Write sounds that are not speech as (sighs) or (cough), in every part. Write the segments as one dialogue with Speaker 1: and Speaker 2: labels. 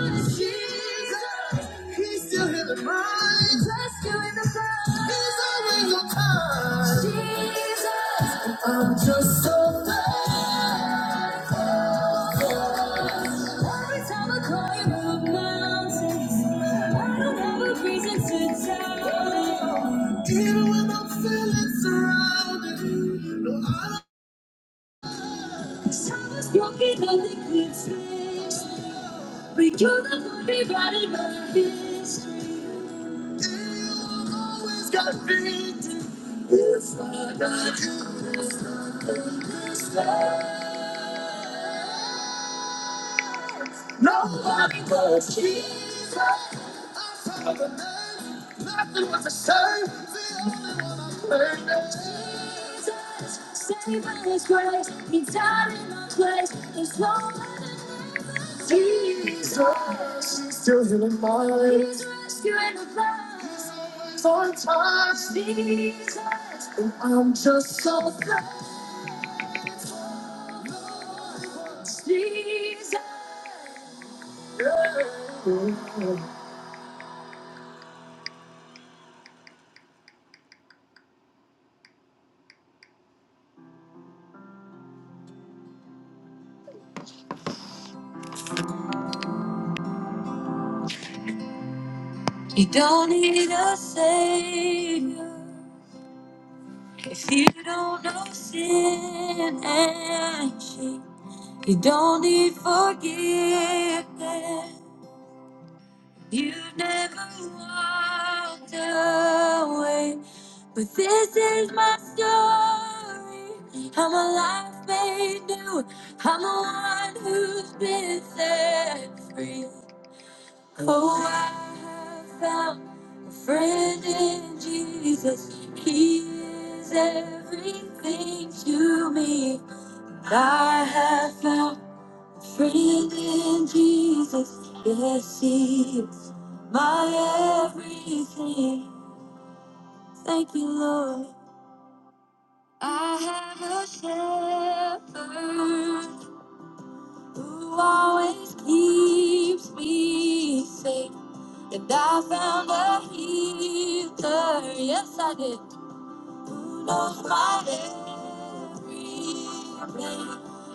Speaker 1: He's still in the mind. Rescue in the mind. He's always on time. Jesus. And I'm just so glad. Every time I call you up mountains, I don't have a reason to doubt. Even when I'm feeling surrounded, no, I'm just walking on the cliffs. But you're the only right in my head. Always got victory. It's not like you can be Save by His grace, He died in my place. There's no other Jesus. He's still healing my life. He's rescuing the lost. Sometimes Jesus, and I'm just so glad. You don't need a savior if you don't know sin and shame. You don't need forgiveness. You've never walked away. But this is my story. I'm a life made new. I'm the one who's been set free. Oh, I have found a friend in Jesus. He is everything to me. I have found a friend in Jesus. Yes, He is my everything. Thank you, Lord. I have a shepherd who always keeps me safe. And I found a healer, yes I did, who knows my every pain.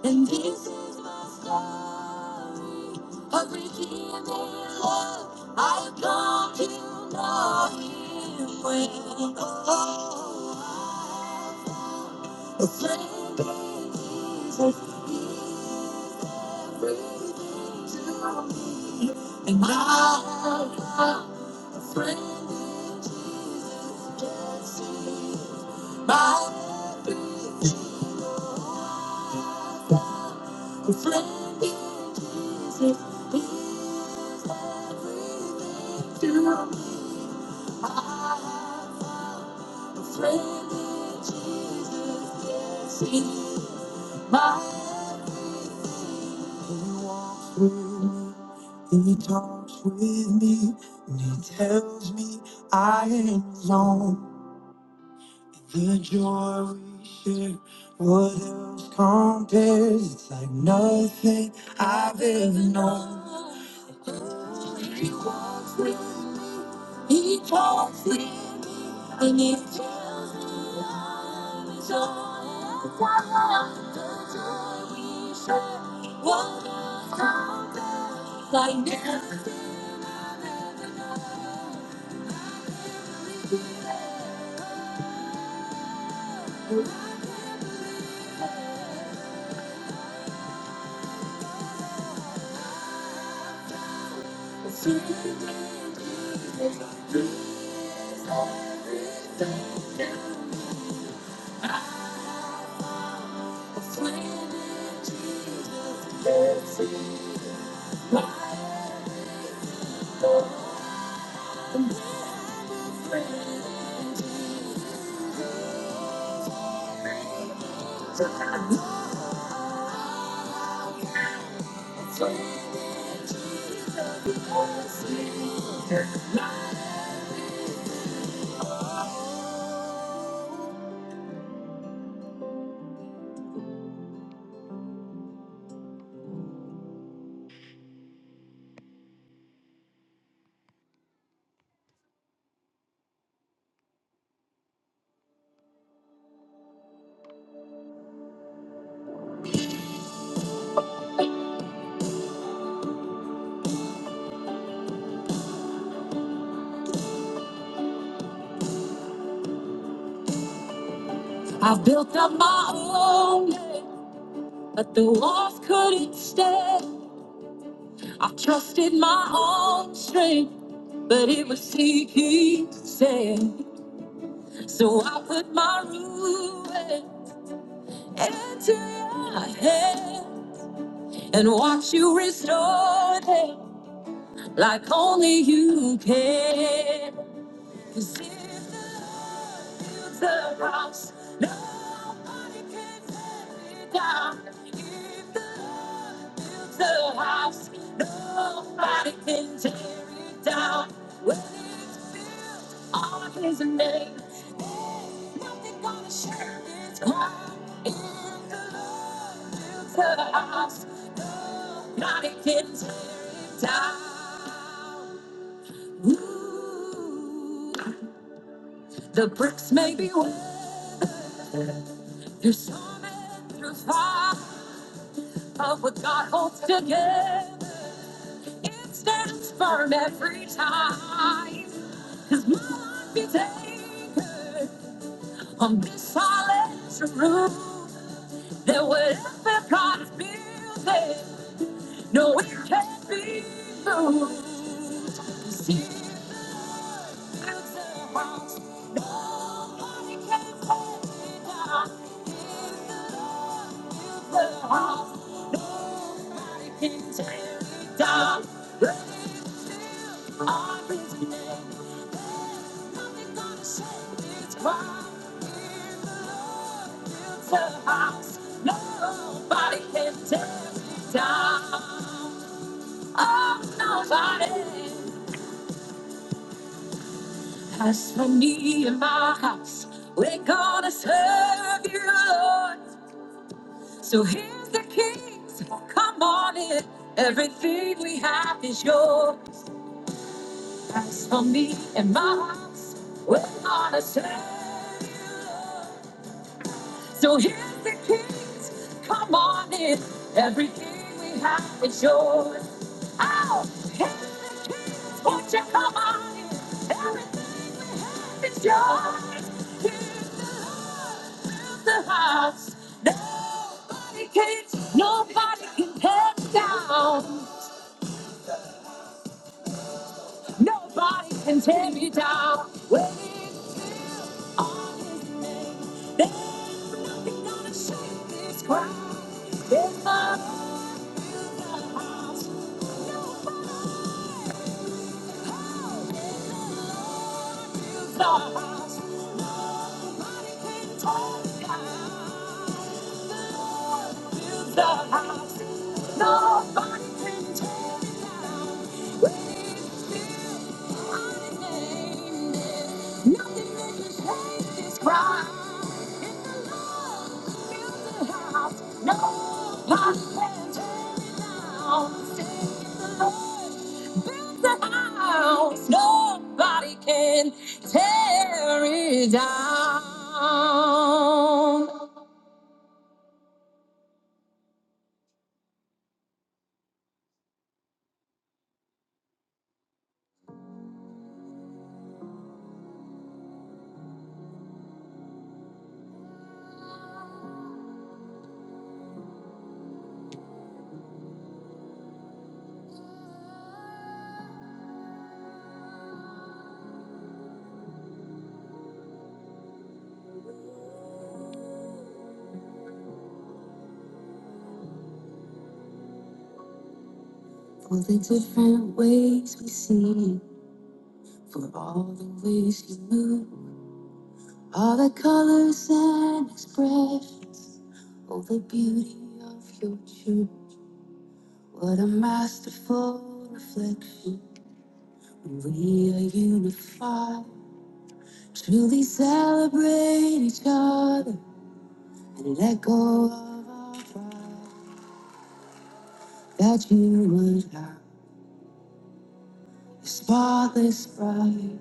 Speaker 1: And this is my story of redeeming love. I have come to know Him well. oh, a friend in Jesus, and I have found a friend, my friend in Jesus. I am a friend in Jesus, yes, he is my He walks with me, he talks with me, and he tells me I am his own. The joy. It's like nothing I've ever known. He walks with me, he talks with me, and he tells me I'm his own. And I the joy we share. What is something like never a friend in Jesus, a friend in Jesus. I built up my own, but the walls couldn't stand. I trusted my own strength, but it was he who said. So I put my ruin into your hand and watch you restore them like only you can. 'Cause if the Lord builds the house, nobody can tear it down. If the Lord builds the house, nobody can tear it down. When it's built on His name, there's nothing gonna share its power. If the Lord builds the house, nobody can tear it down. Ooh. The bricks may be weathered. You're storming through fire, but what God holds together, it stands firm every time. Cause my life is anchored on this solid truth that whatever God's building, no, it can't be moved. Cause He builds a house, nobody can tear it down. As for me and my house, we're gonna serve you, Lord. So here's the keys. Come on in. Everything we have is yours. As for me and my house, we're gonna serve you. Lord. So here's the keys. Come on in. Everything we have is yours. Oh, here's the keys. Won't you come on in? Everything we have is yours. Here's the love. Here's the house. Nobody can, nobody can tear down. Nobody can tear me down. When it's built on his name, there's nothing gonna shake this ground. It's my house, the house, it's all the house. Nobody, nothing Cry in the Lord, build a house. Nobody can tear it down. Sing in the Lord, build a house. Nobody can tear it down. For all the ways you move, all the colors and expression, all the beauty of your truth. What a masterful reflection. We are unified, truly celebrate each other. Let go of our human heart, the spotless pride.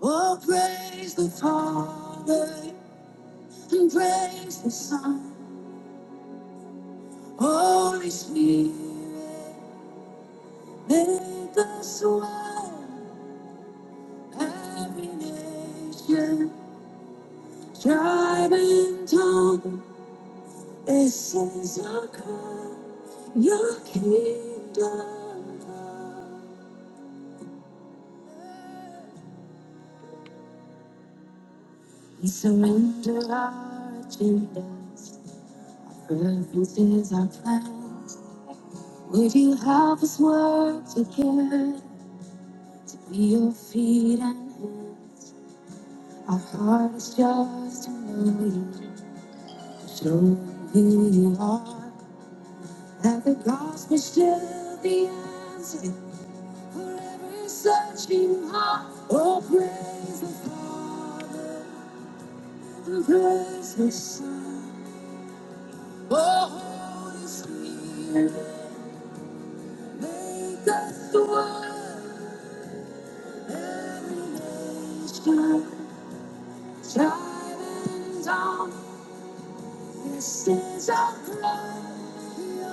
Speaker 1: Oh, praise the Father and praise the Son. Holy Spirit, make us one. Every nation, tribe, and tongue. This is our cry, your kingdom. Surrender our agendas, preferences, our plans. Would you help us work together? Be your feet and hands just to know you, show who you are. That the gospel still the answer for every searching heart. Oh, praise the Father, and praise the Son. Oh, Holy Spirit, make us one. This is our cry. Your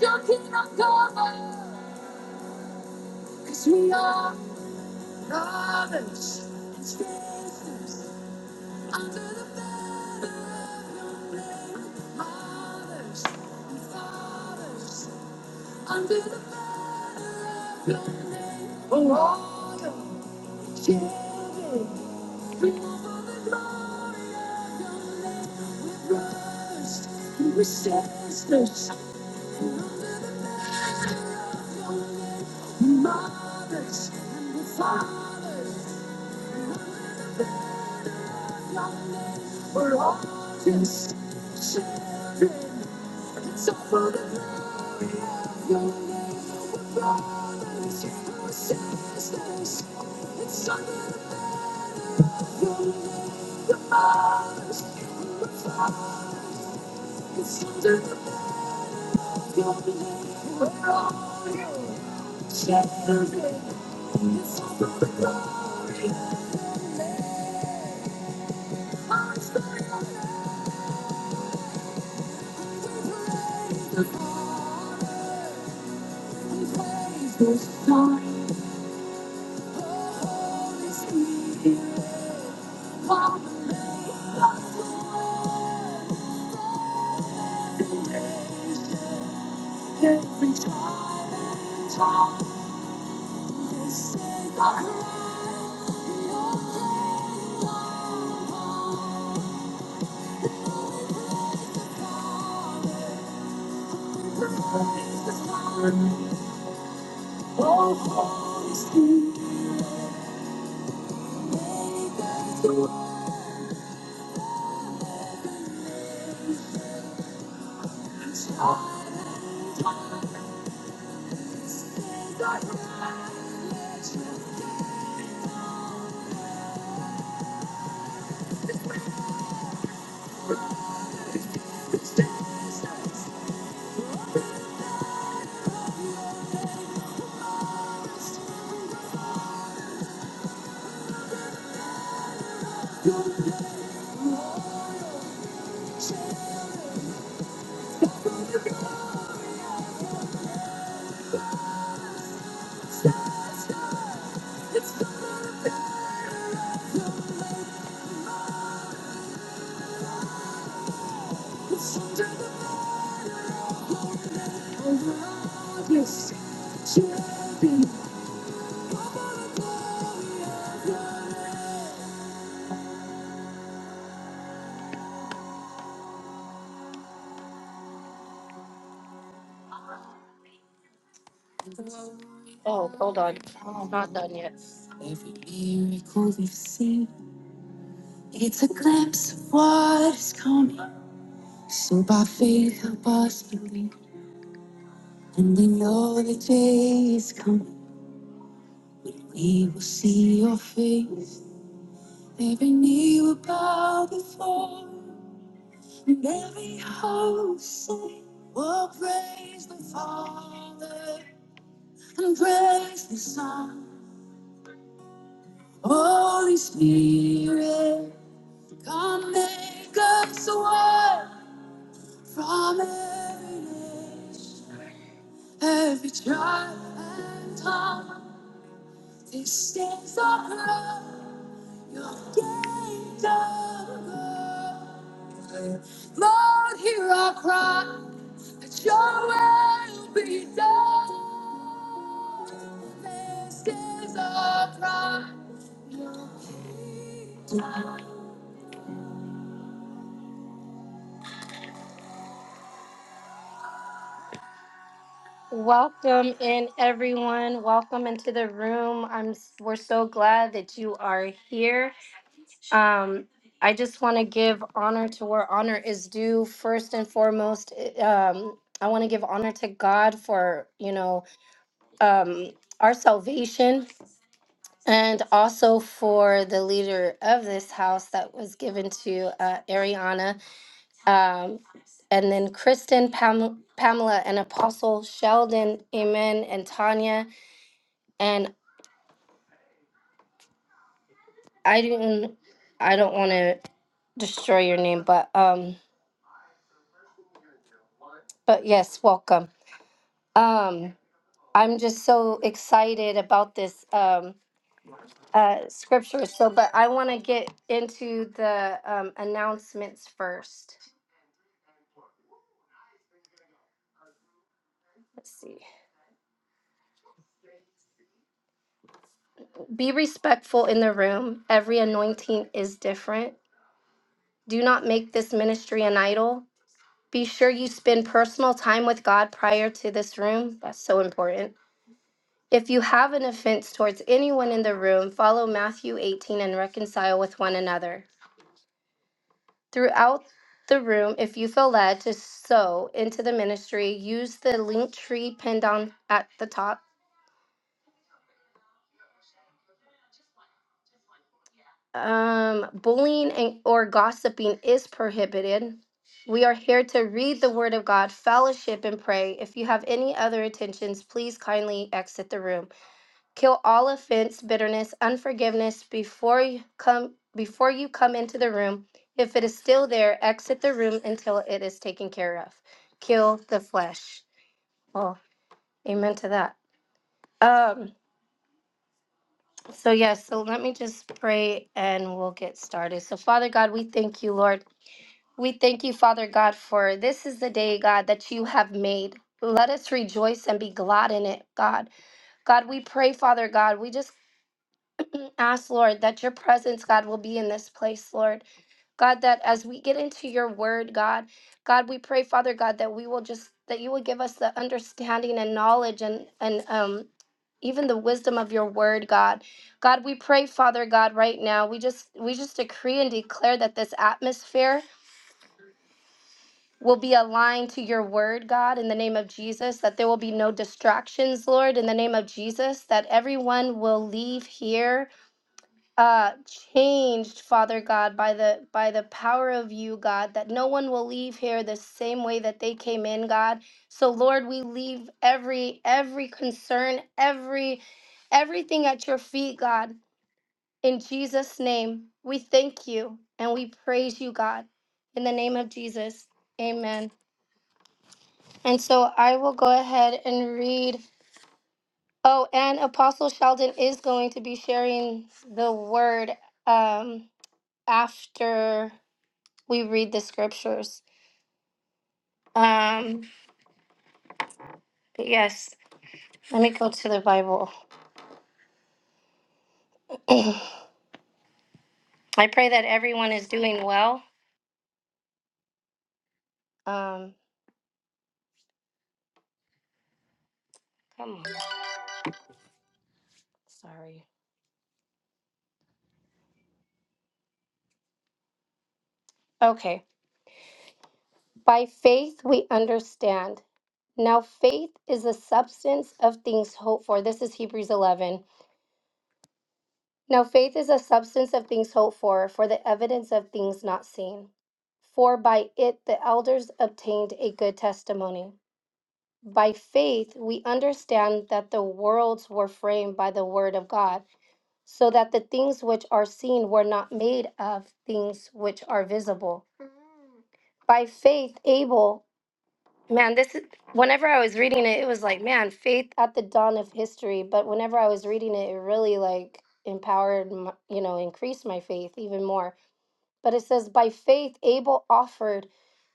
Speaker 1: your kingdom, kingdom let Cause we are brothers and sisters under the banner of your name. mothers and fathers. It's your sisters, it's sons, it's under the banner. This time we come Every miracle we've seen, it's a glimpse of what is coming. So by faith, help us believe, and we know the day is coming. We will see your face. Every knee will bow before. And Every host sing will praise the Father and praise the Son. Holy Spirit, come make us one from every nation, every tribe and tongue. This is our prayer, your kingdom. Welcome in, everyone. Welcome into the room. I'm. We're so glad that you are here. Um, I just want to give honor to where honor is due. First and foremost, i- um, I want to give honor to God for you know um, our salvation, and also for the leader of this house that was given to uh, Ariana, um, and then Kristen, Pam- Pamela, and Apostle Sheldon, Amen, and Tanya. And I didn't, I don't want to destroy your name, but um, but yes, welcome. Um, I'm just so excited about this um, uh, scripture. So, but I want to get into the um, announcements first. Let's see. Be respectful in the room. Every anointing is different. Do not make this ministry an idol. Be sure you spend personal time with God prior to this room. That's so important. If you have an offense towards anyone in the room, follow Matthew 18 and reconcile with one another. throughout the room if you feel led to sow into the ministry use the link tree pinned on at the top um, bullying and, or gossiping is prohibited we are here to read the word of god fellowship and pray if you have any other intentions please kindly exit the room kill all offense bitterness unforgiveness before you come before you come into the room if it is still there exit the room until it is taken care of kill the flesh Oh. Amen to that. Um, so yes, so let me just pray and we'll get started. So Father God, we thank you, Lord. We thank you, Father God, for this is the day, God, that you have made. Let us rejoice and be glad in it, God. God, we pray, Father God, we just (clears throat) ask, Lord, that your presence, God, will be in this place, Lord. God, that as we get into your word, God, God, we pray, Father God, that we will just that you will give us the understanding and knowledge and and um even the wisdom of your word, God. God, we pray, Father God, right now. We just we just decree and declare that this atmosphere will be aligned to your word, God, in the name of Jesus, that there will be no distractions, Lord, in the name of Jesus, that everyone will leave here uh changed father god by the by the power of you god that no one will leave here the same way that they came in god so lord we leave every every concern every everything at your feet god in jesus name we thank you and we praise you god in the name of jesus amen and so i will go ahead and read oh and apostle sheldon is going to be sharing the word um after we read the scriptures. Um, but yes, let me go to the Bible. (clears throat) I pray that everyone is doing well. Um, okay. By faith we understand. Now faith is the substance of things hoped for. This is Hebrews 11. Now faith is the substance of things hoped for, for the evidence of things not seen. For by it the elders obtained a good testimony. By faith, we understand that the worlds were framed by the word of God, so that the things which are seen were not made of things which are visible. By faith, Abel, man, this is, whenever I was reading it, it was like, man, faith at the dawn of history. But whenever I was reading it, it really like empowered, my, you know, increased my faith even more. But it says, by faith, Abel offered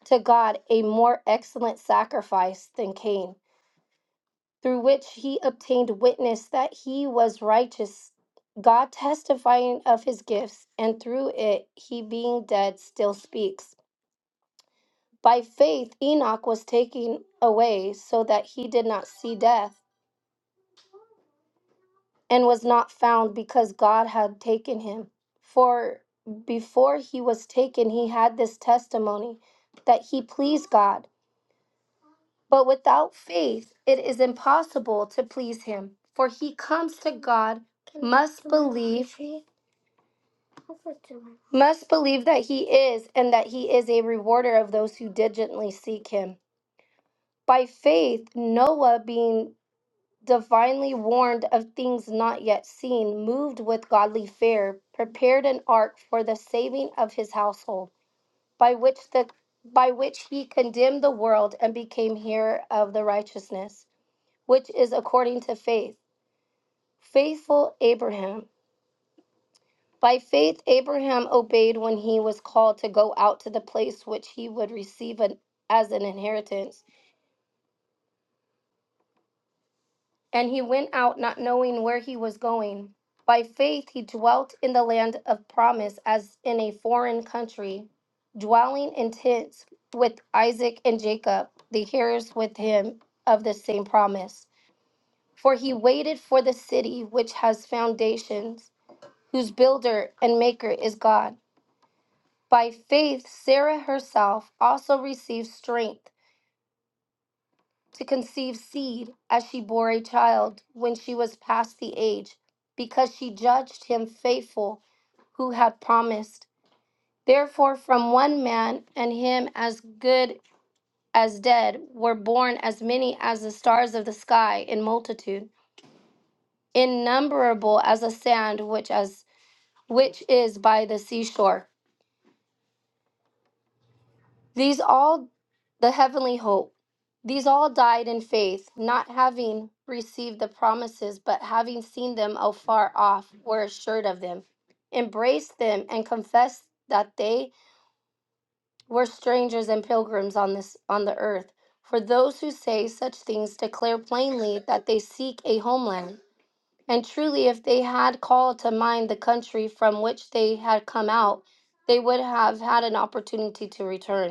Speaker 1: to God a more excellent sacrifice than Cain through which he obtained witness that he was righteous, God testifying of his gifts, and through it he being dead still speaks. By faith, Enoch was taken away so that he did not see death, and was not found because God had taken him. For before he was taken, he had this testimony that he pleased God. But without faith, it is impossible to please him. For he comes to God must believe must believe that he is and that he is a rewarder of those who diligently seek him. By faith, Noah, being divinely warned of things not yet seen, moved with godly fear, prepared an ark for the saving of his household, by which the by which he condemned the world and became heir of the righteousness. which is according to faith. Faithful Abraham. By faith, Abraham obeyed when he was called to go out to the place which he would receive an, as an inheritance. And he went out not knowing where he was going. By faith, he dwelt in the land of promise as in a foreign country, dwelling in tents with Isaac and Jacob, the heirs with him of the same promise. For he waited for the city which has foundations whose builder and maker is God. By faith, Sarah herself also received strength to conceive seed as she bore a child when she was past the age, because she judged him faithful who had promised. Therefore, from one man and him as good as dead were born as many as the stars of the sky in multitude, innumerable as the sand which as which is by the seashore. These all, the heavenly hope, these all died in faith, not having received the promises, but having seen them afar off, were assured of them, embraced them, and confessed that they were strangers and pilgrims on this on the earth. For those who say such things declare plainly that they seek a homeland. And truly, if they had called to mind the country from which they had come out, they would have had an opportunity to return.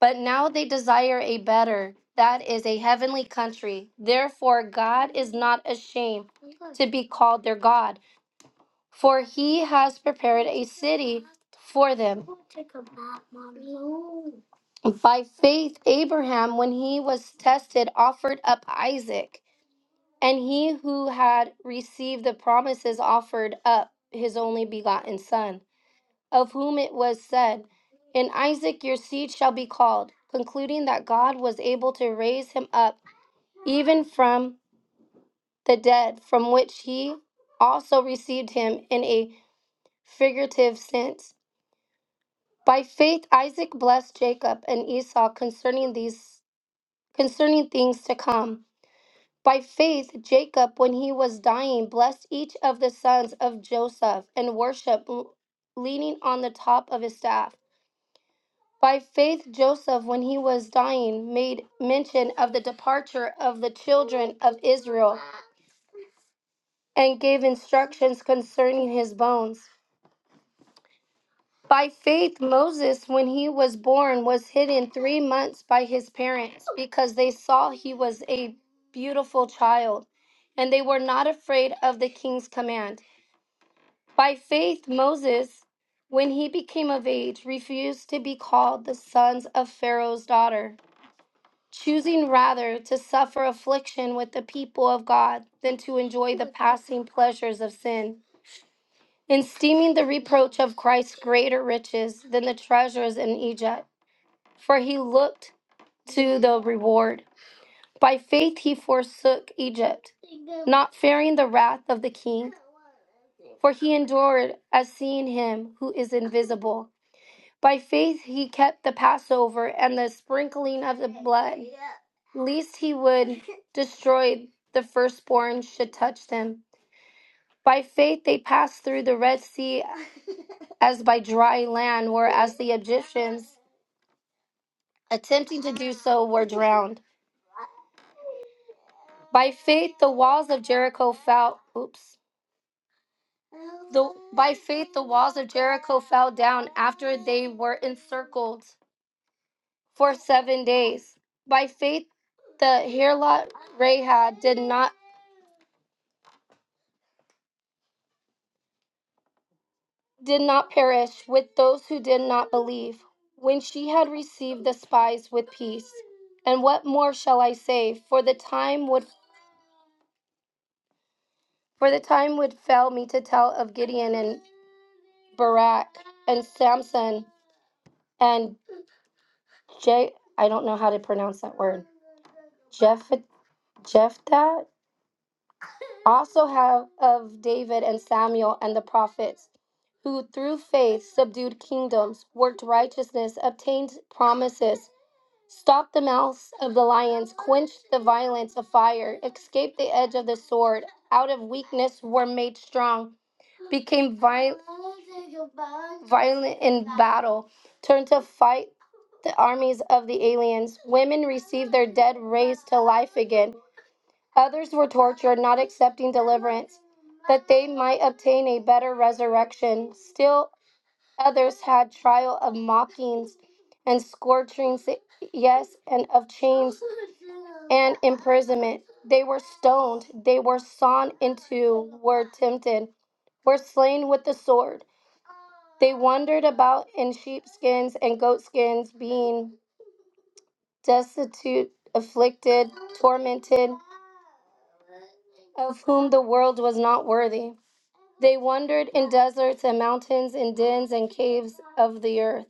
Speaker 1: But now they desire a better, that is a heavenly country. Therefore, God is not ashamed to be called their God, for he has prepared a city for them. By faith, Abraham, when he was tested, offered up Isaac, and he who had received the promises offered up his only begotten son of whom it was said, In Isaac your seed shall be called, concluding that God was able to raise him up even from the dead, from which he also received him in a figurative sense. By faith Isaac blessed Jacob and Esau concerning these concerning things to come. By faith Jacob when he was dying blessed each of the sons of Joseph and worshiped leaning on the top of his staff. By faith, Joseph, when he was dying, made mention of the departure of the children of Israel and gave instructions concerning his bones. By faith, Moses, when he was born, was hidden three months by his parents because they saw he was a beautiful child and they were not afraid of the king's command. By faith, Moses, when he became of age, refused to be called the sons of Pharaoh's daughter choosing rather to suffer affliction with the people of God than to enjoy the passing pleasures of sin, and esteeming the reproach of Christ greater riches than the treasures in Egypt, for he looked to the reward. By faith he forsook Egypt, not fearing the wrath of the king, for he endured as seeing him who is invisible. By faith he kept the Passover and the sprinkling of the blood lest he would destroy the firstborn should touch them. By faith they passed through the Red Sea as by dry land, whereas the Egyptians, attempting to do so, were drowned. By faith the walls of Jericho fell. Oops. The, by faith the walls of Jericho fell down after they were encircled for seven days. By faith the harlot Rahab did not did not perish with those who did not believe, when she had received the spies with peace. And what more shall I say? For the time would for the time would fail me to tell of Gideon and Barak and Samson and J I don't know how to pronounce that word. Jeff Jephthah also have of David and Samuel and the prophets who through faith subdued kingdoms, worked righteousness, obtained promises Stop the mouths of the lions, quench the violence of fire, escape the edge of the sword. Out of weakness were made strong, became viol- violent in battle, turned to fight the armies of the aliens. Women received their dead raised to life again. Others were tortured, not accepting deliverance, that they might obtain a better resurrection. Still others had trial of mockings and scorchings, yes, and of chains and imprisonment. They were stoned. They were sawn into, were tempted, were slain with the sword. They wandered about in sheepskins and goatskins, being destitute, afflicted, tormented, of whom the world was not worthy. They wandered in deserts and mountains, in dens and caves of the earth.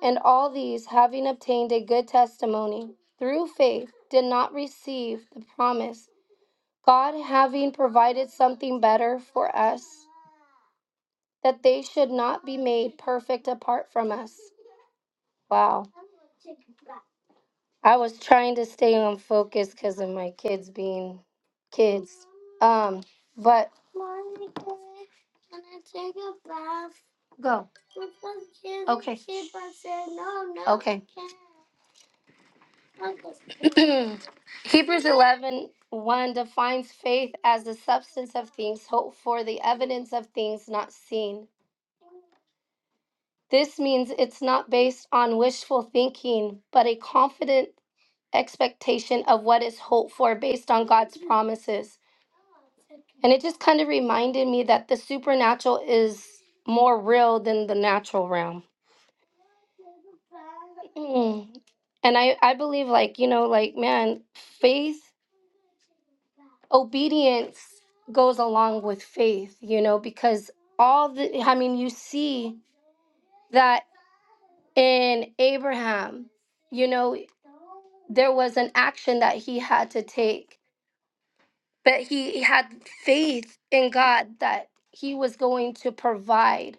Speaker 1: And all these, having obtained a good testimony through faith, did not receive the promise God having provided something better for us, that they should not be made perfect apart from us. Wow. I was trying to stay on focus because of my kids being kids. Um, but Mommy, can I take a bath? go. Can I Okay. keep on saying no, no? Okay. (clears throat) Hebrews eleven one defines faith as the substance of things hoped for, the evidence of things not seen. This means it's not based on wishful thinking, but a confident expectation of what is hoped for based on God's promises. And it just kind of reminded me that the supernatural is more real than the natural realm. (clears throat) Mm. And I, I believe, like, you know, like, man, faith, obedience goes along with faith, you know, because all the, I mean, you see that in Abraham, you know there was an action that he had to take, but he had faith in God that he was going to provide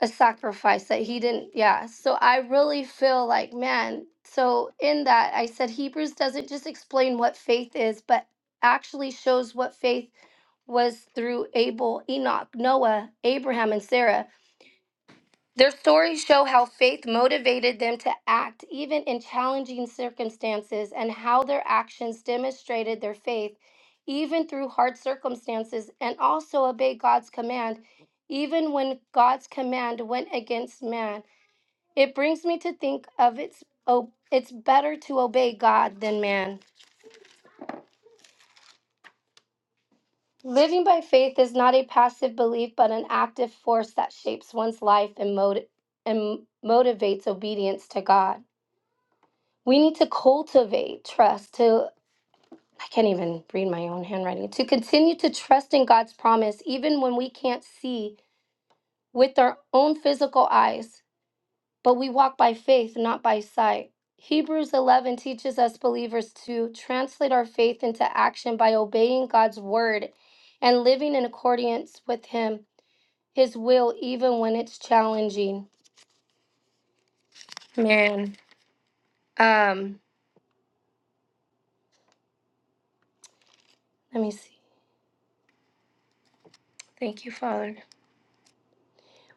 Speaker 1: a sacrifice that he didn't. Yeah. So I really feel like, man, so in that, I said Hebrews doesn't just explain what faith is, but actually shows what faith was through Abel, Enoch, Noah, Abraham, and Sarah. Their stories show how faith motivated them to act even in challenging circumstances and how their actions demonstrated their faith even through hard circumstances and also obey God's command even when God's command went against man. It brings me to think of it's oh, it's better to obey God than man. Living by faith is not a passive belief but an active force that shapes one's life and, moti- and motivates obedience to God. We need to cultivate trust to, I can't even read my own handwriting, to continue to trust in God's promise, even when we can't see with our own physical eyes, but we walk by faith, not by sight. Hebrews 11 teaches us believers to translate our faith into action by obeying God's word and living in accordance with Him, His will, even when it's challenging. Man, um, let me see. Thank you, Father.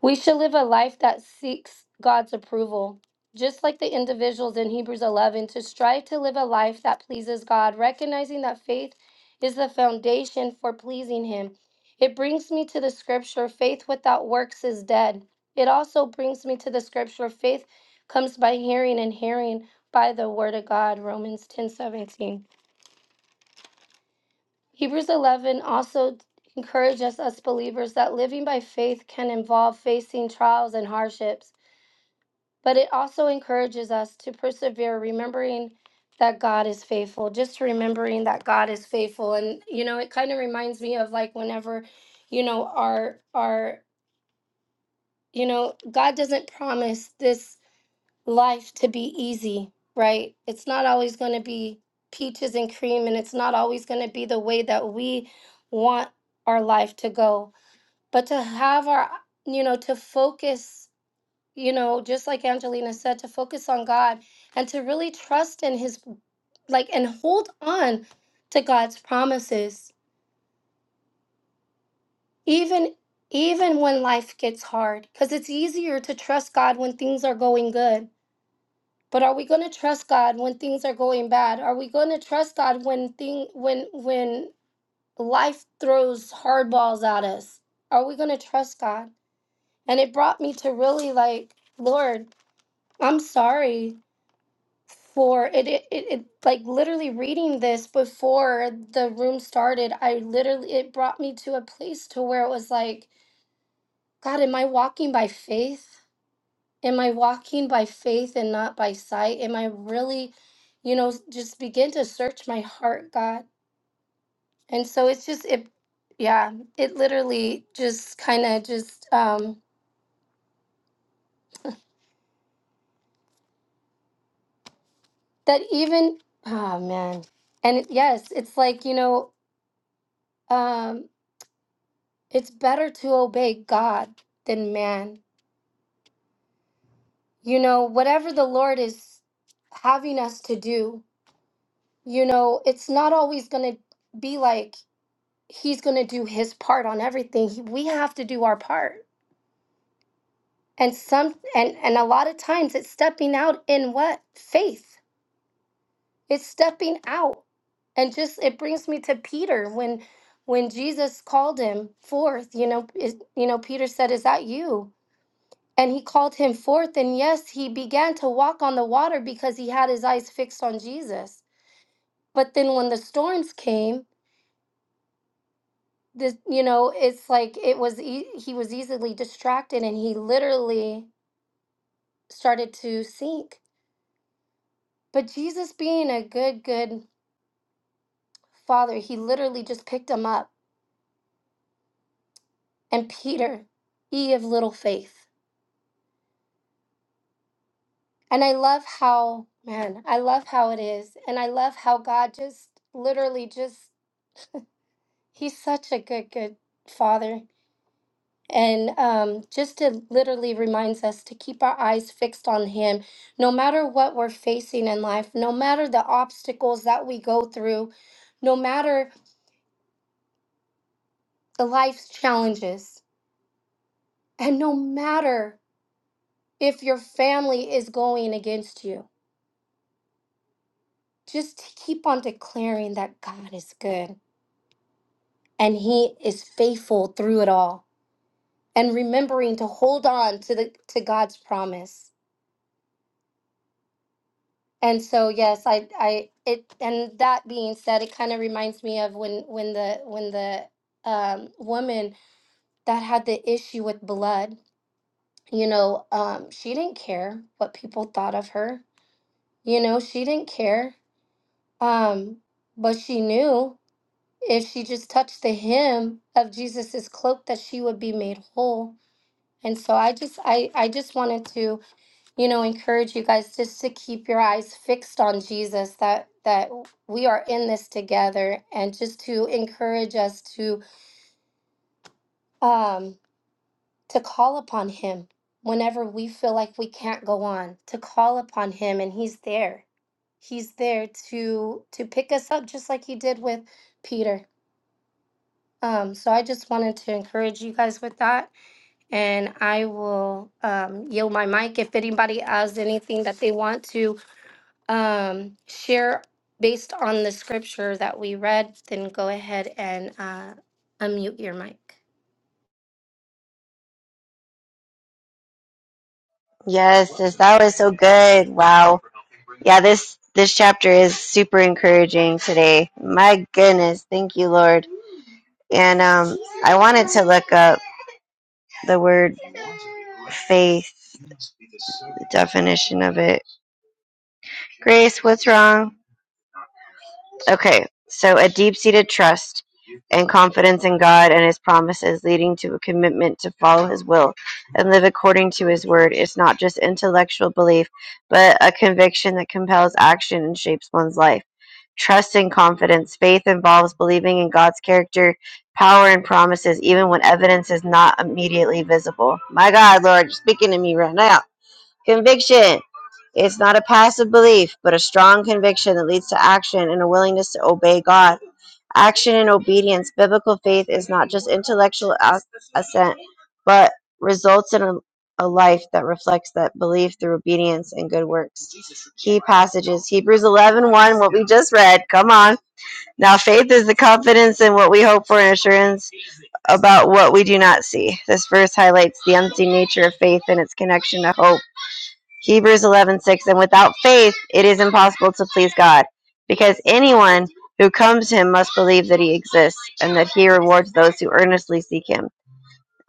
Speaker 1: We should live a life that seeks God's approval. Just like the individuals in Hebrews 11, to strive to live a life that pleases God, recognizing that faith is the foundation for pleasing Him. It brings me to the scripture faith without works is dead. It also brings me to the scripture faith comes by hearing, and hearing by the word of God. Romans 10 17. Hebrews 11 also encourages us believers that living by faith can involve facing trials and hardships. but it also encourages us to persevere, remembering that God is faithful, just remembering that God is faithful. And, you know, it kind of reminds me of like whenever, you know, our, our, you know, God doesn't promise this life to be easy, right? It's not always going to be peaches and cream, and it's not always going to be the way that we want our life to go. But to have our, you know, to focus you know, just like Angelina said, to focus on God and to really trust in His, like, and hold on to God's promises, even even when life gets hard, because it's easier to trust God when things are going good. But are we going to trust God when things are going bad? Are we going to trust God when thing when when life throws hardballs at us? Are we going to trust God? And it brought me to really like, Lord, I'm sorry for it, it, it, it like literally reading this before the room started i literally it brought me to a place to where it was like god am i walking by faith am i walking by faith and not by sight am i really you know just begin to search my heart god and so it's just it yeah it literally just kind of just um that even oh man and yes it's like you know um It's better to obey God than man. You know, whatever the Lord is having us to do, you know, it's not always going to be like he's going to do his part on everything. He- We have to do our part. And some and and a lot of times it's stepping out in what? Faith. It's stepping out. And just it brings me to Peter when when Jesus called him forth, you know, is, you know, Peter said, "Is that you?" And he called him forth, and yes, he began to walk on the water because he had his eyes fixed on Jesus. But then when the storms came, this, you know, it's like it was e- he was easily distracted and he literally started to sink. But Jesus being a good good father, he literally just picked him up. And Peter, ye of little faith. And I love how, man, I love how it is. And I love how God just literally just he's such a good good father and um, just to literally reminds us to keep our eyes fixed on him no matter what we're facing in life no matter the obstacles that we go through no matter the life's challenges and no matter if your family is going against you just to keep on declaring that god is good and he is faithful through it all and remembering to hold on to the to god's promise And so yes, I I it and that being said, it kind of reminds me of when when the when the um woman that had the issue with blood, you know, um she didn't care what people thought of her. You know, she didn't care. Um but she knew if she just touched the hem of Jesus's cloak that she would be made whole. And so I just I I just wanted to you know encourage you guys just to keep your eyes fixed on jesus that that we are in this together and just to encourage us to um to call upon him whenever we feel like we can't go on to call upon him and he's there he's there to to pick us up just like he did with peter um so i just wanted to encourage you guys with that and i will um yield my mic if anybody has anything that they want to um, share based on the scripture that we read, then go ahead and uh, unmute your mic.
Speaker 2: Yes, sis, that was so good. Wow. Yeah, this this chapter is super encouraging today. My goodness, thank you, Lord. And um I wanted to look up the word faith, the definition of it. Grace, what's wrong? Okay, so a deep seated trust and confidence in God and His promises, leading to a commitment to follow His will and live according to His word. It's not just intellectual belief, but a conviction that compels action and shapes one's life. Trust and confidence. Faith involves believing in God's character, power, and promises, even when evidence is not immediately visible. My God, Lord, you're speaking to me right now. Conviction. It's not a passive belief, but a strong conviction that leads to action and a willingness to obey God. Action and obedience. Biblical faith is not just intellectual as- assent, but results in a, a life that reflects that belief through obedience and good works. Key passages Hebrews eleven one, what we just read. Come on. Now, faith is the confidence in what we hope for and assurance about what we do not see. This verse highlights the unseen nature of faith and its connection to hope. Hebrews 11:6 and without faith it is impossible to please God because anyone who comes to him must believe that he exists and that he rewards those who earnestly seek him.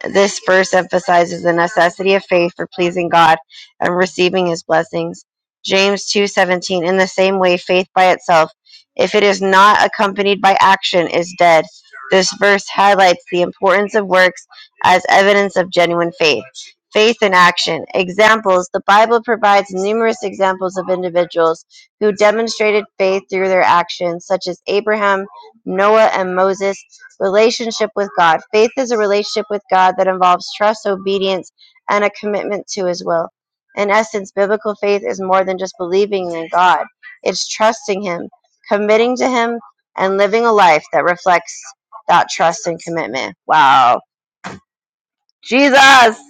Speaker 2: This verse emphasizes the necessity of faith for pleasing God and receiving his blessings. James 2:17 In the same way faith by itself if it is not accompanied by action is dead. This verse highlights the importance of works as evidence of genuine faith. Faith in action. Examples. The Bible provides numerous examples of individuals who demonstrated faith through their actions, such as Abraham Noah and Moses, relationship with God. Faith is a relationship with God that involves trust, obedience, and a commitment to his will. In essence, biblical faith is more than just believing in God, it's trusting him, committing to him, and living a life that reflects that trust and commitment. Wow. Jesus! (laughs)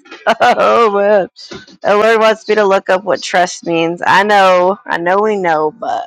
Speaker 2: Oh man. The Lord wants me to look up what trust means. I know, I know we know, but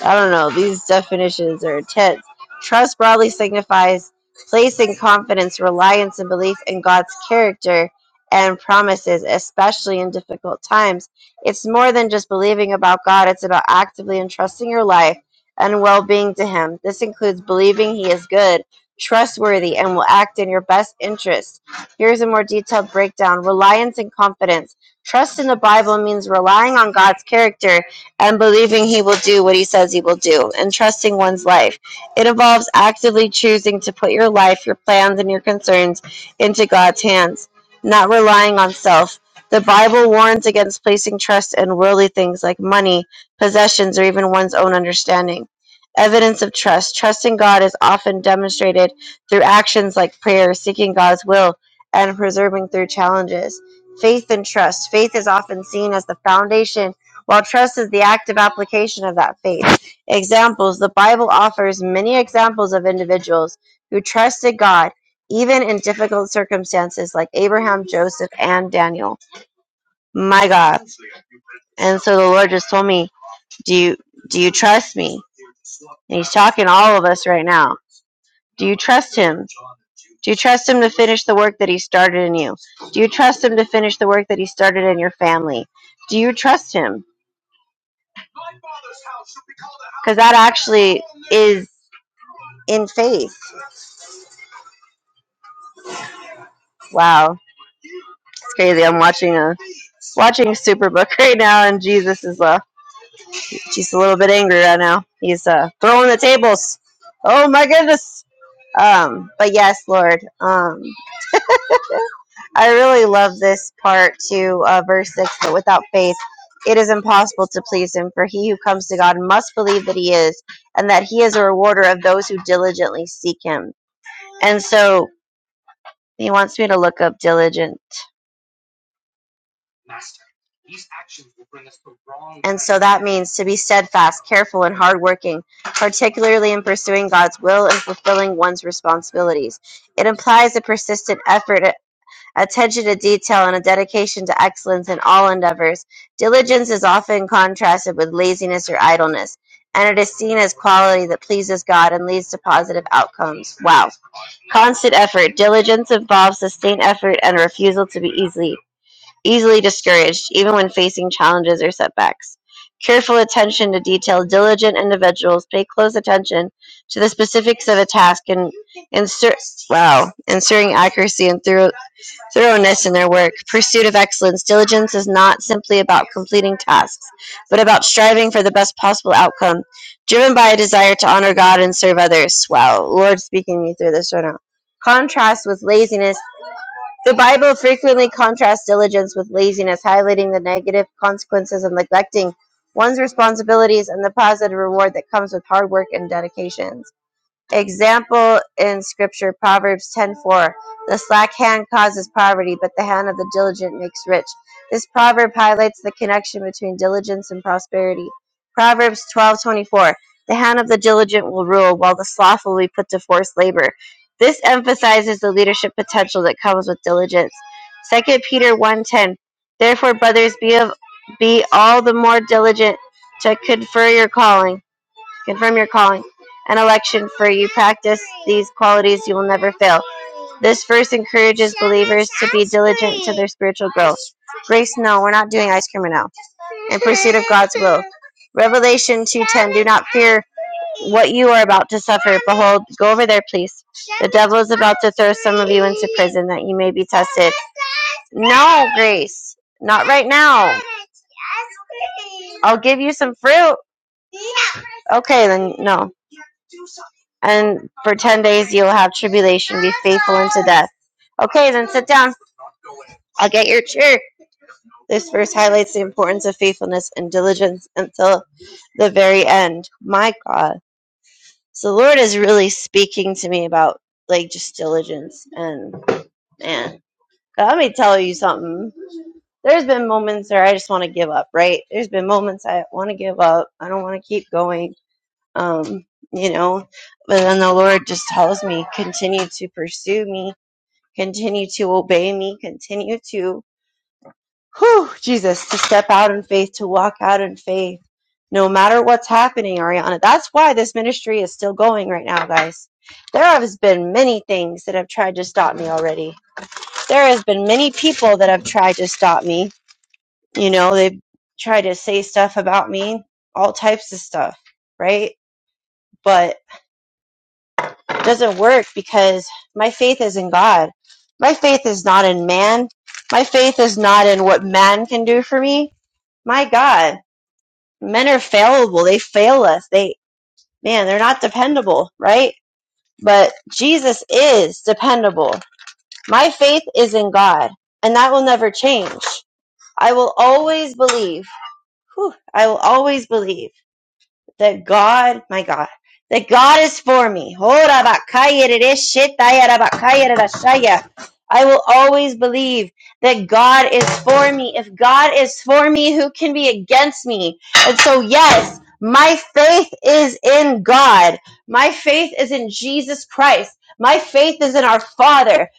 Speaker 2: I don't know. These definitions are intense. Trust broadly signifies placing confidence, reliance, and belief in God's character and promises, especially in difficult times. It's more than just believing about God, it's about actively entrusting your life and well being to Him. This includes believing He is good, trustworthy, and will act in your best interest. Here's a more detailed breakdown reliance and confidence. Trust in the Bible means relying on God's character and believing he will do what he says he will do, and trusting one's life. It involves actively choosing to put your life, your plans, and your concerns into God's hands, not relying on self. The Bible warns against placing trust in worldly things like money, possessions, or even one's own understanding. Evidence of trust. Trusting God is often demonstrated through actions like prayer, seeking God's will, and persevering through challenges. Faith and trust. Faith is often seen as the foundation while trust is the active application of that faith. Examples The Bible offers many examples of individuals who trusted God even in difficult circumstances, like Abraham, Joseph, and Daniel. My God. And so the Lord just told me, Do you, do you trust me? And He's talking to all of us right now. Do you trust Him? Do you trust Him to finish the work that He started in you? Do you trust Him to finish the work that He started in your family? Do you trust Him? Because that actually is in faith. Wow, it's crazy. I'm watching a watching Superbook (laughs) right now, and Jesus is uh, he's a little bit angry right now. He's uh, throwing the tables. Oh my goodness. Um, but yes, Lord. Um, I really love this part to uh, verse six. But without faith, it is impossible to please Him. For he who comes to God must believe that He is, and that He is a rewarder of those who diligently seek Him. And so He wants me to look up diligent And so that means to be steadfast, careful, and hardworking, particularly in pursuing God's will and fulfilling one's responsibilities. It implies a persistent effort, a- attention to detail, and a dedication to excellence in all endeavors. Diligence is often contrasted with laziness or idleness, and it is seen as quality that pleases God and leads to positive outcomes. Wow. Constant effort. Diligence involves sustained effort and a refusal to be easily easily discouraged, even when facing challenges or setbacks. Careful attention to detail. Diligent individuals pay close attention to the specifics of a task and insert wow, ensuring accuracy and thorough, thoroughness in their work. Pursuit of excellence. Diligence is not simply about completing tasks, but about striving for the best possible outcome, driven by a desire to honor God and serve others. Wow, Lord, speaking me through this right now. Contrast with laziness the Bible frequently contrasts diligence with laziness, highlighting the negative consequences of neglecting one's responsibilities and the positive reward that comes with hard work and dedication. Example in scripture Proverbs 10:4 The slack hand causes poverty but the hand of the diligent makes rich. This proverb highlights the connection between diligence and prosperity. Proverbs 12:24 The hand of the diligent will rule while the slothful will be put to forced labor. This emphasizes the leadership potential that comes with diligence. Second Peter 1:10 Therefore brothers be of be all the more diligent to confer your calling confirm your calling and election for you practice these qualities you will never fail this verse encourages believers to be diligent to their spiritual growth grace no we're not doing ice cream right now in pursuit of god's will revelation 2.10 do not fear what you are about to suffer behold go over there please the devil is about to throw some of you into prison that you may be tested no grace not right now i'll give you some fruit okay then no and for 10 days you'll have tribulation. Be faithful unto death. Okay, then sit down. I'll get your chair. This verse highlights the importance of faithfulness and diligence until the very end. My God. So the Lord is really speaking to me about like just diligence and man. God, let me tell you something. There's been moments where I just want to give up, right? There's been moments I want to give up. I don't want to keep going um, you know. But then the Lord just tells me, continue to pursue me, continue to obey me, continue to, whew, Jesus, to step out in faith, to walk out in faith, no matter what's happening, Ariana. That's why this ministry is still going right now, guys. There has been many things that have tried to stop me already. There has been many people that have tried to stop me. You know, they've tried to say stuff about me, all types of stuff, right? But doesn't work because my faith is in God. My faith is not in man. My faith is not in what man can do for me. My God, men are fallible. They fail us. They, man, they're not dependable, right? But Jesus is dependable. My faith is in God, and that will never change. I will always believe. Whew, I will always believe that God, my God, that God is for me. I will always believe that God is for me. If God is for me, who can be against me? And so, yes, my faith is in God. My faith is in Jesus Christ. My faith is in our Father.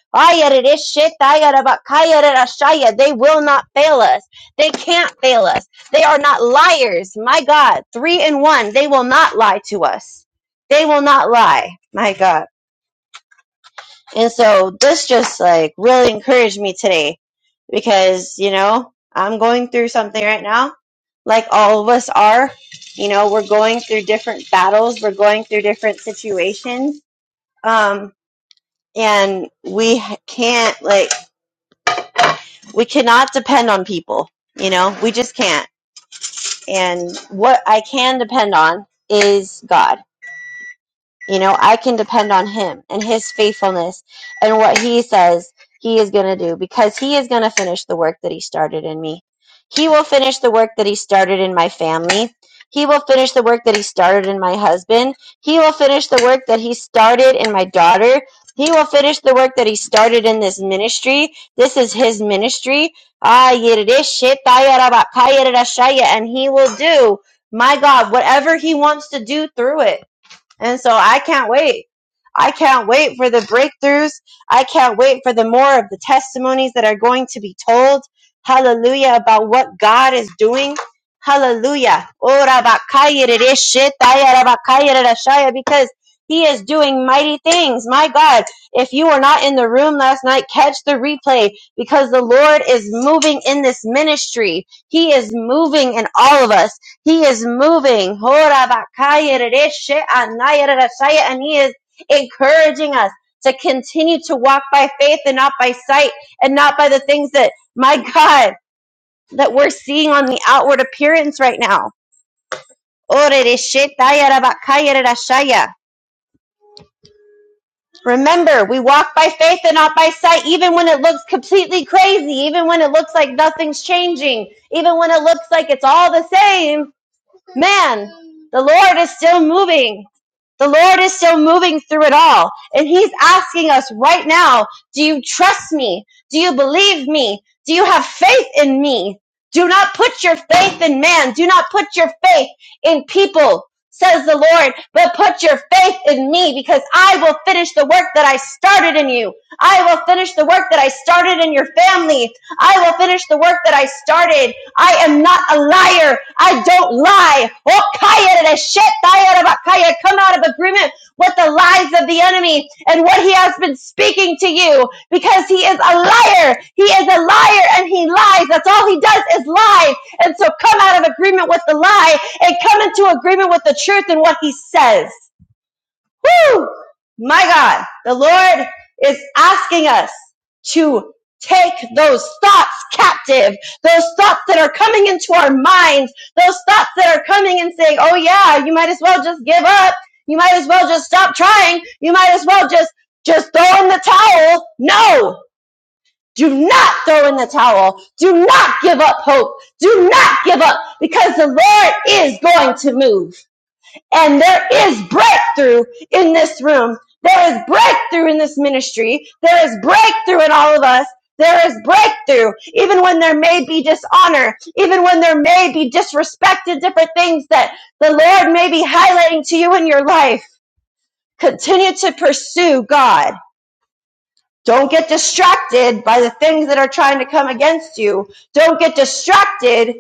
Speaker 2: They will not fail us. They can't fail us. They are not liars. My God. Three and one. They will not lie to us. They will not lie. My God. And so this just like really encouraged me today because, you know, I'm going through something right now, like all of us are. You know, we're going through different battles, we're going through different situations. Um, and we can't, like, we cannot depend on people, you know, we just can't. And what I can depend on is God You know, I can depend on him and his faithfulness and what he says he is going to do because he is going to finish the work that he started in me. He will finish the work that he started in my family. He will finish the work that he started in my husband. He will finish the work that he started in my daughter. He will finish the work that he started in this ministry. This is his ministry. Ah, And he will do, my God, whatever he wants to do through it. And so I can't wait. I can't wait for the breakthroughs. I can't wait for the more of the testimonies that are going to be told. Hallelujah about what God is doing. Hallelujah. Ora bakaya rere shetaya rabakaya bakaya rere shaya, Because he is doing mighty things. My God, if you were not in the room last night, catch the replay because the Lord is moving in this ministry. He is moving in all of us. He is moving. And he is encouraging us to continue to walk by faith and not by sight and not by the things that, my God, that we're seeing on the outward appearance right now. Remember, we walk by faith and not by sight, even when it looks completely crazy, even when it looks like nothing's changing, even when it looks like it's all the same. Man, the Lord is still moving. The Lord is still moving through it all. And He's asking us right now, do you trust me? Do you believe me? Do you have faith in me? Do not put your faith in man. Do not put your faith in people, says the Lord, but put your faith in me because I will finish the work that I started in you. I will finish the work that I started in your family. I will finish the work that I started. I am not a liar. I don't lie. Oh, kaya da shet, kaya da Come out of agreement with the lies of the enemy and what he has been speaking to you because he is a liar. He is a liar and he lies. That's all he does is lie. And so come out of agreement with the lie and come into agreement with the truth and what he says. Woo! My God, the Lord is asking us to take those thoughts captive, those thoughts that are coming into our minds, those thoughts that are coming and saying, oh yeah, you might as well just give up. You might as well just stop trying. You might as well just, just throw in the towel. No! Do not throw in the towel. Do not give up hope. Do not give up because the Lord is going to move. And there is breakthrough in this room. There is breakthrough in this ministry. There is breakthrough in all of us. There is breakthrough, even when there may be dishonor, even when there may be disrespected different things that the Lord may be highlighting to you in your life. Continue to pursue God. Don't get distracted by the things that are trying to come against you. Don't get distracted.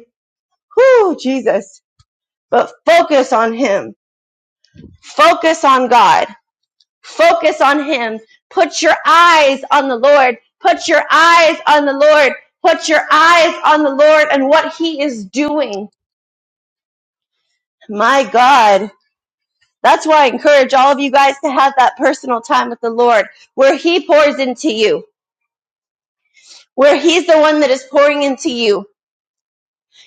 Speaker 2: Whoo, Jesus. But focus on Him. Focus on God Focus on Him. Put your eyes on the Lord. Put your eyes on the Lord. Put your eyes on the Lord and what He is doing. My God. That's why I encourage all of you guys to have that personal time with the Lord where He pours into you, where He's the one that is pouring into you.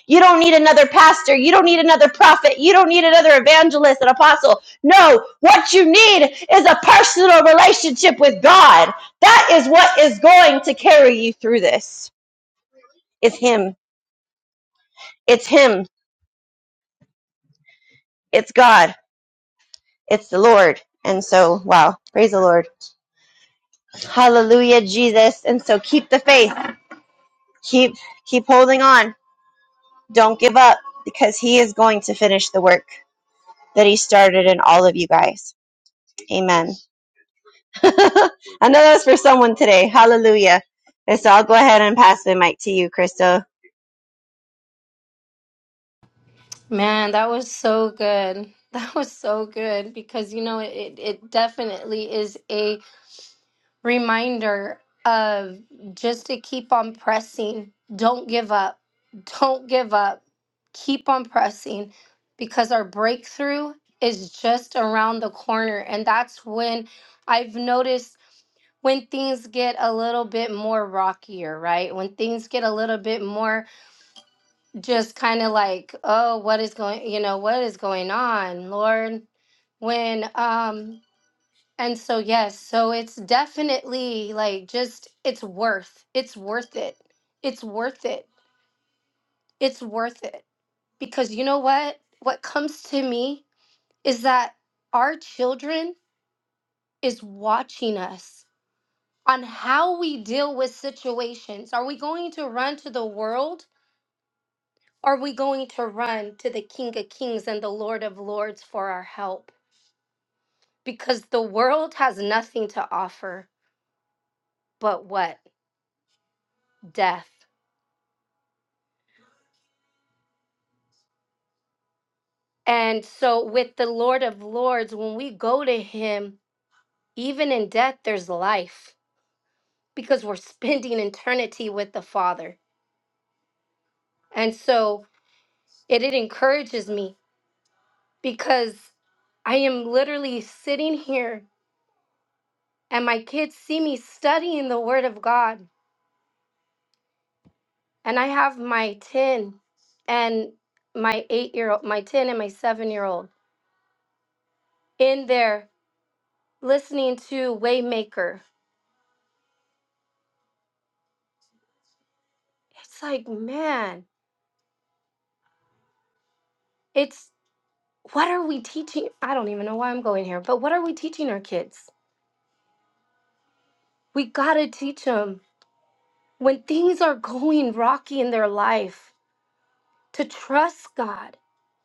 Speaker 2: You don't need another pastor. You don't need another prophet. You don't need another evangelist, an apostle. No, what you need is a personal relationship with God. That is what is going to carry you through this. It's Him. It's Him. It's God. It's the Lord. And so, wow, praise the Lord. Hallelujah, Jesus. And so keep the faith. Keep keep holding on. Don't give up because he is going to finish the work that he started in all of you guys. Amen. (laughs) I know that's for someone today. Hallelujah. And so I'll go ahead and pass the mic to you, Crystal.
Speaker 1: Man, that was so good. (laughs) That was so good because you know it, it definitely is reminder of just to keep on pressing. Don't give up. Don't give up. Keep on pressing because our breakthrough is just around the corner. And that's when I've noticed when things get a little bit more rockier, right? When things get a little bit more just kind of like, oh, what is going, you know, what is going on, Lord? When um and so, yes, so it's definitely like just, it's worth, it's worth it. It's worth it. It's worth it. Because you know what? What comes to me is that our children is watching us on how we deal with situations. Are we going to run to the world? Are we going to run to the King of Kings and the Lord of Lords for our help? Because the world has nothing to offer but what? Death. And so, with the Lord of Lords, when we go to Him, even in death, there's life because we're (laughs) spending eternity with the Father. And so, it, it encourages me because I am literally sitting here and my kids see me studying the Word of God. And I have my 10 and my eight year old, my 10 and my seven year old in there listening to Waymaker. It's like, man, it's what are we teaching? I don't even know why I'm going here, but what are we teaching our kids? We got to teach them when things are going rocky in their life to trust God,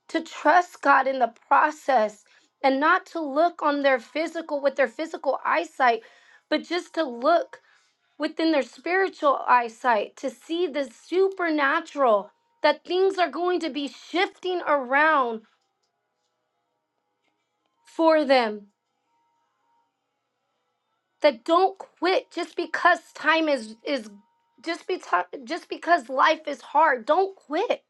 Speaker 1: to trust God in the process and not to look on their physical with their physical eyesight, but just to look within their spiritual eyesight to see the supernatural that things are going to be shifting around for them that don't quit just because time is is just be just because life is hard. Don't quit.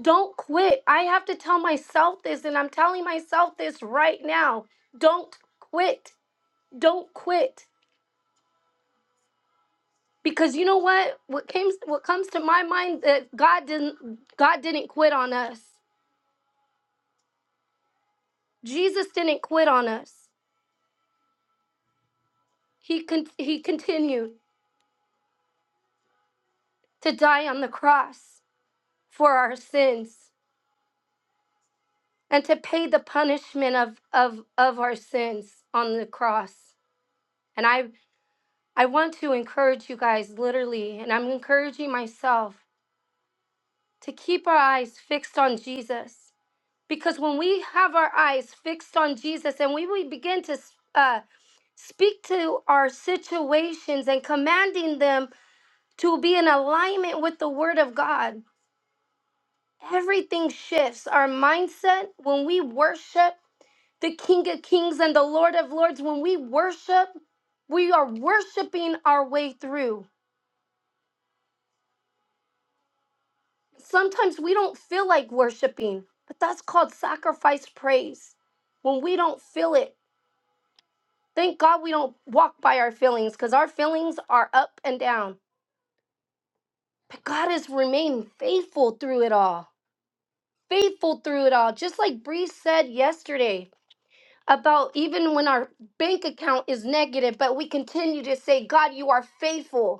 Speaker 1: Don't quit. I have to tell myself this and I'm telling myself this right now. Don't quit. Don't quit. Because you know what? What came what comes to my mind that God didn't God didn't quit on us. Jesus didn't quit on us. He con- he continued to die on the cross for our sins. and to pay the punishment of of of our sins on the cross and i i want to encourage you guys literally and i'm encouraging myself to keep our eyes fixed on jesus because when we have our eyes fixed on jesus and we, we begin to uh, speak to our situations and commanding them to be in alignment with the word of god everything shifts our mindset when we worship the King of Kings and the Lord of Lords, when we worship, we are worshiping our way through. Sometimes we don't feel like worshiping, but that's called sacrifice praise. When we don't feel it, thank God we don't walk by our feelings because our feelings are up and down. But God has remained faithful through it all. Faithful through it all. Just like Bree said yesterday about even when our bank account is negative, but we continue to say, God, you are faithful.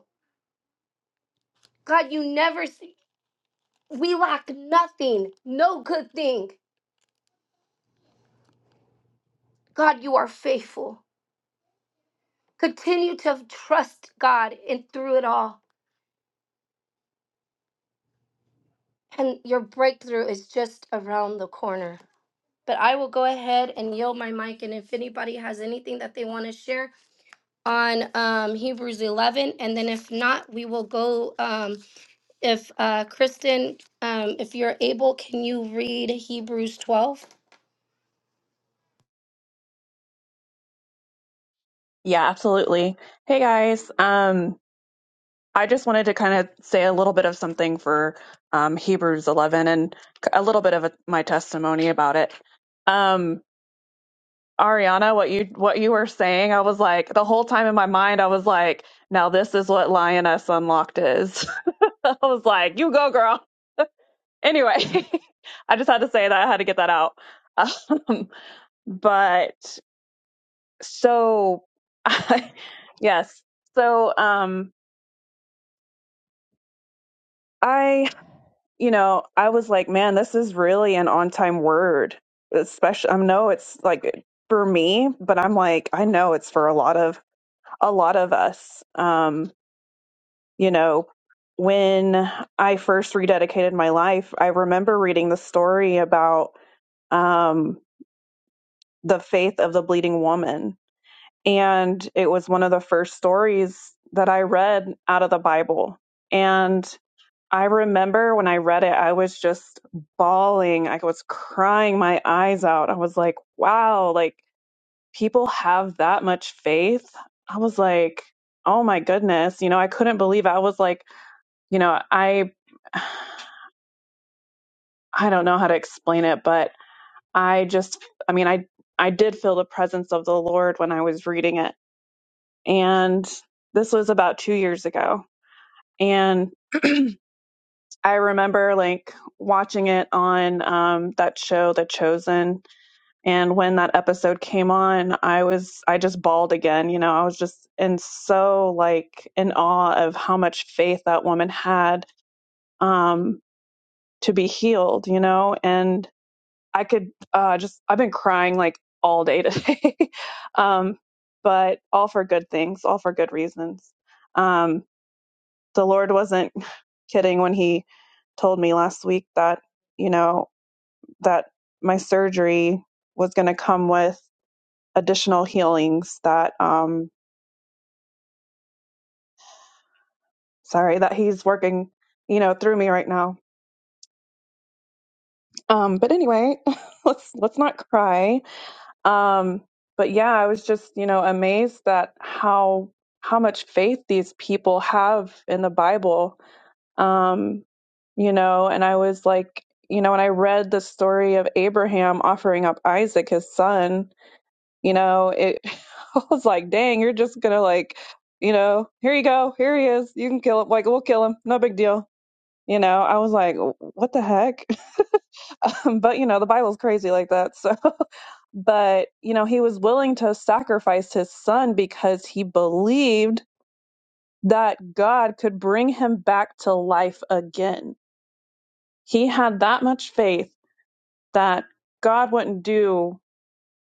Speaker 1: God, you never see. We lack nothing, no good thing. God, you are faithful. Continue to trust God in through it all. And your breakthrough is just around the corner. But I will go ahead and yield my mic. And if anybody has anything that they want to share on um, Hebrews 11, and then if not, we will go. Um, if uh, Kristen, um, if you're able, can you read Hebrews 12?
Speaker 3: Yeah, absolutely. Hey guys, um, I just wanted to kind of say a little bit of something for um, Hebrews 11 and a little bit of a, my testimony about it. Um, Ariana, what you what you were saying, I was like the whole time in my mind, I was like, now this is what Lioness Unlocked is. (laughs) I was like, you go, girl. Anyway, (laughs) I just had to say that I had to get that out. (laughs) Um, but so, (laughs) yes. So, um, I you know, I was like, man, this is really an on time word. Especially, I know it's like for me, but I'm like, I know it's for a lot of a lot of us. Um, you know, when I first rededicated my life, I remember reading the story about um, the faith of the bleeding woman, and it was one of the first stories that I read out of the Bible. And I remember when I read it, I was just bawling. I was crying my eyes out. I was like, wow, like people have that much faith. I was like, oh my goodness. You know, I couldn't believe I was like, you know, I I don't know how to explain it, but I just I mean, I I did feel the presence of the Lord when I was reading it. And this was about 2 years ago. And I remember like watching it on um that show The Chosen and when that episode came on i was i just bawled again you know i was just in so like in awe of how much faith that woman had um to be healed you know and i could uh just i've been crying like all day today (laughs) um but all for good things all for good reasons um the lord wasn't (laughs) kidding when he told me last week that you know that my surgery was going to come with additional healings that um sorry that he's working you know through me right now um but anyway (laughs) let's let's not cry um but yeah i was just you know amazed that how how much faith these people have in the bible um you know and i was like you know when i read the story of abraham offering up isaac his son you know it (laughs) i was like dang you're just gonna like you know here you go here he is you can kill him like we'll kill him no big deal you know i was like what the heck (laughs) um, but you know the bible's crazy like that so (laughs) but you know he was willing to sacrifice his son because he believed that god could bring him back to life again he had that much faith that god wouldn't do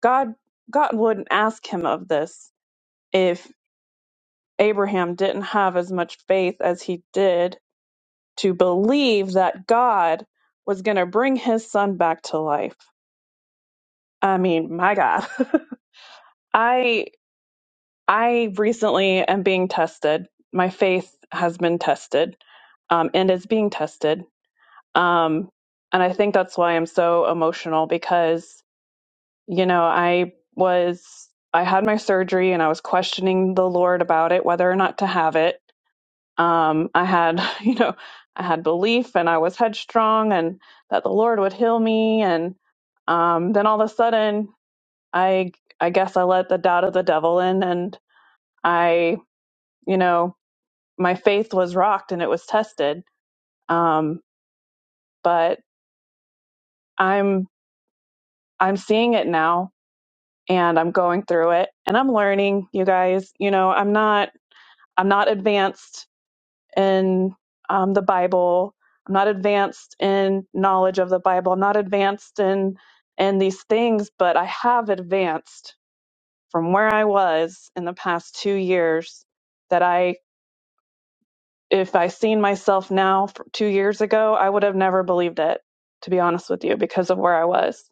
Speaker 3: god god wouldn't ask him of this if. Abraham didn't have as much faith as he did to believe that God was going to bring his son back to life. I mean, my God. (laughs) I I recently am being tested. My faith has been tested um, and is being tested. Um, and I think that's why I'm so emotional because, you know, I was, I had my surgery and I was questioning the Lord about it, whether or not to have it um, I had, (laughs) you know, I had belief and I was headstrong and that the Lord would heal me. And um, then all of a sudden, I, I guess I let the doubt of the devil in and I, you know, my faith was rocked and it was tested. Um, but I'm, I'm seeing it now and I'm going through it and I'm learning, you guys. You know, I'm not, I'm not advanced in um, the Bible. I'm not advanced in knowledge of the Bible. I'm not advanced in in these things, but I have advanced from where I was in the past two years. That I, if I seen myself now f- two years ago, I would have never believed it. To be honest with you, because of where I was.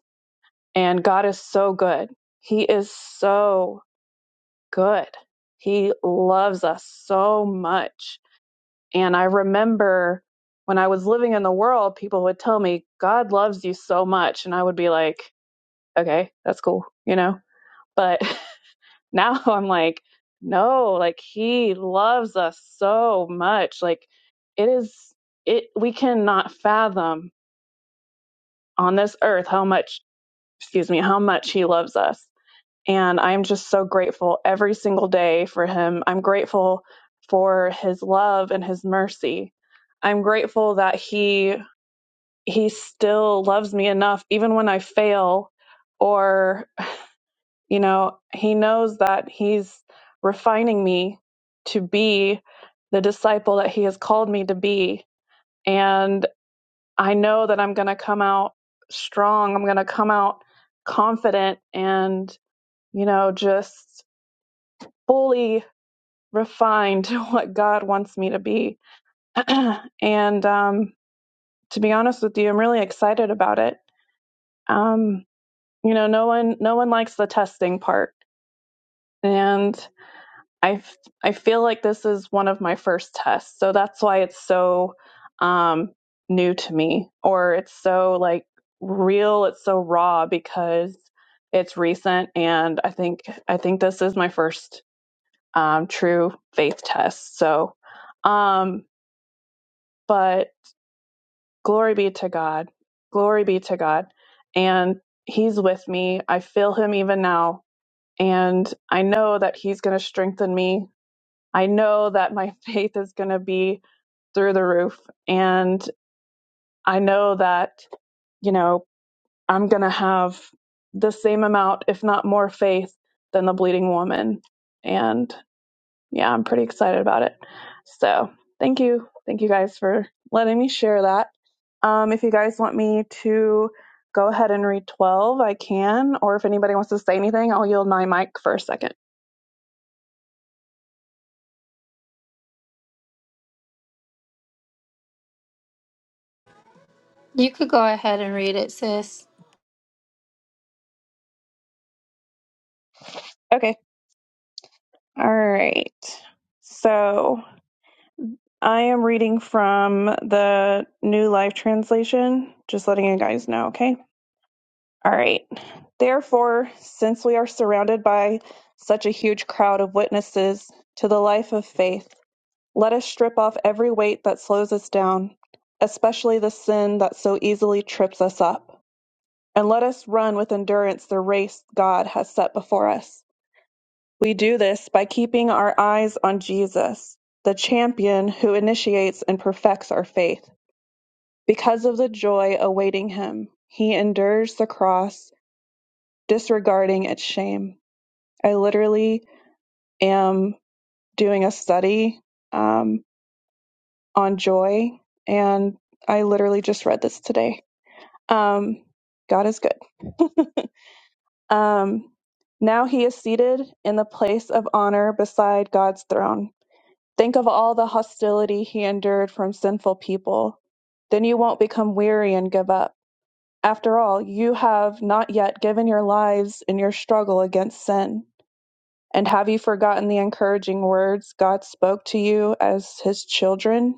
Speaker 3: And God is so good. He is so good. He loves us so much And I remember when I was living in the world, people would tell me, God loves you so much. And I would be like, okay, that's cool, you know? But (laughs) now I'm like, no, like he loves us so much. Like it is, it, we cannot fathom on this earth how much, excuse me, how much he loves us. And I'm just so grateful every single day for him. I'm grateful for his love and his mercy. I'm grateful that he he still loves me enough even when i fail or you know he knows that he's refining me to be the disciple that he has called me to be and i know that i'm going to come out strong i'm going to come out confident and you know just fully refined (laughs) to what god wants me to be (clears throat) and um to be honest with you i'm really excited about it um you know no one no one likes the testing part and i I feel like this is one of my first tests so that's why it's so um new to me or it's so like real it's so raw because it's recent and i think i think this is my first um true faith test so um but glory be to god glory be to god and he's with me i feel him even now And I know that He's going to strengthen me. I know that my (laughs) faith is going to be through the roof. And I know that, you know, I'm going to have the same amount, if not more, faith than the bleeding woman. And yeah, I'm pretty excited about it. So thank you. Thank you guys for letting me share that. Um, if you guys want me to go ahead and read 12, I can. Or if anybody wants to say anything, I'll yield my mic for a second.
Speaker 1: You could go ahead and read it, sis.
Speaker 3: Okay. All right. So I am reading from the New Life Translation, just letting you guys know, okay? All right. Therefore, since we are surrounded by such a huge crowd of witnesses to the life of faith, let us strip off every weight that slows us down, especially the sin that so easily trips us up. And let us run with endurance the race God has set before us We do this by keeping our eyes on Jesus, the champion who initiates and perfects our faith. Because of the joy awaiting him, he endures the cross, disregarding its shame. I literally am doing a study um, on joy, and I literally just read this today. Um, God is good. (laughs) Um, now he is seated in the place of honor beside God's throne. Think of all the hostility he endured from sinful people. Then you won't become weary and give up. After all, you have not yet given your lives in your struggle against sin. And have you forgotten the encouraging words God spoke to you as his children?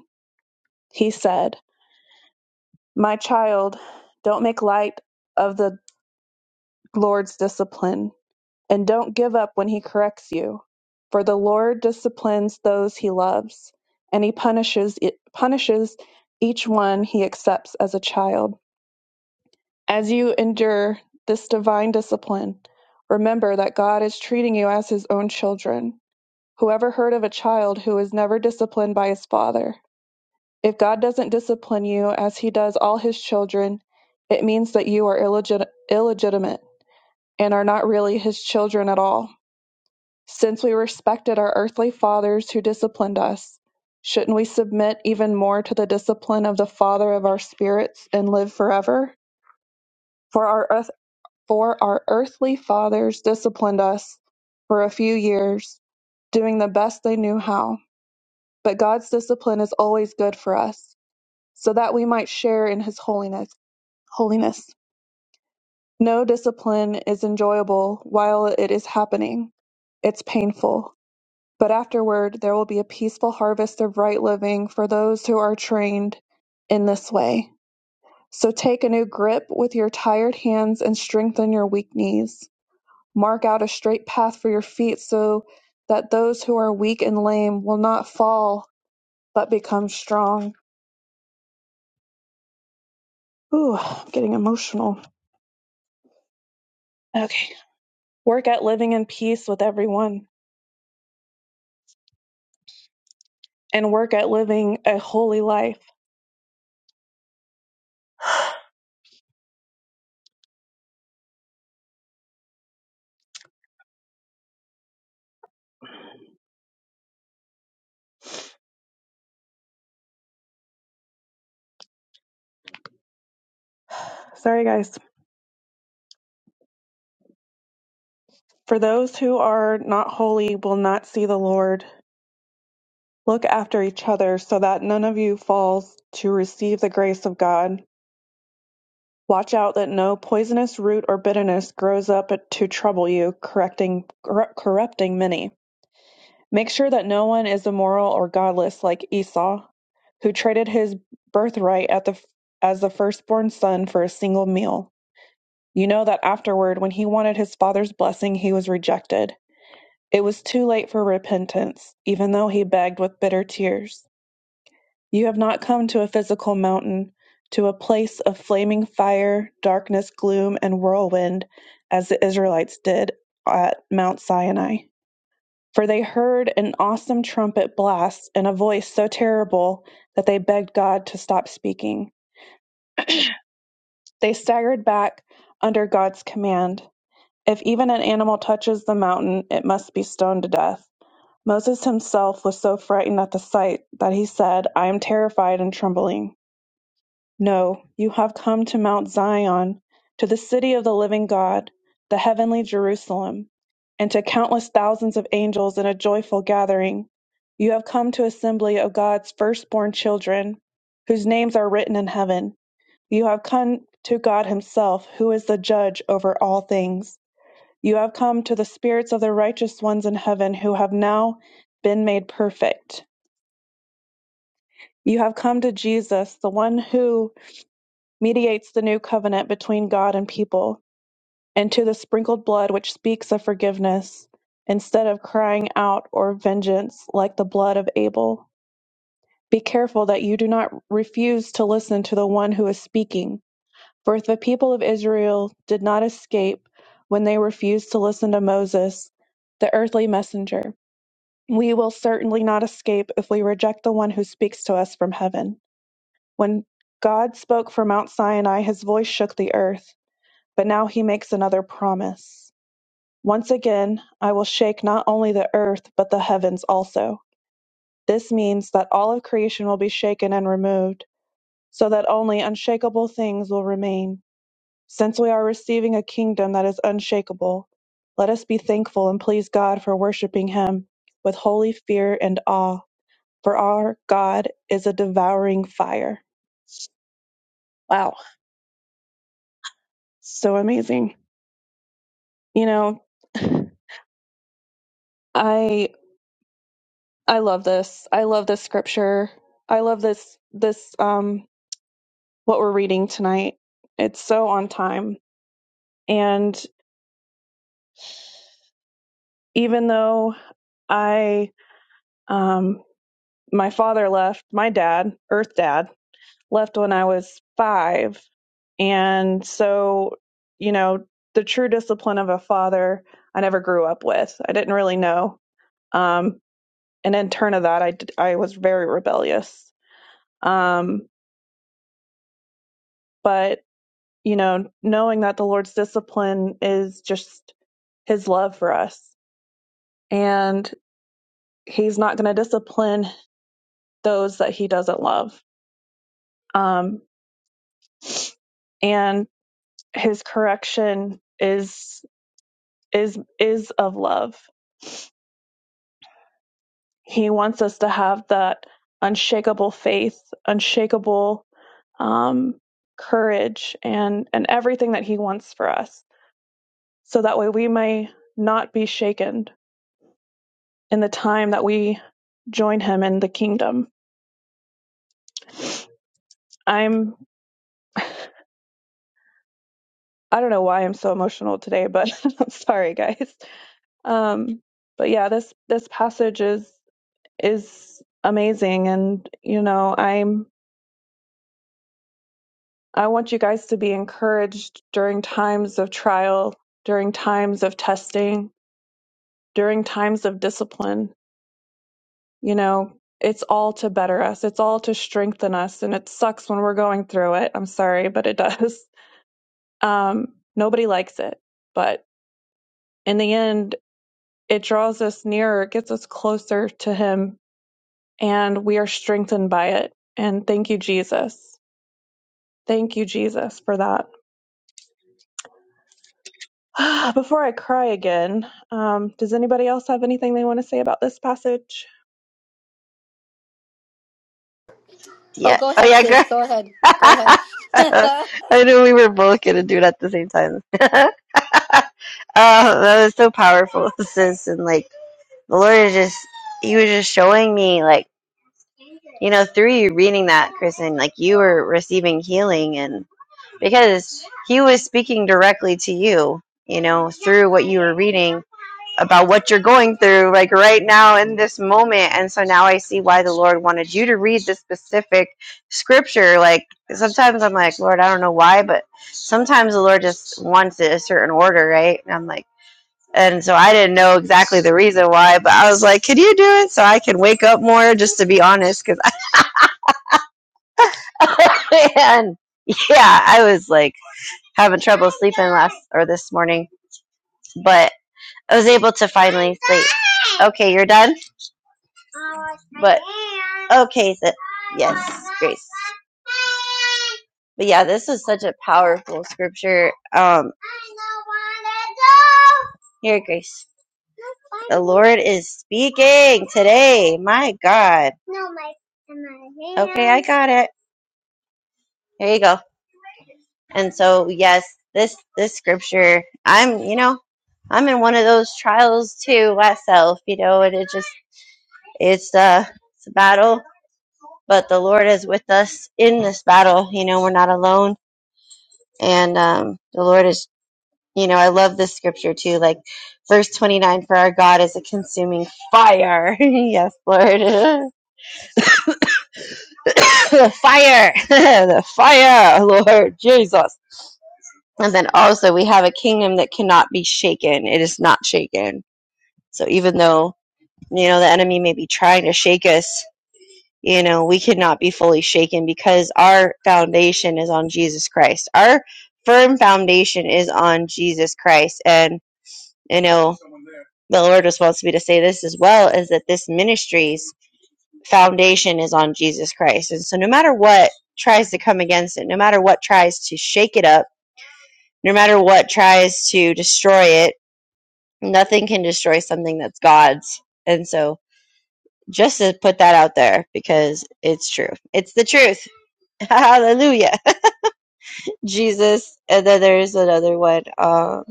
Speaker 3: He said, My child, don't make light of the Lord's discipline And don't give up when he corrects you, for the Lord disciplines those he loves, and he punishes e, punishes each one he accepts as a child. As you endure this divine discipline, remember that God is treating you as his own children. Whoever heard of a child who is never disciplined by his father? If God doesn't discipline you as he does all his children, it means that you are illegit- illegitimate and are not really his children at all. Since we respected our earthly fathers who disciplined us, shouldn't we submit even more to the discipline of the Father of our spirits and live forever? For our earth, for our earthly fathers disciplined us for a few years, doing the best they knew how. But God's discipline is always good for us, so that we might share in His holiness. Holiness. No discipline is enjoyable while it is happening. It's painful But afterward there will be a peaceful harvest of right living for those who are trained in this way. So take a new grip with your tired hands and strengthen your weak knees. Mark out a straight path for your feet so that those who are weak and lame will not fall but become strong. Ooh, I'm getting emotional. Okay. Work at living in peace with everyone and work at living a holy life. Sorry, guys. For those who are not holy will not see the Lord. Look after each other so that none of you falls to receive the grace of God. Watch out that no poisonous root or bitterness grows up to trouble you, correcting, corru- corrupting many. Make sure that no one is immoral or godless like Esau, who traded his birthright at the, as the firstborn son for a single meal. You know that afterward, when he wanted his father's blessing, he was rejected. It was too late for repentance, even though he begged with bitter tears. You have not come to a physical mountain, to a place of flaming fire, darkness, gloom, and whirlwind, as the Israelites did at Mount Sinai. For they heard an awesome trumpet blast and a voice so terrible that they begged God to stop speaking. They staggered back under God's command. If even an animal touches the mountain, it must be stoned to death. Moses himself was so frightened at the sight that he said, I am terrified and trembling. No, you have come to Mount Zion, to the city of the living God, the heavenly Jerusalem, and to countless thousands of angels in a joyful gathering. You have come to assembly of God's firstborn children, whose names are written in heaven. You have come to God Himself, who is the judge over all things. You have come to the spirits of the righteous ones in heaven who have now been made perfect. You have come to Jesus, the one who mediates the new covenant between God and people, and to the sprinkled blood which speaks of forgiveness, instead of crying out or vengeance like the blood of Abel. Be careful that you do not refuse to listen to the one who is speaking. For if the people of Israel did not escape when they refused to listen to Moses, the earthly messenger, we will certainly not escape if we reject the one who speaks to us from heaven. When God spoke from Mount Sinai, his voice shook the earth. But now he makes another promise. Once again, I will shake not only the earth, but the heavens also. This means that all of creation will be shaken and removed, so that only unshakable things will remain. Since we are receiving a kingdom that is unshakable, let us be thankful and please God for worshiping Him with holy fear and awe, for our God is a devouring fire. Wow, so amazing. You know, (sighs) (laughs) I I love this. I love this scripture. I love this this um what we're reading tonight. It's so on time. And even though I um my father left, my dad, earth dad, left when I was 5. And so, you know, the true discipline of a father I never grew up with. I didn't really know. Um and in turn of that I d- I was very rebellious. Um but you know, knowing that the Lord's discipline is just his love for us. And he's not going to discipline those that he doesn't love. Um, and his correction is is is of love. He wants us to have that unshakable faith, unshakable um, courage, and and everything that he wants for us, so that way we may not be shaken in the time that we join him in the kingdom. I'm I don't know why I'm so emotional today, but (laughs) I'm sorry guys. Um but yeah, this this passage is is amazing and you know, I'm I want you guys to be encouraged during times of trial, during times of testing, during times of discipline. You know, it's all to better us. It's all to strengthen us and it sucks when we're going through it. I'm sorry, but it does. Um, nobody likes it, but in the end, it draws us nearer, gets us closer to Him, and we are strengthened by it. And thank you, Jesus. Thank you, Jesus, for that. (sighs) Before I cry again, um, does anybody else have anything they want to say about this passage?
Speaker 1: Oh,
Speaker 2: Yeah.
Speaker 1: go
Speaker 2: Oh,
Speaker 1: ahead,
Speaker 2: yeah,
Speaker 1: sis.
Speaker 2: girl.
Speaker 1: Go ahead.
Speaker 2: (laughs)
Speaker 1: Go ahead. (laughs)
Speaker 2: I knew we were both going to do it at the same time. (laughs) oh, that was so powerful, (laughs) sis. And like, the Lord is just, He was just showing me, like, you know, through you reading that, Kristen, like you were receiving healing and because He was speaking directly to you, you know, through what you were reading about what you're going through, like right now in this moment. And so now I see why the Lord wanted you to read this specific scripture. Like sometimes I'm like, Lord, I don't know why, but sometimes the Lord just wants it a certain order, right? And I'm like, and so I didn't know exactly the reason why, but I was like, could you do it so I can wake up more, just to be honest? Because, (laughs) man, yeah, I was like having trouble sleeping last or this morning, but I was able to finally sleep. Okay, you're done? But okay, is Yes, Grace. But yeah, this is such a powerful scripture. Um, here, Grace. The Lord is speaking today. My God. Okay, I got it. There you go. And so, yes, this this scripture. I'm, you know, I'm in one of those trials too myself. You know, and it just it's uh it's a battle, but the Lord is with us in this battle. You know, we're not alone, and um, the Lord is You know, I love this scripture too, like verse 29 for our God is a consuming fire. (laughs) yes, Lord. (laughs) the fire. (laughs) the fire, Lord Jesus. And then also we have a kingdom that cannot be shaken. It is not shaken. So even though, you know, the enemy may be trying to shake us, you know, we cannot be fully shaken because our foundation is on Jesus Christ. Our firm foundation is on Jesus Christ. And I know the Lord just wants me to say this as well is that this ministry's foundation is on Jesus Christ. And so, no matter what tries to come against it, no matter what tries to shake it up, no matter what tries to destroy it, nothing can destroy something that's God's. And so, just to put that out there because it's true. It's the truth. (laughs) Hallelujah. (laughs) Jesus. And then there's another one. Um,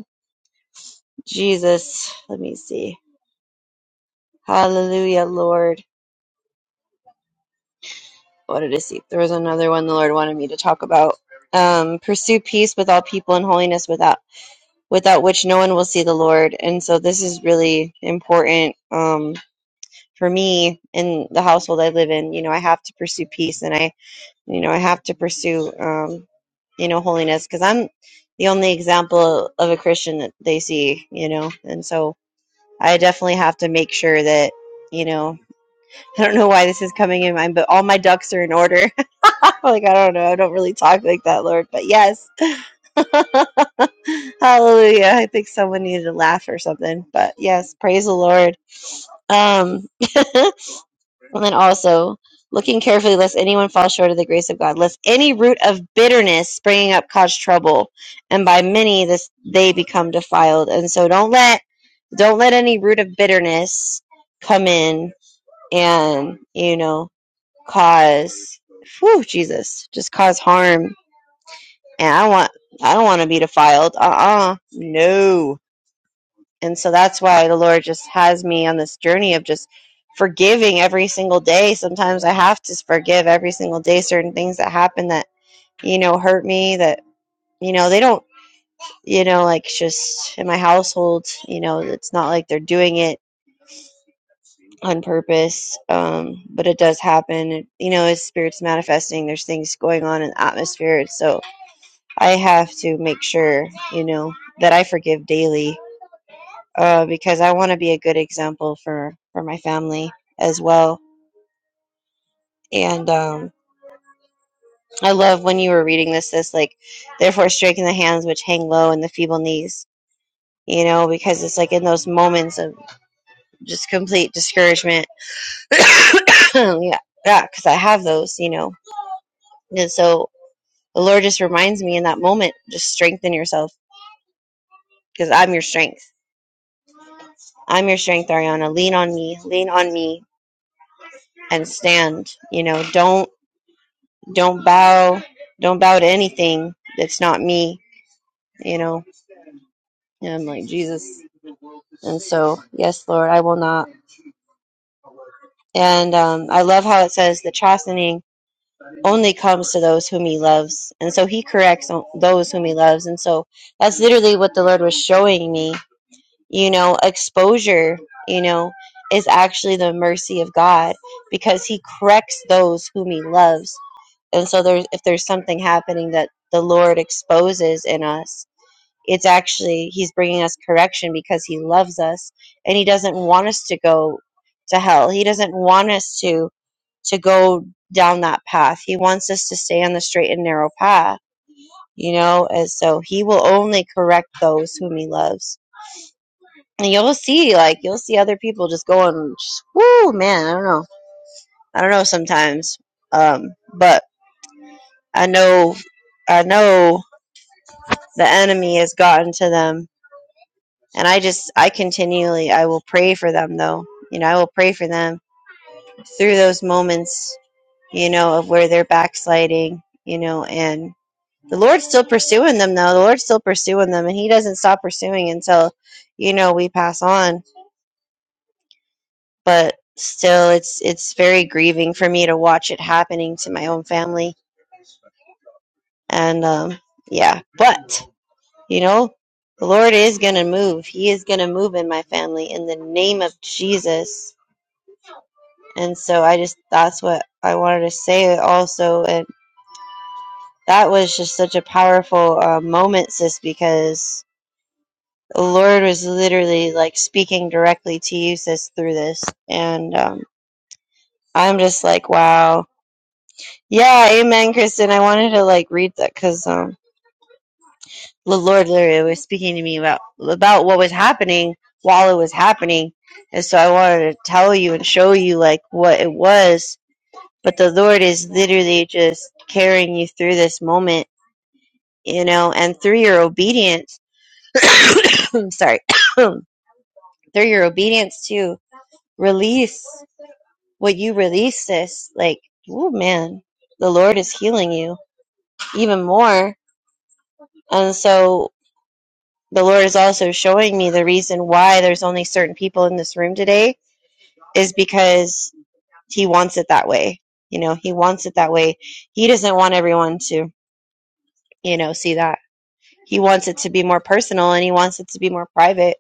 Speaker 2: Jesus. Let me see. Hallelujah, Lord. what did I see? There was another one the Lord wanted me to talk about. Um, pursue peace with all people and holiness without without which no one will see the Lord. And so this is really important um, for me in the household I live in. You know, I have to pursue peace, and I, you know, I have to pursue, um, you know, holiness because I'm the only example of a Christian that they see. You know, and so I definitely have to make sure that, you know, (laughs) I don't know why this is coming in mind, but all my ducks are in order like, I don't know. I don't really talk like that, Lord, but yes. (laughs) Hallelujah. I think someone needed to laugh or something, but yes, praise the Lord. Um, (laughs) and then also, looking carefully lest anyone fall short of the grace of God, lest any root of bitterness springing up cause trouble, and by many this they become defiled. And so don't let don't let any root of bitterness come in and, you know, cause whew, Jesus, just cause harm and I don't want I don't want to be defiled. Uh uh no. And so that's why the Lord just has me on this journey of just forgiving every single day. Sometimes I have to forgive every single day certain things that happen that you know hurt me. That you know they don't you know like just in my household. You know it's not like they're doing it on purpose, um, but it does happen. It, you know, His Spirit's manifesting. There's things going on in the atmosphere, and so I have to make sure, you know, that I forgive daily uh, because I want to be a good example for, for my family as well. And um, I love when you were reading this, this like, therefore striking the hands which hang low and the feeble knees, you know, because it's like in those moments of just complete discouragement. (clears throat) yeah, yeah, because I have those, you know. And so the Lord just reminds me in that moment, just strengthen yourself because I'm your strength. I'm your strength, Ariana. Lean on me. Lean on me and stand. You know, don't don't bow don't bow to anything that's not me, you know. And I'm like Jesus. And so, yes, Lord, I will not. And um, I love how it says the chastening only comes to those whom he loves. And so he corrects o- those whom he loves. And so that's literally what the Lord was showing me. You know, exposure, you know, is actually the mercy of God because he corrects those whom he loves. and so there's if there's something happening that the lord exposes in us it's actually he's bringing us correction because he loves us and he doesn't want us to go to hell he doesn't want us to to go down that path he wants us to stay on the straight and narrow path you know and so he will only correct those whom he loves and you'll see like you'll see other people just going whoo man i don't know i don't know sometimes um but i know i know the enemy has gotten to them. And I just, I continually, I will pray for them though. You know, I will pray for them through those moments, you know, of where they're backsliding, you know, and the Lord's still pursuing them though. The Lord's still pursuing them and He doesn't stop pursuing until, you know, we pass on. But still, it's, it's very grieving for me to watch it happening to my own family. And, um, yeah, but You know, the Lord is going to move. He is going to move in my family in the name of Jesus. And so I just, that's what I wanted to say also. And that was just such a powerful uh, moment, sis, because the Lord was literally like speaking directly to you, sis, through this. And um, I'm just like, wow. Yeah, amen, Kristen. I wanted to like read that because um. the Lord literally was speaking to me about about what was happening while it was happening, and so I wanted to tell you and show you like what it was. But the Lord is literally just carrying you through this moment, you know, and through your obedience. (coughs) I'm sorry, (coughs) through your obedience to release what you release this, like, oh man, the Lord is healing you even more. And so the Lord is also showing me the reason why there's only certain people in this room today is because He wants it that way. You know, He wants it that way. He doesn't want everyone to, you know, see that. He wants it to be more personal and He wants it to be more private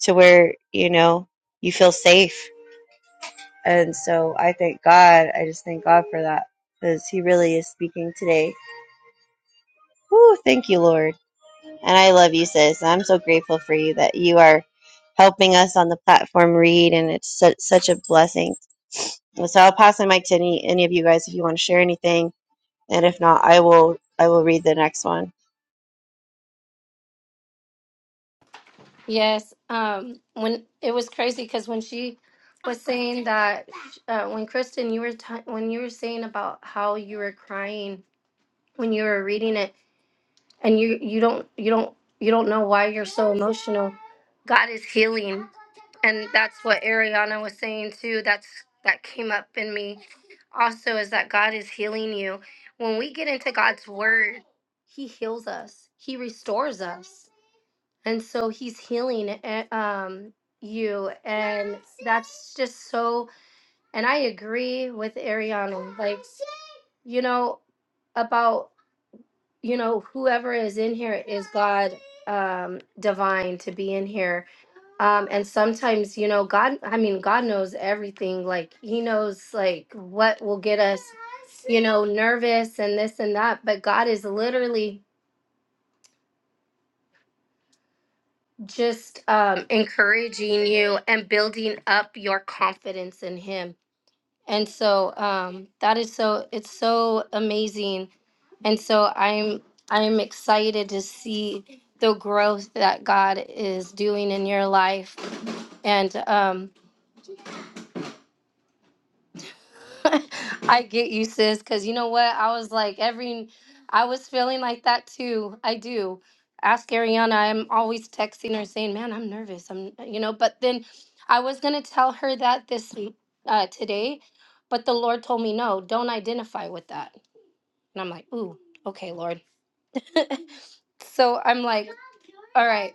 Speaker 2: to where, you know, you feel safe. And so I thank God. I just thank God for that because He really is speaking today. Woo, thank you, Lord. And I love you, sis. I'm so grateful for you that you are helping us on the platform read, and it's such, such a blessing. And so I'll pass the mic to any, any of you guys if you want to share anything, and if not, I will I will read the next one.
Speaker 1: yes. Um. When it was crazy because when she was saying that, uh, when Kristen, you were t- when you were saying about how you were crying when you were reading it, and you you don't you don't you don't know why you're so emotional god is healing and that's what ariana was saying too that's that came up in me also is that god is healing you when we get into god's word he heals us he restores us and so he's healing eh, um you and that's just so and i agree with ariana like you know about you know whoever is in here is god um divine to be in here um and sometimes you know god i mean god knows everything like he knows like what will get us you know nervous and this and that but god is literally just um encouraging you and building up your confidence in him And so um, that is so it's so amazing. And so I'm I'm excited to see the growth that God is doing in your life. And um, (laughs) I get you, sis, because you know what? I was like every I was feeling like that too. I do. Ask Ariana. I'm always texting her saying, "Man, I'm nervous." I'm you know, but then I was gonna tell her that this uh, today, but the Lord told me no. Don't identify with that And I'm like, ooh, okay, Lord. (laughs) so I'm like, all right.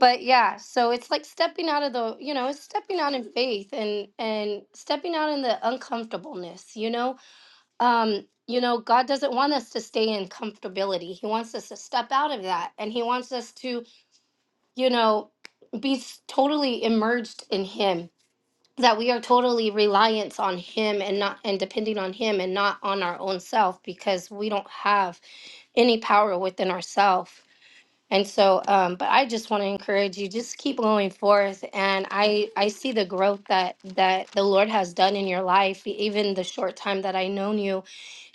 Speaker 1: But yeah, so it's like stepping out of the, you know, it's stepping out in faith and and stepping out in the uncomfortableness, you know? Um, you know, God doesn't want us to stay in comfortability. He wants us to step out of that and he wants us to, you know, be s- totally immersed in him. That we are totally reliant on him and not and depending on him and not on our own self because we don't have any power within ourselves. And so, um, but I just want to encourage you, just keep going forth. And I, I see the growth that, that the Lord has done in your life, e- even the short time that I known you.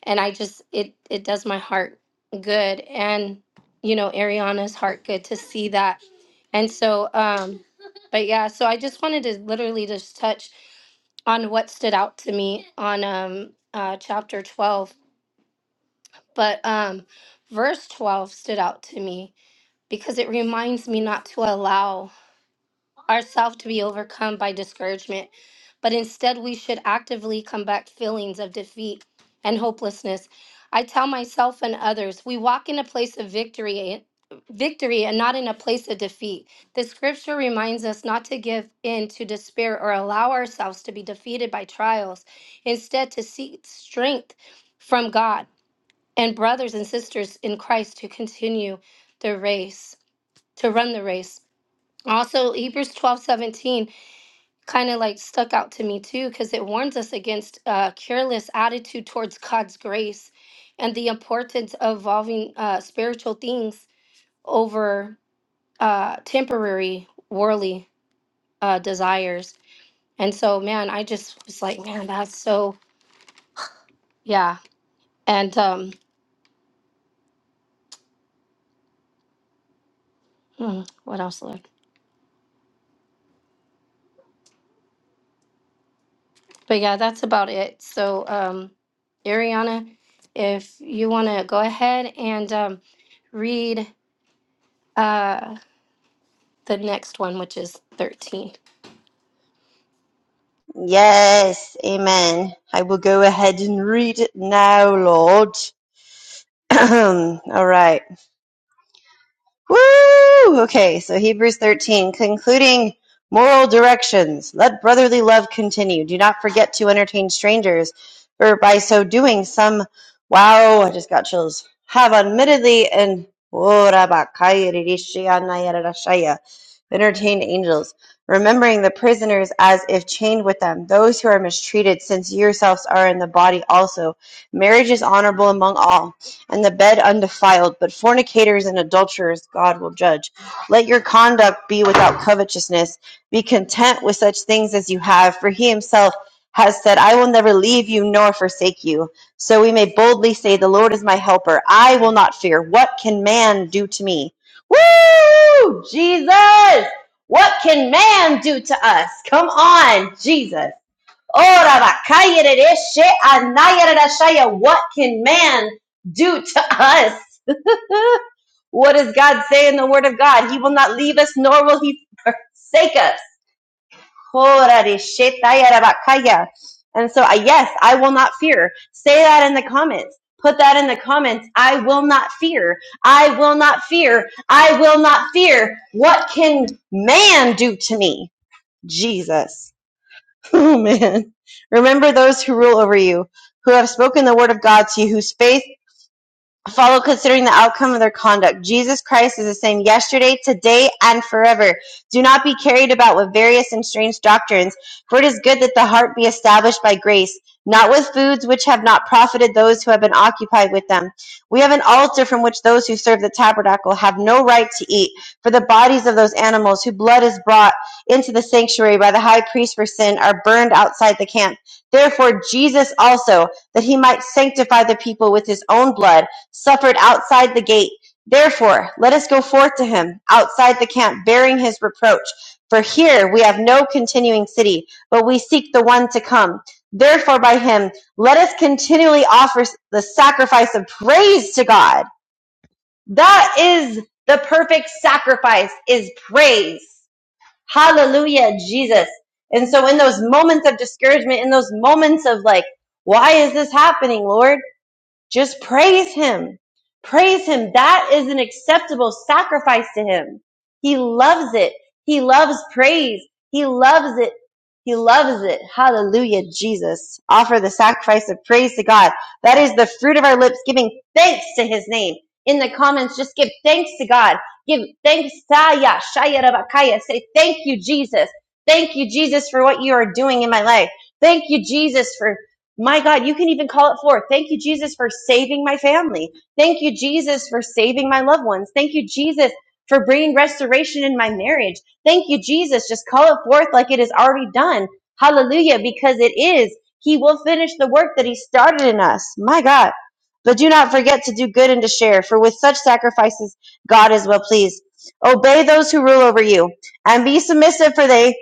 Speaker 1: And I just, it, it does my heart good. And, you know, Ariana's heart good to see that. And so, um, but yeah, so I just wanted to literally just touch on what stood out to me on, um, uh, chapter 12, but, um, verse 12 stood out to me because it reminds me not to allow ourselves to be overcome by discouragement, but instead we should actively combat feelings of defeat and hopelessness. I tell myself and others, we walk in a place of victory victory and not in a place of defeat. The scripture reminds us not to give in to despair or allow ourselves to be defeated by trials, instead to seek strength from God and brothers and sisters in Christ to continue the race to run the race. Also, Hebrews twelve seventeen kind of like stuck out to me too, because it warns us against a careless attitude towards God's grace and the importance of valuing uh, spiritual things over uh, temporary worldly uh, desires. And so, man, I just was like, man, that's so, yeah. And um, mm, what else, Lord? But yeah, that's about it. So, um, Ariana, if you want to go ahead and um, read uh, the next one, which is 13.
Speaker 2: Yes, amen. I will go ahead and read it now, Lord. (clears throat) All right. Woo! Okay, so Hebrews 13, concluding moral directions. Let brotherly love continue. Do not forget to entertain strangers, for by so doing, some, wow, I just got chills, have admittedly and entertained angels, remembering the prisoners as if chained with them, those who are mistreated, since yourselves are in the body also. Marriage is honorable among all and the bed undefiled, but fornicators and adulterers God will judge. Let your conduct be without covetousness. Be content with such things as you have, for he himself has said, I will never leave you nor forsake you. So we may boldly say, The Lord is my helper. I will not fear. What can man do to me? Woo! Jesus! What can man do to us? Come on, Jesus. What can man do to us? (laughs) What does God say in the Word of God? He will not leave us, nor will He forsake us. And so, I- yes, I will not fear. Say that in the comments. Put that in the comments. I will not fear. I will not fear. I will not fear. What can man do to me? Jesus. (laughs) Oh man. Remember those who rule over you, who have spoken the word of God to you, whose faith follow considering the outcome of their conduct. Jesus Christ is the same yesterday, today, and forever. Do not be carried about with various and strange doctrines, for it is good that the heart be established by grace, not with foods which have not profited those who have been occupied with them. We have an altar from which those who serve the tabernacle have no right to eat, for the bodies of those animals whose blood is brought into the sanctuary by the high priest for sin are burned outside the camp. Therefore, Jesus also, that he might sanctify the people with his own blood, suffered outside the gate. Therefore, let us go forth to him outside the camp, bearing his reproach. For here we have no continuing city, but we seek the one to come. Therefore, by him, let us continually offer the sacrifice of praise to God. That is the perfect sacrifice, is praise. Hallelujah, Jesus. And so, in those moments of discouragement, in those moments of like, why is this happening, Lord? Just praise him. Praise him. That is an acceptable sacrifice to him. He loves it. He loves praise. He loves it. He loves it. Hallelujah, Jesus. Offer the sacrifice of praise to God. That is the fruit of our lips, giving thanks to his name. In the comments, just give thanks to God. Give thanks. Saya, Shaya, Rabakaya. Say, thank you, Jesus. Thank you, Jesus, for what you are doing in my life. Thank you, Jesus, for my God, you can even call it forth. Thank you, Jesus, for saving my family. Thank you, Jesus, for saving my loved ones. Thank you, Jesus, for bringing restoration in my marriage. Thank you, Jesus. Just call it forth like it is already done. Hallelujah, because it is. He will finish the work that He started in us. My God. But do not forget to do good and to share, for with such sacrifices, God is well pleased. Obey those who rule over you and be submissive, for they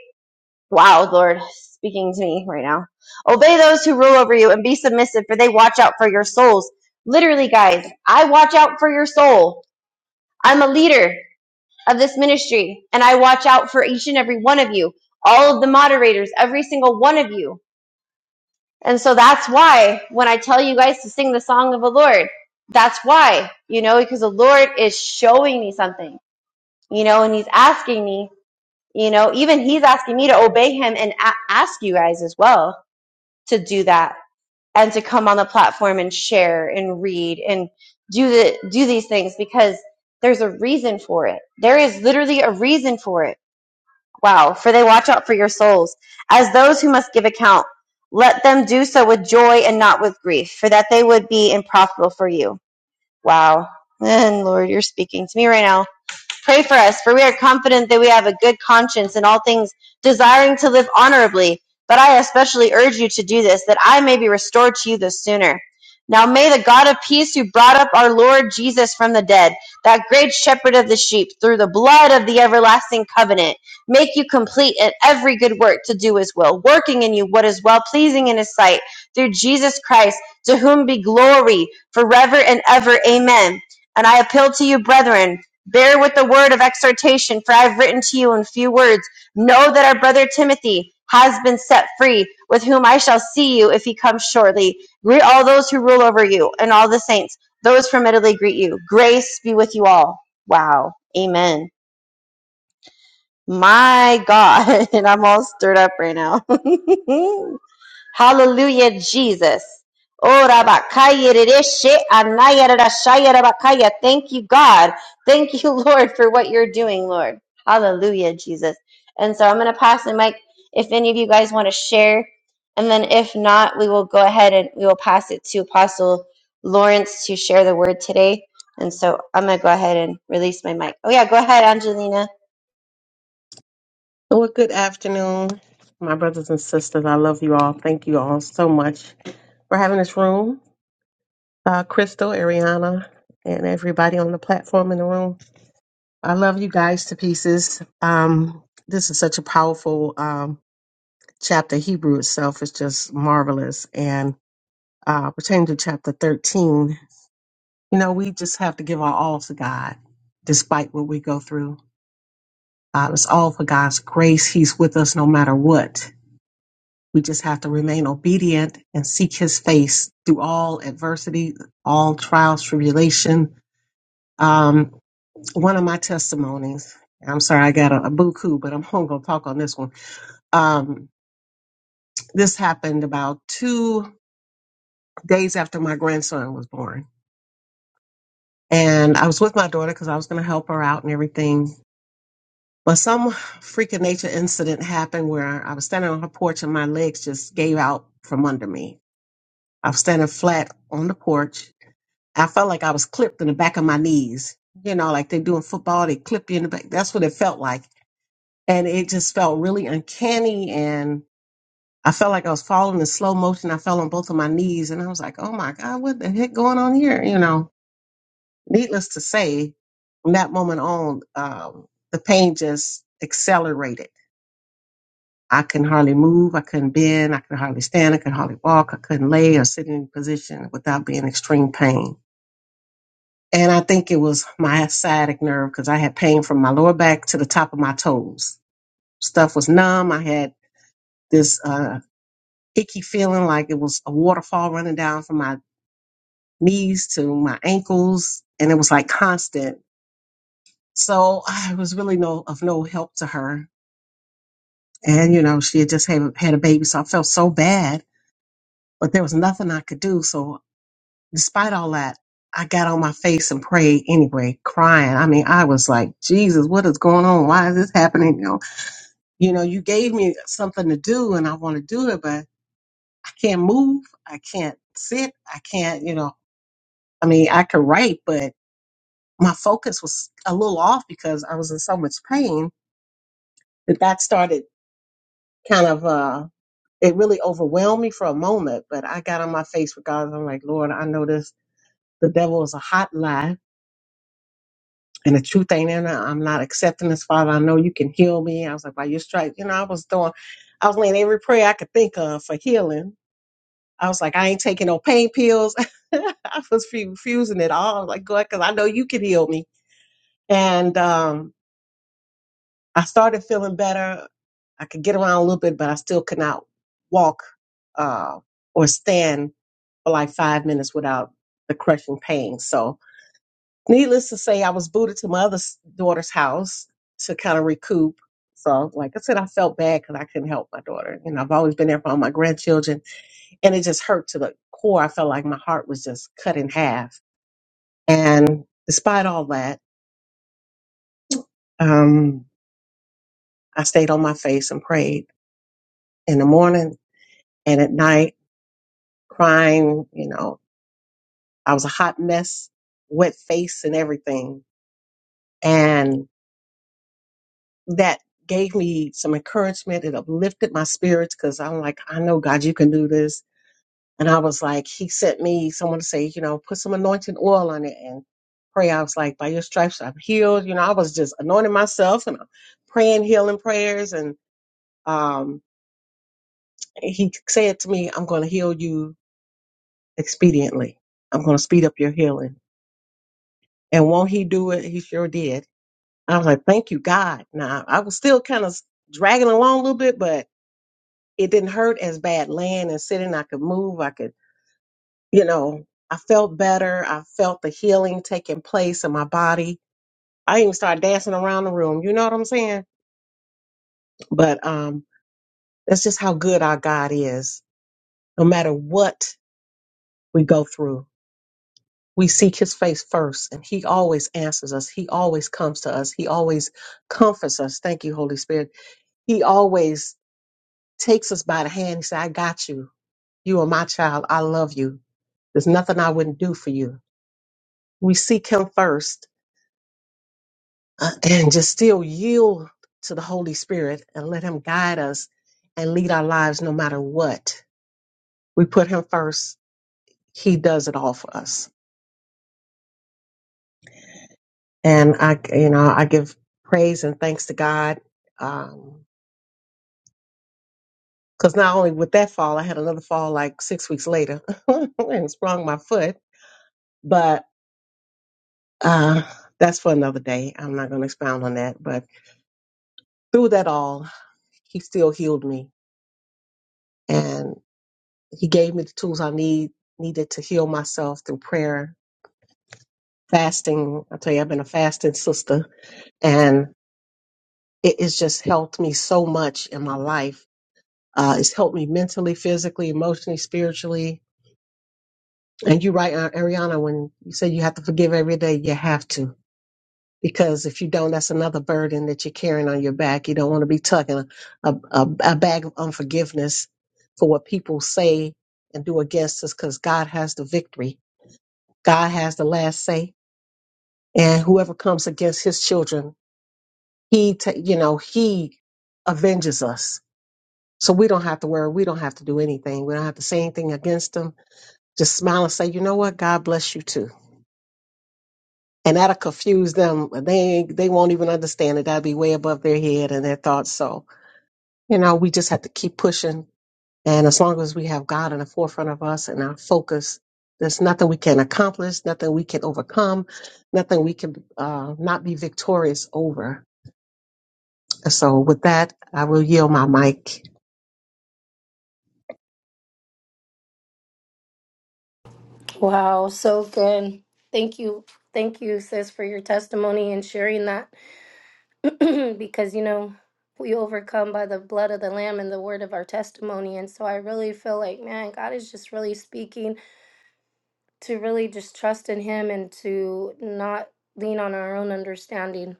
Speaker 2: Wow, Lord, speaking to me right now. Obey those who rule over you and be submissive, for they watch out for your souls. Literally, guys, I watch out for your soul. I'm a leader of this ministry, and I watch out for each and every one of you, all of the moderators, every single one of you. And so that's why when I tell you guys to sing the song of the Lord, that's why, you know, because the Lord is showing me something, you know, and He's asking me, you know, even He's asking me to obey Him and a- ask you guys as well to do that and to come on the platform and share and read and do the do these things because there's a reason for it. There is literally a reason for it. Wow, for they watch out for your souls as those who must give account. Let them do so with joy and not with grief, for that they would be unprofitable for you. Wow. (laughs) And Lord, you're speaking to me right now Pray for us, for we are confident that we have a good conscience in all things, desiring to live honorably. But I especially urge you to do this, that I may be restored to you the sooner. Now may the God of peace, who brought up our Lord Jesus from the dead, that great shepherd of the sheep, through the blood of the everlasting covenant, make you complete in every good work to do his will, working in you what is well pleasing in his sight, through Jesus Christ, to whom be glory forever and ever. Amen. And I appeal to you, brethren Bear with the word of exhortation, for I have written to you in few words. Know that our brother Timothy has been set free, with whom I shall see you if he comes shortly. Greet all those who rule over you and all the saints. Those from Italy greet you. Grace be with you all. Wow. Amen. My God. (laughs) And I'm all stirred up right now. (laughs) Hallelujah, Jesus. Oh, Rabakaya Rereshe Anaya Rarashaya Rabakaya. Thank you, God. Thank you, (laughs) Lord, for what you're doing, Lord. Hallelujah, Jesus. And so I'm going to pass the mic if any of you guys want to share. And then if not, we will go ahead and we will pass it to Apostle Lawrence to share the word today. And so I'm going to go ahead and release my mic. Oh, yeah, go ahead, Angelina.
Speaker 4: Well, good afternoon, my brothers and sisters. I love you all. Thank you all so much for having this room. Uh, Crystal, Ariana, and everybody on the platform in the room. I love you guys to pieces. Um, this is such a powerful um, chapter. Hebrew itself is just marvelous. And uh, pertaining to chapter 13, you know, we just have to give our all to God despite what we go through. Uh, it's all for God's grace. He's with us no matter what We just have to remain obedient and seek his face through all adversity, all trials, tribulation. Um, one of my testimonies, I'm sorry, I got a, a buku, but I'm (laughs) going to talk on this one. Um, this happened about two days after my grandson was born. And I was with my daughter because I was going to help her out and everything. But some freak of nature incident happened where I was standing on her porch and my legs just gave out from under me. I was standing flat on the porch I felt like I was clipped in the back of my knees. You know, like they're doing football, they clip you in the back. That's what it felt like. And it just felt really uncanny. And I felt like I was falling in slow motion. I fell on both of my knees and I was like, oh my God, what the heck going on here? You know, needless to say, from that moment on, um, the pain just accelerated. I couldn't hardly move. I couldn't bend. I could hardly stand. I could hardly walk. I couldn't lay or sit in any position without being extreme pain. And I think it was my sciatic nerve because I had pain from my lower back to the top of my toes. Stuff was numb. I had this uh, icky feeling like it was a waterfall running down from my knees to my ankles. And it was like constant. So I was really no of no help to her. And, you know, she had just had, had a baby. So I felt so bad, but there was nothing I could do. So despite all that, I got on my face and prayed anyway, crying. I mean, I was like, Jesus, what is going on? Why is this happening? You know, you gave me something to do and I want to do it, but I can't move. I can't sit. I can't, you know, I mean, I could write, but my focus was a little off because I was in so much pain that that started kind of, uh, it really overwhelmed me for a moment, but I got on my face with God. and I'm like, Lord, I know this, the devil is a hot lie and the truth ain't in it. I'm not accepting this, Father. I know you can heal me. I was like, by your stripes, you know, I was doing, I was laying every prayer I could think of for healing I was like, I ain't taking no pain pills. (laughs) I was refusing it all. Like, God, because I know you can heal me. And um, I started feeling better. I could get around a little bit, but I still could not walk uh, or stand for like five minutes without the crushing pain. So, needless to say, I was booted to my other s- daughter's house to kind of recoup. So, like I said, I felt bad because I couldn't help my daughter. You know, I've always been there for all my grandchildren and it just hurt to the core. I felt like my heart was just cut in half. And despite all that, um, I stayed on my face and prayed in the morning and at night, crying. You know, I was a hot mess, wet face and everything. And that gave me some encouragement. It uplifted my spirits because I'm like, I know God, you can do this And I was like, he sent me someone to say, you know, put some anointing oil on it and pray. I was like, by your stripes, I'm healed. You know, I was just anointing myself and uh, praying healing prayers. And um, he said to me, I'm going to heal you expediently. I'm going to speed up your healing. And won't he do it? He sure did. I was like, thank you, God. Now, I was still kind of dragging along a little bit, but it didn't hurt as bad laying and sitting. I could move. I could you know, I felt better. I felt the healing taking place in my body. I even started dancing around the room. You know what I'm saying? But um, that's just how good our God is. No matter what we go through, we seek His face first, and He always answers us. He always comes to us. He always comforts us. Thank you, Holy Spirit. He always takes us by the hand. He said, "I got you. You are my child. I love you. There's nothing I wouldn't do for you." We seek Him first uh, and just still yield to the Holy Spirit and let Him guide us and lead our lives no matter what. We put Him first, He does it all for us. And I, you know, I give praise and thanks to God. Um, because not only with that fall, I had another fall like six weeks later (laughs) and sprung my foot, but uh, that's for another day. I'm not going to expound on that. But through that all, he still healed me. he gave me the tools I need needed to heal myself through prayer, fasting. I tell you, I've been a fasting sister, and it has just helped me so much in my life. Uh, it's helped me mentally, physically, emotionally, spiritually. And you're right, uh, Ariana, when you say you have to forgive every day, you have to. Because if you don't, that's another burden that you're carrying on your back. You don't want to be tucking a, a, a a bag of unforgiveness for what people say and do against us because God has the victory. God has the last say and whoever comes against his children, he, ta- you know, he avenges us. So we don't have to worry. We don't have to do anything. We don't have to say anything against them. Just smile and say, you know what? God bless you too. And that'll confuse them. They they won't even understand it. That'll be way above their head and their thoughts. So you know, we just have to keep pushing. And as long as we have God in the forefront of us and our focus, there's nothing we can accomplish, nothing we can overcome, nothing we can uh, not be victorious over So with that, I will yield my mic.
Speaker 1: Wow, so good. Thank you. Thank you, sis, for your testimony and sharing that (clears throat) because, you know, we overcome by the blood of the Lamb and the word of our testimony. And so I really feel like, man, God is just really speaking to really just trust in Him and to not lean on our own understanding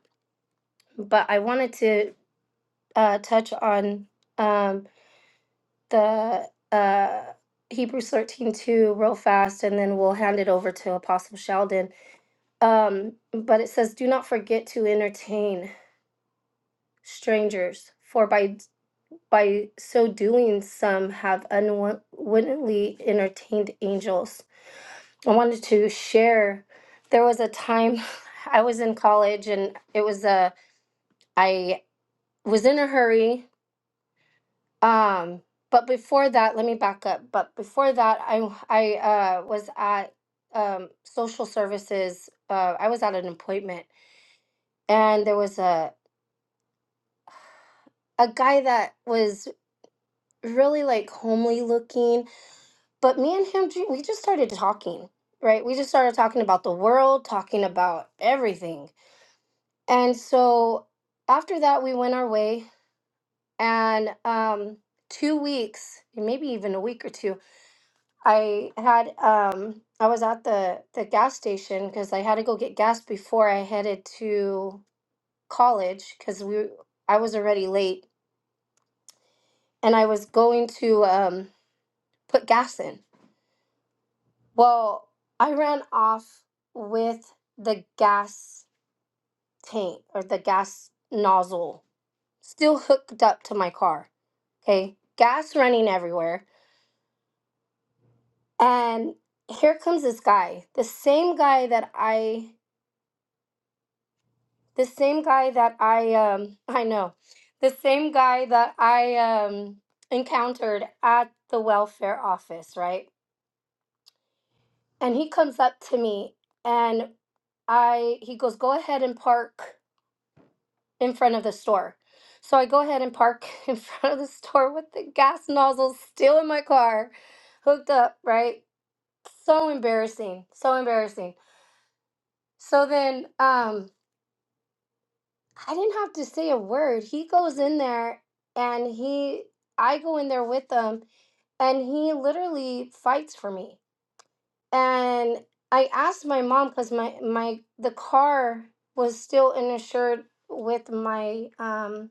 Speaker 1: but I wanted to uh, touch on um, the uh, Hebrews 13 2 real fast, and then we'll hand it over to Apostle Sheldon. Um, but it says, Do not forget to entertain strangers, for by by so doing, some have unwittingly entertained angels. I wanted to share. There was a time (laughs) I was in college, and it was a I was in a hurry Um, but before that, let me back up. But before that, I I uh, was at um, social services. Uh, I was at an appointment, and there was a a guy that was really like homely looking. But me and him, ju- we just started talking. Right, we just started talking about the world, talking about everything. And so after that, we went our way. And um, two weeks, maybe even a week or two I had um I was at the the gas station because I had to go get gas before I headed to college because we I was already late and I was going to um put gas in. Well, I ran off with the gas tank or the gas nozzle still hooked up to my car. Okay, gas running everywhere, and here comes this guy, the same guy that I the same guy that I um (laughs) I know, the same guy that I um encountered at the welfare office, right? And he comes up to me and I he goes, "Go ahead and park in front of the store." So I go ahead and park (laughs) in front of the store with the gas nozzle still in my car, hooked up, right? So embarrassing, so embarrassing. So then um I didn't have to say a word. He goes in there and he, I go in there with him and he literally fights for me. And I asked my mom because my, my, the car was still insured with my um,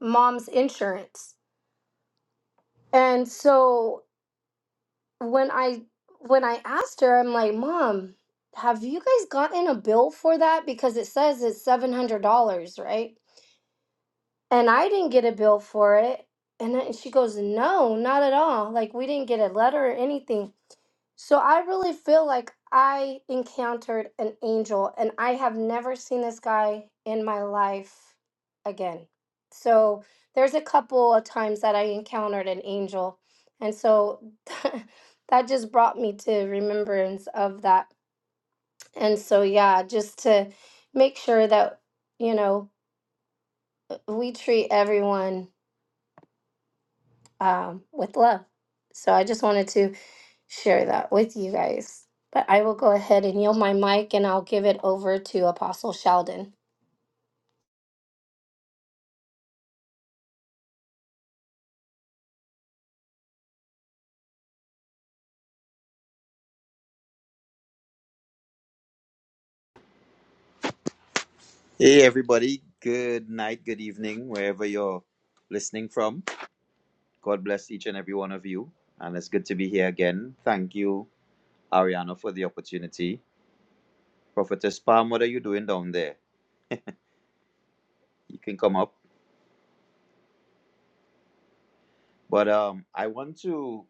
Speaker 1: mom's insurance. And so when I, when I asked her, I'm like, Mom, have you guys gotten a bill for that? Because it says it's $700, right? and I didn't get a bill for it. And then she goes, No, not at all. Like, we didn't get a letter or anything. So I really feel like I encountered an angel, and I have never seen this guy in my life again. So there's a couple of times that I encountered an angel. And so (laughs) that just brought me to remembrance of that. And so, yeah, just to make sure that, you know, we treat everyone um, with love. So I just wanted to share that with you guys. But I will go ahead and yield my mic and I'll give it over to Apostle Sheldon.
Speaker 5: Hey, everybody. Good night, good evening, wherever you're listening from. God bless each and every one of you. And it's good to be here again. Thank you, Ariana, for the opportunity. Prophetess Palm, what are you doing down there? You can come up. But um, I want to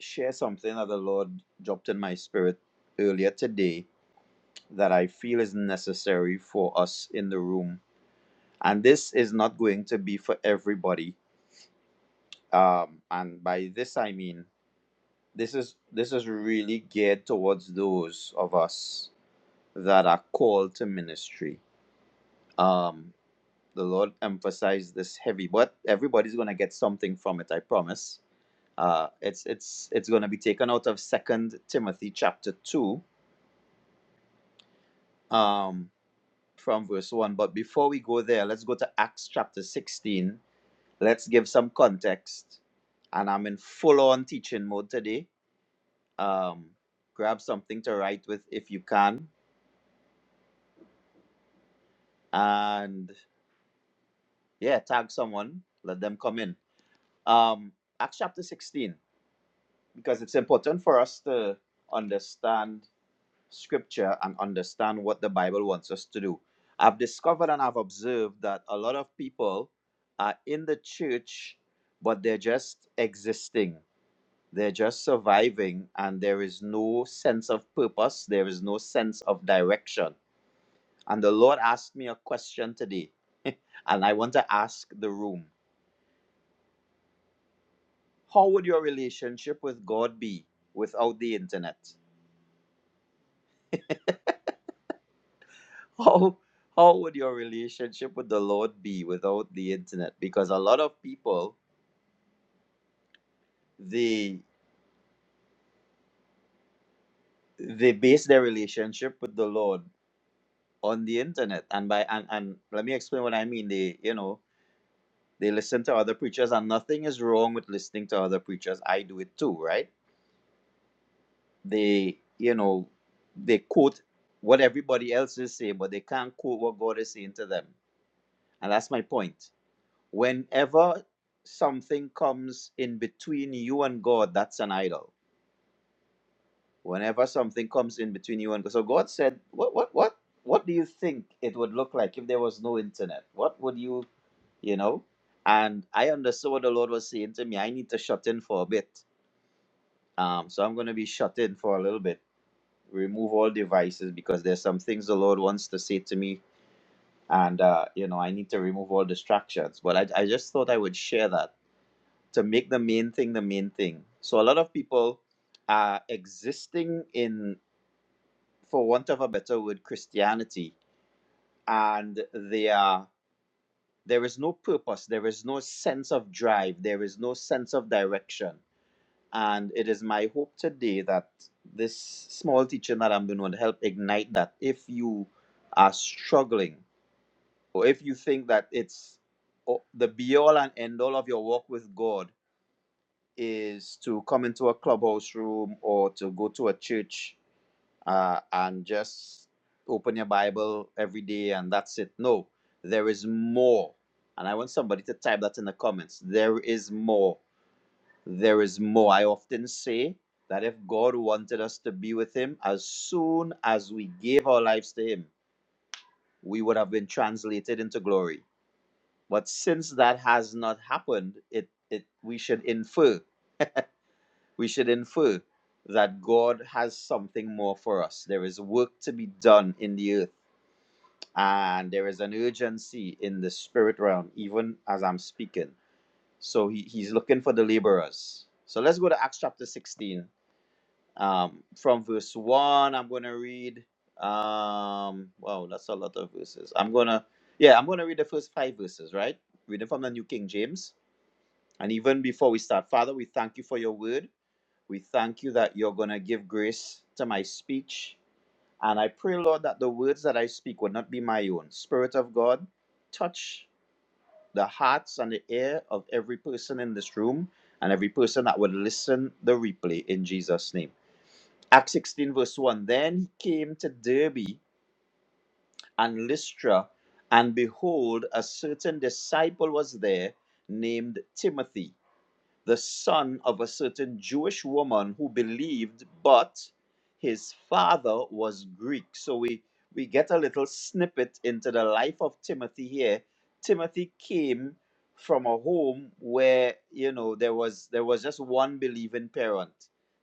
Speaker 5: share something that the Lord dropped in my spirit earlier today that I feel is necessary for us in the room. And this is not going to be for everybody. Um, and by this, I mean, this is this is really geared towards those of us that are called to ministry. Um, the Lord emphasized this heavy, but everybody's gonna get something from it. I promise. Uh, it's it's it's gonna be taken out of Second Timothy chapter two, um, from verse one. But before we go there, let's go to Acts chapter sixteen. Let's give some context. And I'm in full on teaching mode today. Um, grab something to write with if you can and yeah, tag someone, let them come in. Um, Acts chapter 16, because it's important for us to understand scripture and understand what the Bible wants us to do. I've discovered and I've observed that a lot of people are in the church, but they're just existing. They're just surviving, and there is no sense of purpose. There is no sense of direction. And the Lord asked me a question today, (laughs) and I want to ask the room how would your relationship with God be without the internet? (laughs) How how would your relationship with the Lord be without the internet? Because a lot of people they they base their relationship with the Lord on the internet. And by and, and let me explain what I mean. They you know they listen to other preachers and nothing is wrong with listening to other preachers. I do it too, right? They you know they quote what everybody else is saying, but they can't quote what God is saying to them. And that's my point whenever something comes in between you and God, that's an idol. Whenever something comes in between you and God, so God said, "What, what, what, what do you think it would look like if there was no internet? What would you, you know?" And I understood what the Lord was saying to me. I need to shut in for a bit. Um, so I'm going to be shut in for a little bit. Remove all devices because there's some things the Lord wants to say to me, and uh, you know I need to remove all distractions. But I, I just thought I would share that to make the main thing the main thing. So a lot of people are existing in, for want of a better word, Christianity, and they are there is no purpose, there is no sense of drive, there is no sense of direction. And it is my hope today that this small teaching that I'm doing will help ignite that. If you are struggling, or if you think that it's o- the be all and end all of your walk with God, is to come into a clubhouse room or to go to a church uh, and just open your Bible every day and that's it. No, there is more. And I want somebody to type that in the comments. There is more. There is more. I often say that if God wanted us to be with Him, as soon as we gave our lives to Him, we would have been translated into glory. But since that has not happened, it, it we should infer we should infer that God has something more for us. There is work to be done in the earth, and there is an urgency in the spirit realm, even as I'm speaking. So he, he's looking for the laborers. So let's go to Acts chapter 16. Um, from verse 1, I'm going to read. Um, wow, that's a lot of verses. I'm going to, yeah, I'm going to read the first five verses, right? Reading from the New King James. And even before we start, Father, we thank you for your word. We thank you that you're going to give grace to my speech. And I pray, Lord, that the words that I speak will not be my own. Spirit of God, touch the hearts and the ear of every person in this room and every person that would listen the replay in Jesus' name. Acts 16, verse 1 Then he came to Derbe and Lystra, and behold, a certain disciple was there named Timothy the son of a certain Jewish woman who believed, but his father was Greek. So we, we get a little snippet into the life of Timothy here. Timothy came from a home where, you know, there was there was just one believing parent.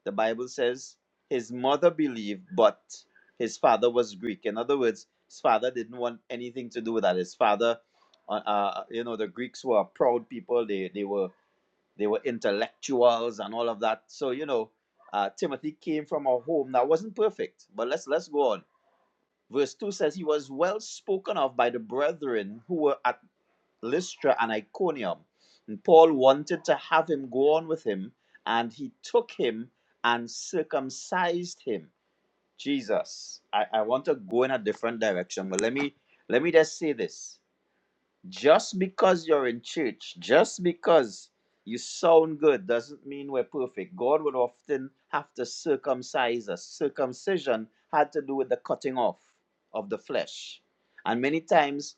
Speaker 5: The Bible says his mother believed, but his father was Greek. In other words, his father didn't want anything to do with that. His father, uh, uh, you know, the Greeks were a proud people. They they were they were intellectuals and all of that. So, you know, uh, Timothy came from a home that wasn't perfect. But let's let's go on. Verse 2 says he was well spoken of by the brethren who were at Lystra and Iconium. And Paul wanted to have him go on with him, and he took him and circumcised him. Jesus, I, I want to go in a different direction, but let me let me just say this. Just because you're in church, just because you sound good, doesn't mean we're perfect. God would often have to circumcise us. Circumcision had to do with the cutting off of the flesh. And many times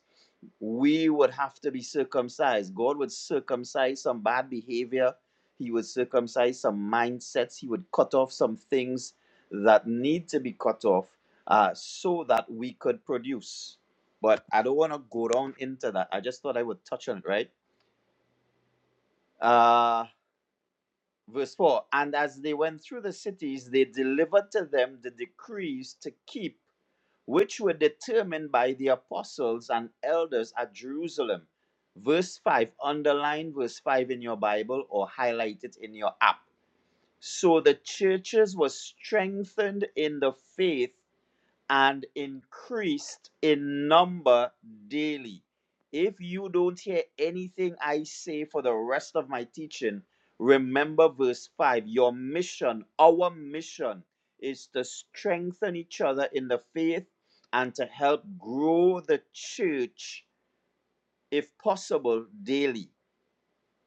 Speaker 5: we would have to be circumcised. God would circumcise some bad behavior, He would circumcise some mindsets, He would cut off some things that need to be cut off uh, so that we could produce but I don't want to go down into that. I just thought I would touch on it, right? Uh, verse 4 And as they went through the cities, they delivered to them the decrees to keep, which were determined by the apostles and elders at Jerusalem. Verse 5, underline verse 5 in your Bible or highlight it in your app. So the churches were strengthened in the faith and increased in number daily. If you don't hear anything I say for the rest of my teaching, remember verse 5. Your mission, our mission, is to strengthen each other in the faith and to help grow the church, if possible, daily.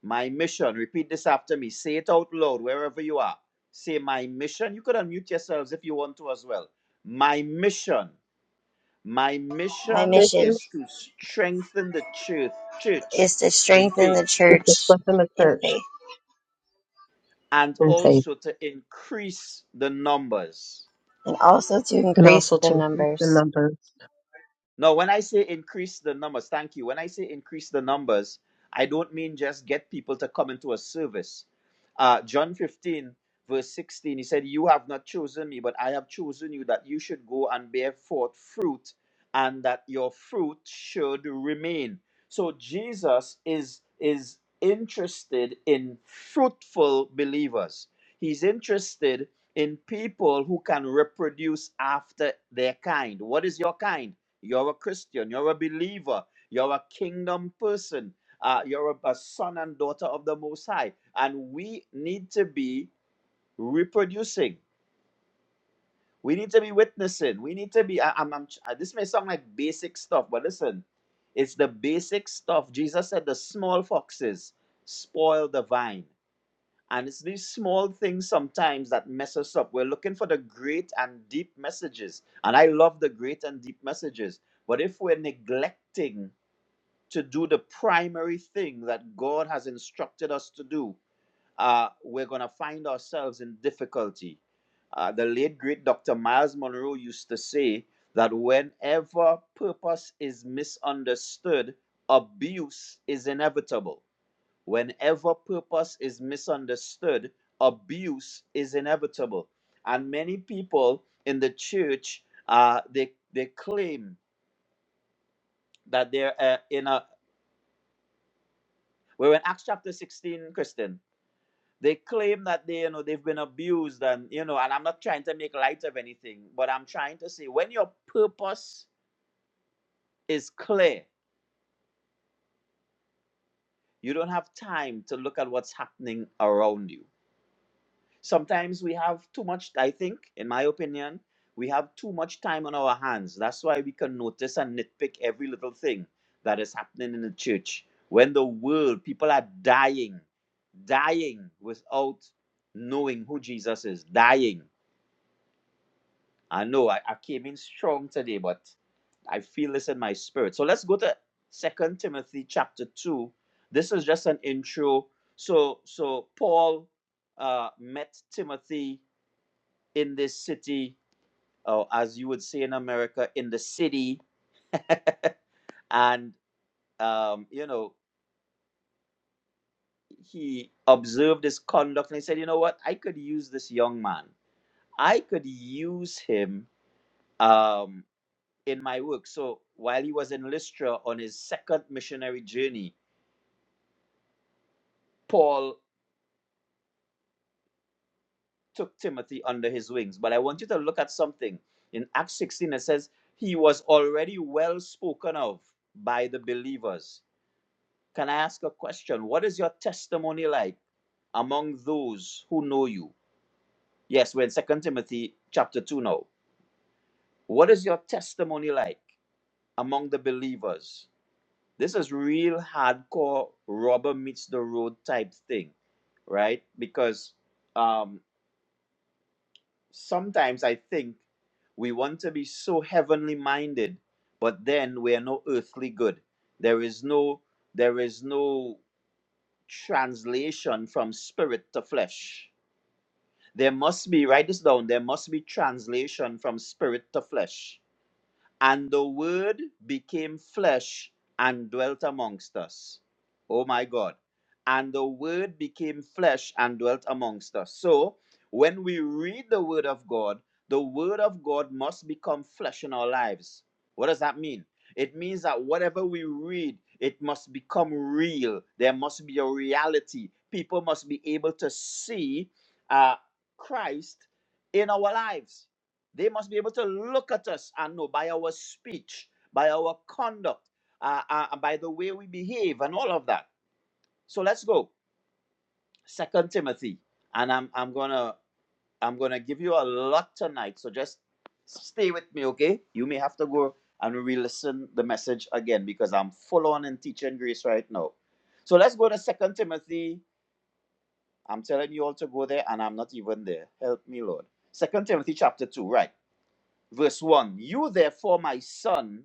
Speaker 5: My mission, repeat this after me. Say it out loud wherever you are. Say, My mission. You could unmute yourselves if you want to as well. My mission my
Speaker 2: My
Speaker 5: mission
Speaker 4: Mission
Speaker 2: mission
Speaker 5: is to strengthen the church, church
Speaker 2: is to
Speaker 5: in
Speaker 2: strengthen the
Speaker 5: faith
Speaker 4: is to
Speaker 2: church
Speaker 4: strengthen the
Speaker 2: in
Speaker 4: church
Speaker 2: faith.
Speaker 5: and
Speaker 4: and faith
Speaker 5: also to increase the numbers.
Speaker 2: and also to
Speaker 4: and
Speaker 2: increase
Speaker 4: also
Speaker 2: the
Speaker 4: to increase the
Speaker 2: numbers.
Speaker 4: number.
Speaker 5: No, when I say increase the numbers, thank you. When I say increase the numbers, I don't mean just get people to come into a service. Uh, John 15, verse 16, he said, You have not chosen me, but I have chosen you that you should go and bear forth fruit, and that your fruit should remain. So Jesus is is interested in fruitful believers. He's interested in people who can reproduce after their kind. What is your kind? You're a Christian. You're a believer. You're a kingdom person. Uh, you're a, a son and daughter of the Most High. And we need to be reproducing. We need to be witnessing. We need to be. I, I'm, I'm- uh, this may sound like basic stuff, but listen, it's the basic stuff. Jesus said the small foxes spoil the vine. And it's these small things sometimes that mess us up. We're looking for the great and deep messages. And I love the great and deep messages. But if we're neglecting to do the primary thing that God has instructed us to do, uh, we're going to find ourselves in difficulty. Uh, the late, great Dr. Miles Monroe used to say that whenever purpose is misunderstood, abuse is inevitable. Whenever purpose is misunderstood, abuse is inevitable. And many people in the church, uh, they, they claim that they're uh, in a Where in Acts chapter 16, Christian, they claim that they, you know, they've been abused and, you know, and I'm not trying to make light of anything, but I'm trying to say when your purpose is clear, you don't have time to look at what's happening around you. sometimes we have too much i think in my opinion we have too much time on our hands that's why we can notice and nitpick every little thing that is happening in the church when the world people are dying dying without knowing who jesus is dying i know i, I came in strong today but i feel this in my spirit so let's go to second timothy chapter 2 this is just an intro so so paul uh, met timothy in this city, or as you would say in America, in the city. (laughs) and, um, you know, he observed his conduct and he said, you know what? I could use this young man. I could use him um, in my work. So while he was in Lystra on his second missionary journey, Paul took Timothy under his wings. But I want you to look at something. In Acts 16, it says, he was already well spoken of by the believers Can I ask a question? What is your testimony like among those who know you? Yes, we're in Second Timothy chapter 2 now. What is your testimony like among the believers? This is real hardcore rubber meets the road type thing, right? Because um, sometimes I think we want to be so heavenly minded, but then we are no earthly good. There is no, there is no translation from spirit to flesh. There must be, write this down, there must be translation from spirit to flesh. And the Word became flesh and dwelt amongst us. Oh my God. And the Word became flesh and dwelt amongst us. So, when we read the Word of God, the Word of God must become flesh in our lives. What does that mean? It means that whatever we read, it must become real. There must be a reality. People must be able to see uh, Christ in our lives. They must be able to look at us and know by our speech, by our conduct, uh, uh, and by the way we behave, and all of that. So let's go. Second Timothy, and I'm I'm gonna I'm gonna give you a lot tonight. So just stay with me, okay? You may have to go and re-listen the message again because I'm full on in teaching grace right now. So let's go to Second Timothy. I'm telling you all to go there, and I'm not even there. Help me, Lord. Second Timothy chapter two, right? verse 1 You, therefore, my son,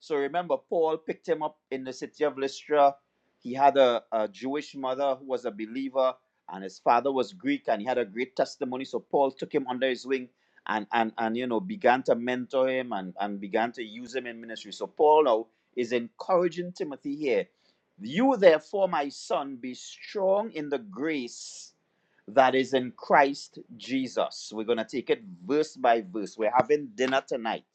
Speaker 5: so remember, Paul picked him up in the city of Lystra. He had a, a Jewish mother who was a believer, and his father was Greek, and he had a great testimony. So Paul took him under his wing and and and you know began to mentor him and, and began to use him in ministry. So Paul now is encouraging Timothy here. You therefore, my son, be strong in the grace that is in Christ Jesus. We're gonna take it verse by verse. We're having dinner tonight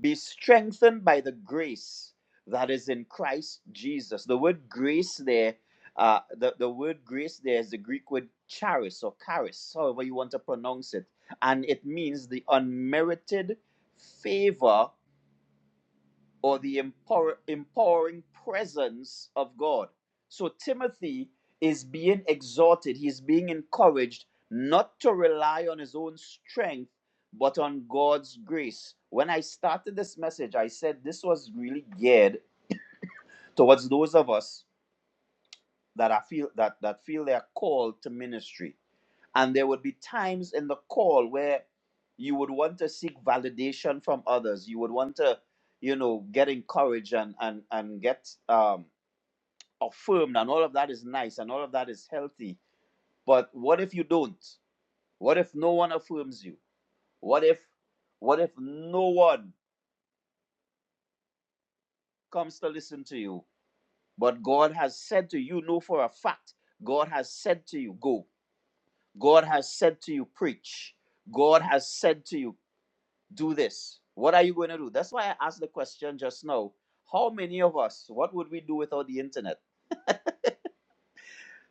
Speaker 5: be strengthened by the grace that is in Christ Jesus. The word grace there, uh, the, the word grace there is the Greek word charis or charis, however you want to pronounce it. And it means the unmerited favor or the empower, empowering presence of God. So Timothy is being exhorted, he's being encouraged not to rely on his own strength, but on God's grace. When I started this message, I said this was really geared towards those of us that I feel that, that feel they are called to ministry and there would be times in the call where you would want to seek validation from others. You would want to, you know, get encouraged and and and get um, affirmed, and all of that is nice, and all of that is healthy. But what if you don't? What if no one affirms you? What if, what if no one comes to listen to you? But God has said to you, know for a fact, God has said to you, go. God has said to you, preach. God has said to you, do this. What are you going to do? That's why I asked the question just now. How many of us, what would we do without the internet?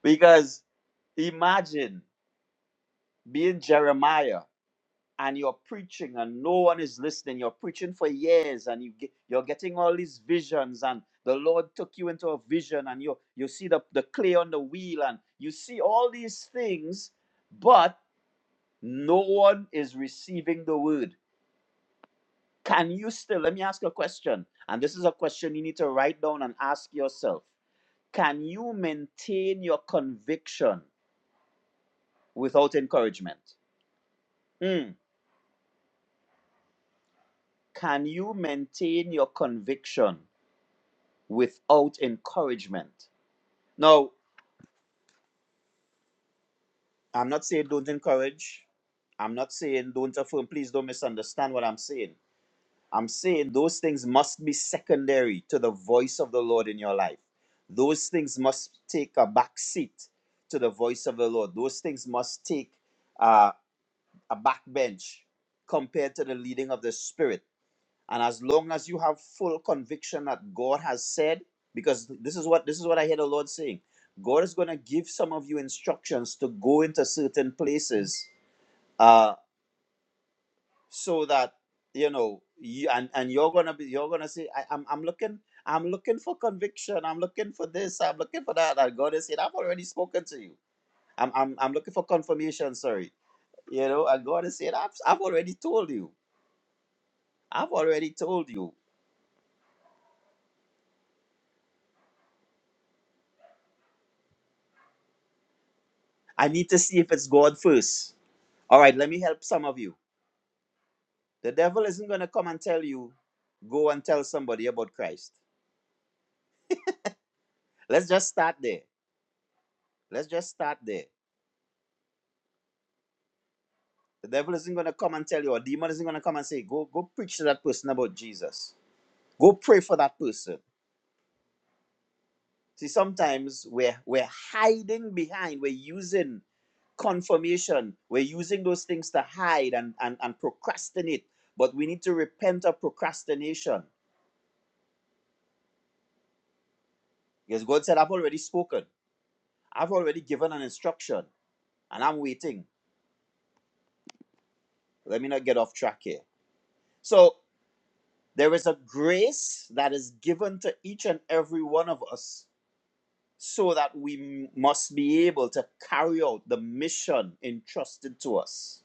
Speaker 5: Because imagine being Jeremiah and you're preaching and no one is listening. You're preaching for years and you get, you're getting all these visions and the Lord took you into a vision and you you see the, the clay on the wheel and you see all these things, but no one is receiving the word. Can you still, let me ask a question, and this is a question you need to write down and ask yourself. Can you maintain your conviction without encouragement? Hmm. Can you maintain your conviction without encouragement? Now, I'm not saying don't encourage. I'm not saying don't affirm. Please don't misunderstand what I'm saying. I'm saying those things must be secondary to the voice of the Lord in your life. Those things must take a back seat to the voice of the Lord. Those things must take uh, a back bench compared to the leading of the Spirit. And as long as you have full conviction that God has said, because this is what this is what I hear the Lord saying, God is going to give some of you instructions to go into certain places. uh, so that you know you and and you're gonna be you're gonna say I, I'm I'm looking I'm looking for conviction I'm looking for this I'm looking for that and God is saying I've already spoken to you I'm I'm I'm looking for confirmation sorry you know and God is saying I've I've already told you I've already told you I need to see if it's God first all right let me help some of you the devil isn't gonna come and tell you go and tell somebody about Christ let's just start there let's just start there The devil isn't going to come and tell you, or demon isn't going to come and say, go, go preach to that person about Jesus. Go pray for that person. See, sometimes we're, we're hiding behind, we're using confirmation, we're using those things to hide and, and, and procrastinate. But we need to repent of procrastination. Because God said, I've already spoken, I've already given an instruction, and I'm waiting. Let me not get off track here. So there is a grace that is given to each and every one of us so that we must be able to carry out the mission entrusted to us.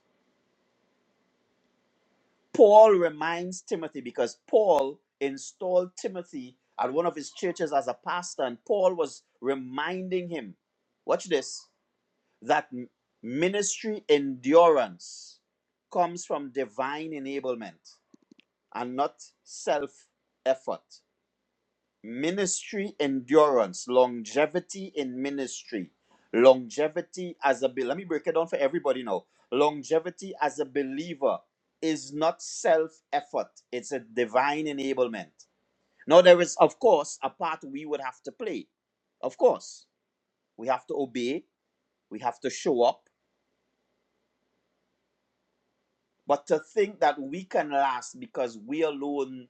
Speaker 5: Paul reminds Timothy because Paul installed Timothy at one of his churches as a pastor, and Paul was reminding him, watch this, that m- ministry endurance comes from divine enablement and not self effort. ministry endurance, longevity in ministry, longevity as a be- let me break it down for everybody now. Longevity as a believer is not self effort; it's a divine enablement. Now there is, of course, a part we would have to play. Of course, we have to obey. We have to show up But to think that we can last because we alone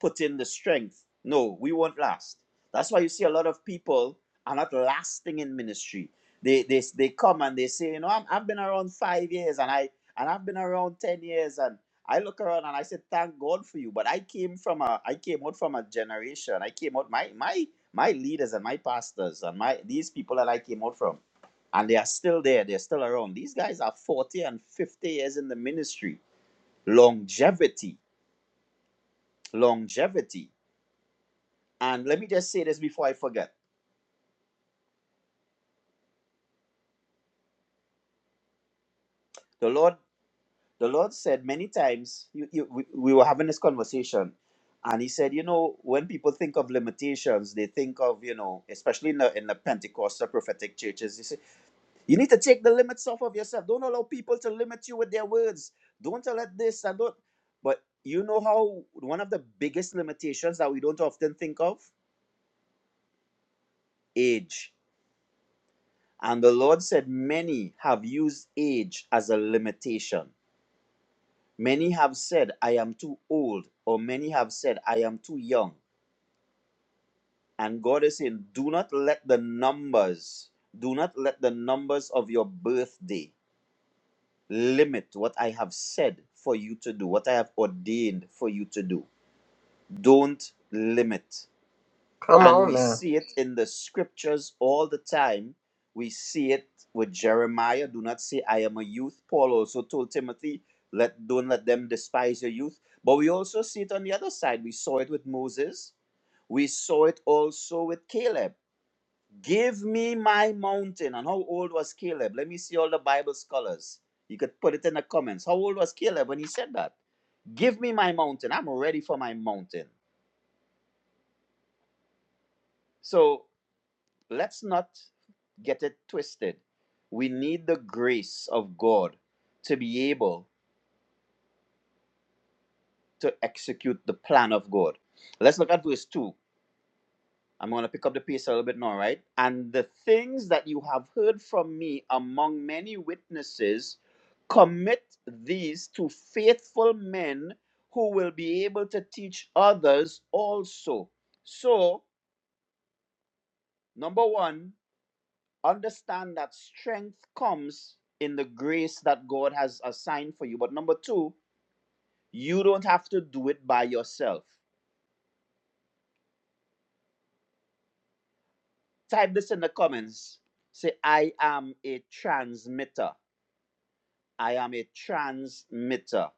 Speaker 5: put in the strength, no, we won't last. That's why you see a lot of people are not lasting in ministry. They they, they come and they say, you know, I'm, I've been around five years and I and I've been around ten years and I look around and I say, thank God for you. But I came from a I came out from a generation. I came out my my my leaders and my pastors and my these people that I came out from and they are still there. They're still around. These guys are 40 and 50 years in the ministry longevity longevity and let me just say this before i forget the lord the lord said many times you, you, we, we were having this conversation and he said you know when people think of limitations they think of you know especially in the, in the pentecostal prophetic churches they say you need to take the limits off of yourself don't allow people to limit you with their words don't allow this and don't but you know how one of the biggest limitations that we don't often think of age And the Lord said, Many have used age as a limitation. Many have said, I am too old, or many have said, I am too young. And God is saying, Do not let the numbers, do not let the numbers of your birthday limit what I have said for you to do, what I have ordained for you to do. Don't limit.
Speaker 4: Come
Speaker 5: And
Speaker 4: on
Speaker 5: we
Speaker 4: now.
Speaker 5: see it in the scriptures all the time. We see it with Jeremiah. Do not say, I am a youth. Paul also told Timothy, let, don't let them despise your youth. But we also see it on the other side. We saw it with Moses. We saw it also with Caleb. Give me my mountain. And how old was Caleb? Let me see all the Bible scholars. You could put it in the comments. How old was Caleb when he said that? Give me my mountain. I'm ready for my mountain. So let's not get it twisted. We need the grace of God to be able to execute the plan of God. Let's look at verse 2. I'm going to pick up the pace a little bit now, right? And the things that you have heard from me among many witnesses, commit these to faithful men who will be able to teach others also. So, number one, understand that strength comes in the grace that God has assigned for you. But number two, you don't have to do it by yourself. Type this in the comments. Say, I am a transmitter. I am a transmitter.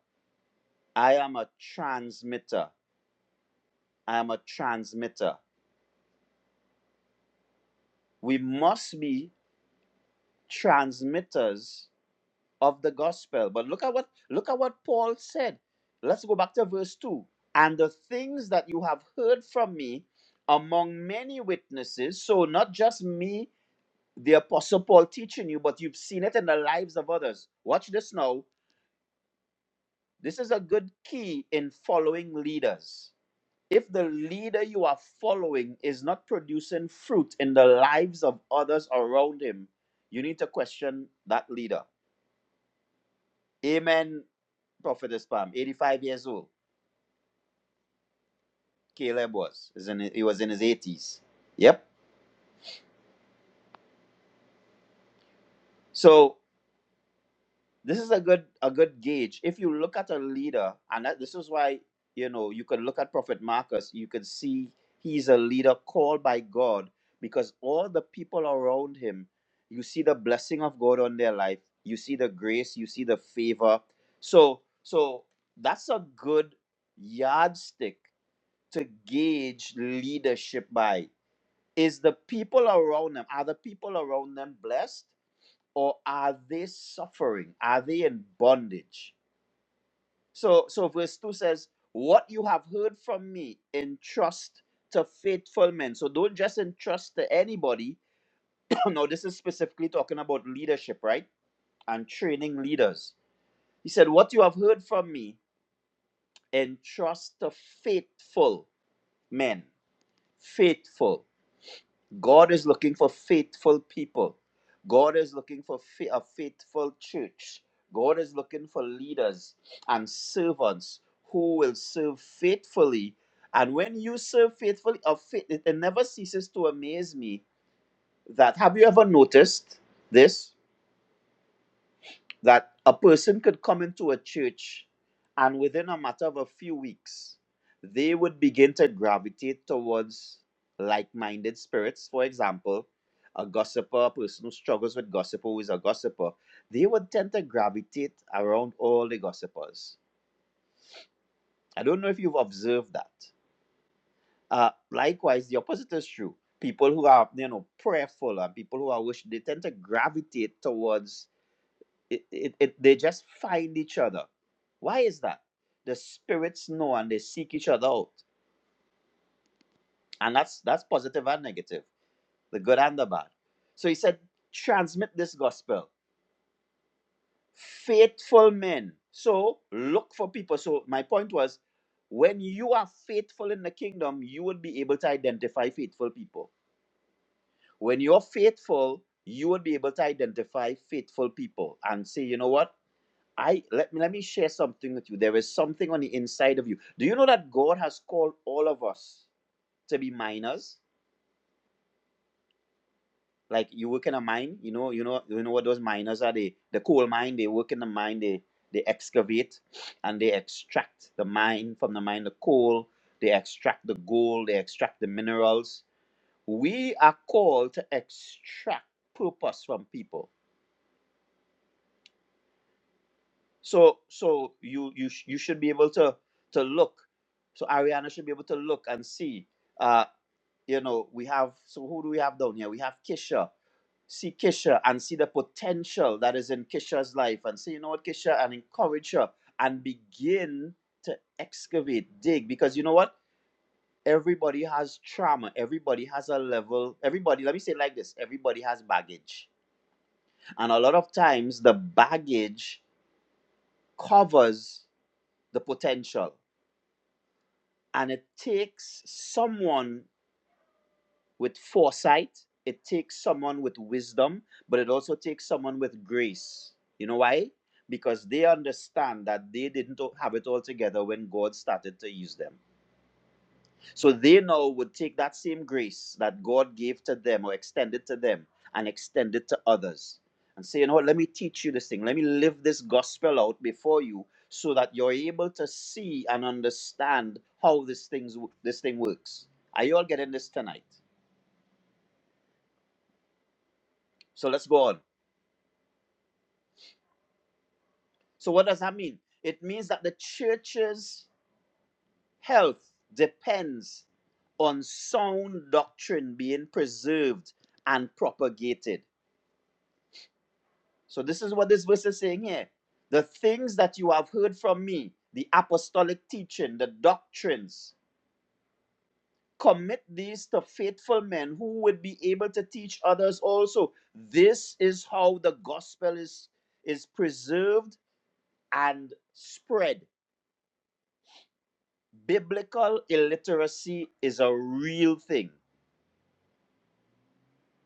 Speaker 5: I am a transmitter. I am a transmitter. We must be transmitters of the gospel. But look at what look at what Paul said. Let's go back to verse 2. And the things that you have heard from me among many witnesses, so not just me, the apostle Paul teaching you, but you've seen it in the lives of others. Watch this now. This is a good key in following leaders. If the leader you are following is not producing fruit in the lives of others around him, you need to question that leader Amen, Prophetess Palm. 85 years old. Caleb was. Is in, he was in his 80s. Yep. So this is a good a good gauge. If you look at a leader, and that, this is why you know you can look at Prophet Marcus, you can see he's a leader called by God because all the people around him, you see the blessing of God on their life, you see the grace, you see the favor. So so that's a good yardstick to gauge leadership by is the people around them are the people around them blessed or are they suffering are they in bondage so so verse 2 says what you have heard from me entrust to faithful men so don't just entrust to anybody (coughs) (clears throat) no this is specifically talking about leadership right and training leaders he said what you have heard from me entrust to faithful men faithful God is looking for faithful people. God is looking for fa- a faithful church. God is looking for leaders and servants who will serve faithfully. And when you serve faithfully, of faith, it it never ceases to amaze me that have you ever noticed this? that a person could come into a church and within a matter of a few weeks, they would begin to gravitate towards like minded spirits. For example, a gossiper, a person who struggles with gossip, who is a gossiper, they would tend to gravitate around all the gossipers. I don't know if you've observed that. Uh, likewise, the opposite is true. People who are, you know, prayerful and people who are wish, they tend to gravitate towards it, it, it they just find each other why is that the spirits know and they seek each other out and that's that's positive and negative the good and the bad so he said transmit this gospel faithful men so look for people so my point was when you are faithful in the kingdom you will be able to identify faithful people when you're faithful you will be able to identify faithful people and say you know what I let me let me share something with you. There is something on the inside of you. Do you know that God has called all of us to be miners? Like you work in a mine, you know, you know, you know what those miners are. They the coal mine, they work in the mine, they they excavate and they extract the mine from the mine, the coal, they extract the gold, they extract the minerals. We are called to extract purpose from people So so you you sh- you should be able to to look. So Ariana should be able to look and see. Uh, you know, we have so who do we have down here? We have Kisha. See Kisha and see the potential that is in Kisha's life and say, you know what, Kisha, and encourage her and begin to excavate, dig. Because you know what? Everybody has trauma. Everybody has a level. Everybody, let me say it like this everybody has baggage. And a lot of times the baggage covers the potential. And it takes someone with foresight, it takes someone with wisdom, but it also takes someone with grace. You know why? Because they understand that they didn't have it all together when God started to use them. So they now would take that same grace that God gave to them or extended to them and extend it to others and say, you know what, let me teach you this thing. Let me live this gospel out before you so that you're able to see and understand how this, things, this thing works. Are you all getting this tonight? So let's go on. So, what does that mean? It means that the church's health depends on sound doctrine being preserved and propagated So this is what this verse is saying here. The things that you have heard from me, the apostolic teaching, the doctrines, commit these to faithful men who would be able to teach others also. This is how the gospel is, is preserved and spread. Biblical illiteracy is a real thing.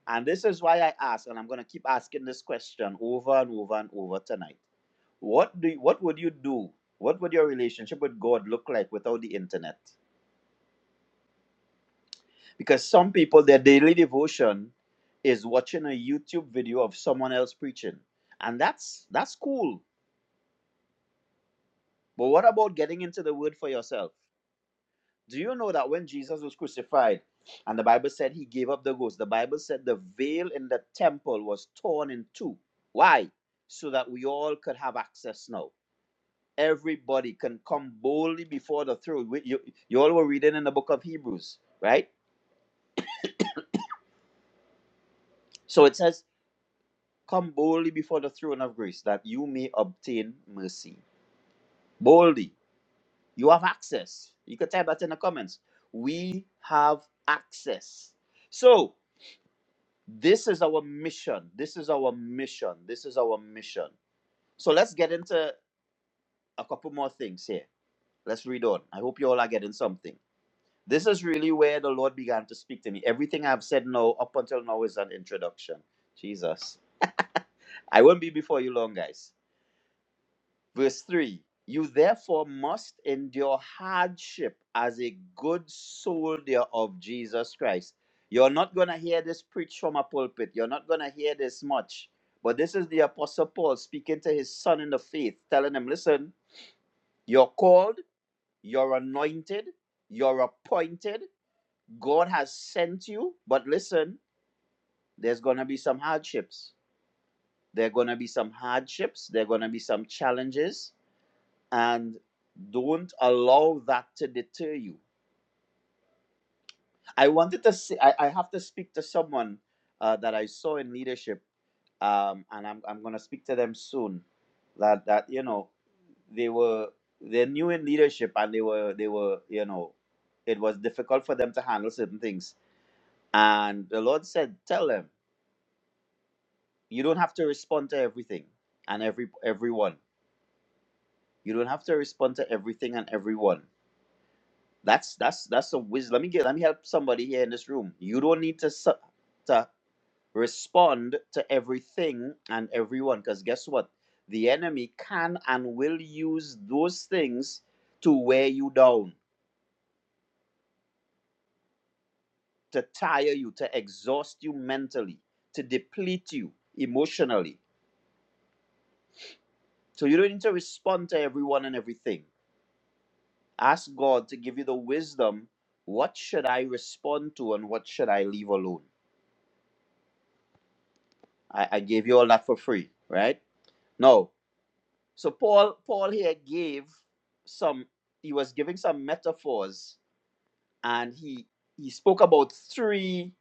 Speaker 5: And this is why I ask, and I'm going to keep asking this question over and over and over tonight. What do you, what would you do? What would your relationship with God look like without the internet? Because some people their daily devotion is watching a YouTube video of someone else preaching. And that's that's cool. But what about getting into the word for yourself? Do you know that when Jesus was crucified and the Bible said he gave up the ghost, the Bible said the veil in the temple was torn in two. Why? So that we all could have access now. Everybody can come boldly before the throne. We- You, you all were reading in the book of Hebrews, right? So it says, Come boldly before the throne of grace that you may obtain mercy. Boldly. You have access. You could type that in the comments. We have access. So, This is our mission. This is our mission. This is our mission. So let's get into a couple more things here. Let's read on. I hope you all are getting something. This is really where the Lord began to speak to me. Everything I've said now up until now is an introduction. Jesus. I won't be before you long, guys. Verse 3 You therefore must endure hardship as a good soldier of Jesus Christ. You're not going to hear this preached from a pulpit. You're not going to hear this much. But this is the Apostle Paul speaking to his son in the faith, telling him, Listen, you're called, you're anointed, you're appointed, God has sent you. But listen, there's going to be some hardships. There are going to be some hardships. There are going to be some challenges and don't allow that to deter you. I wanted to say, I, I have to speak to someone uh, that I saw in leadership, um, and I'm, I'm going to speak to them soon. That that you know, they were they're new in leadership, and they were they were you know, it was difficult for them to handle certain things. And the Lord said, tell them you don't have to respond to everything and every everyone. You don't have to respond to everything and everyone That's that's that's a wisdom. Let me get let me help somebody here in this room. You don't need to su- to respond to everything and everyone because guess what? The enemy can and will use those things to wear you down, to tire you, to exhaust you mentally, to deplete you emotionally. So you don't need to respond to everyone and everything. Ask God to give you the wisdom. What should I respond to and what should I leave alone? I, I gave you all that for free, right? No. So Paul Paul here gave some he was giving some metaphors and he he spoke about three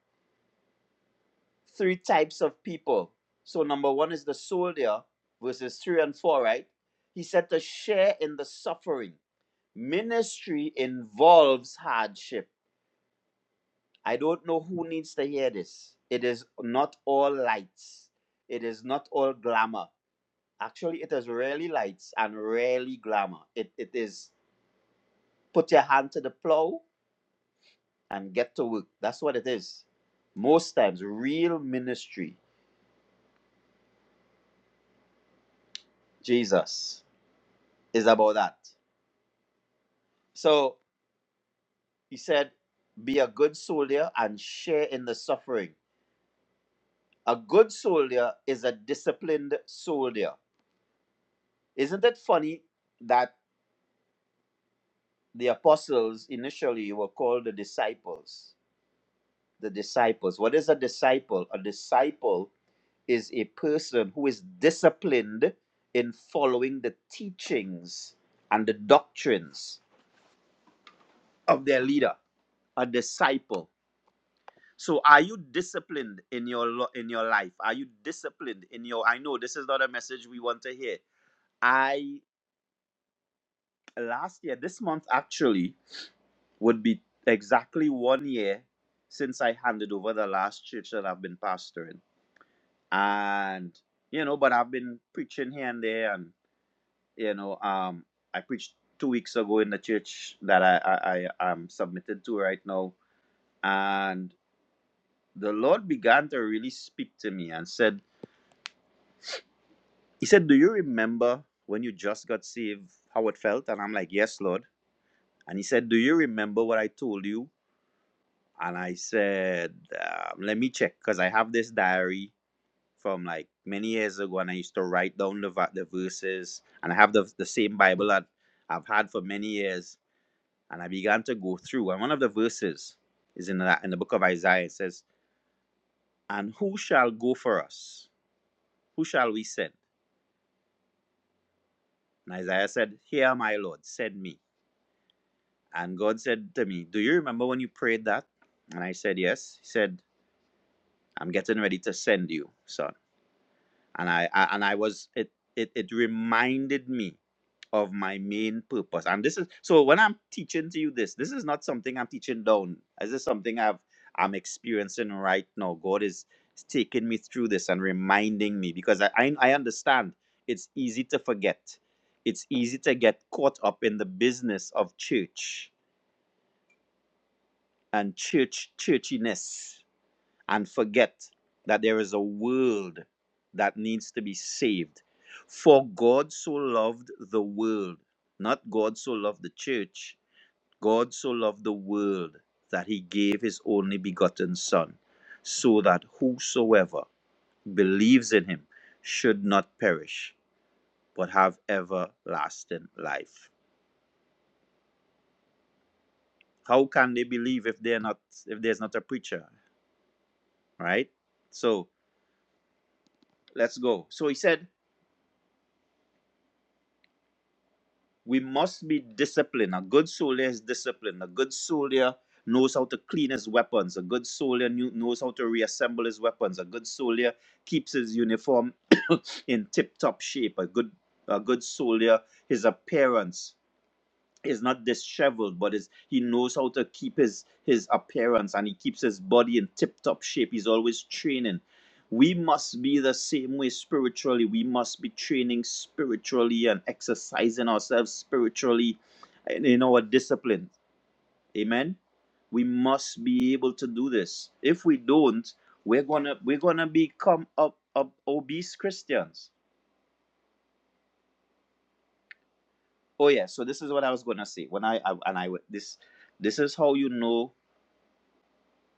Speaker 5: three types of people. So number 1 is the soldier verses 3 and 4, right? He said to share in the suffering. Ministry involves hardship. I don't know who needs to hear this. It is not all lights. It is not all glamour. Actually, it is rarely lights and rarely glamour. It, it is put your hand to the plow and get to work. That's what it is. Most times, real ministry, Jesus, is about that. So he said, be a good soldier and share in the suffering. A good soldier is a disciplined soldier. Isn't it funny that the apostles initially were called the disciples? The disciples. What is a disciple? A disciple is a person who is disciplined in following the teachings and the doctrines of their leader, a disciple. So are you disciplined in your lo- in your life? Are you disciplined in your I know this is not a message we want to hear. I last year this month actually would be exactly 1 year since I handed over the last church that I've been pastoring. And you know, but I've been preaching here and there and you know um i preached two weeks ago in the church that i i, I am submitted to right now and the lord began to really speak to me and said he said do you remember when you just got saved how it felt and i'm like yes lord and he said do you remember what i told you and i said um, let me check because i have this diary from like many years ago and i used to write down the, va- the verses and i have the, the same bible that i've had for many years And I began to go through. And one of the verses is in that in the book of Isaiah. It says, And who shall go for us? Who shall we send? And Isaiah said, Here am I, Lord, send me. And God said to me, Do you remember when you prayed that? And I said, Yes. He said, I'm getting ready to send you, son. and I, I and I was it, it it reminded me of my main purpose. And this is so when I'm teaching to you this, this is not something I'm teaching down. This is something I've I'm experiencing right now. God is is taking me through this and reminding me because I I, I understand it's easy to forget. It's easy to get caught up in the business of church and church churchiness and forget that there is a world that needs to be saved. For God so loved the world, not God so loved the church. God so loved the world that he gave his only begotten Son, so that whosoever believes in him should not perish, but have everlasting life. How can they believe if they're not if there's not a preacher, right? So let's go. So he said, We must be disciplined. A good soldier is disciplined. A good soldier knows how to clean his weapons. A good soldier knew- knows how to reassemble his weapons. A good soldier keeps his uniform in tip-top shape. A good a good soldier, his appearance is not disheveled, but is he knows how to keep his his appearance and he keeps his body in tip top shape. He's always training. We must be the same way spiritually. We must be training spiritually and exercising ourselves spiritually in, in our discipline. Amen. We must be able to do this. If we don't, we're gonna we're gonna become up, up obese Christians. Oh yeah. So this is what I was gonna say when I, I and I this this is how you know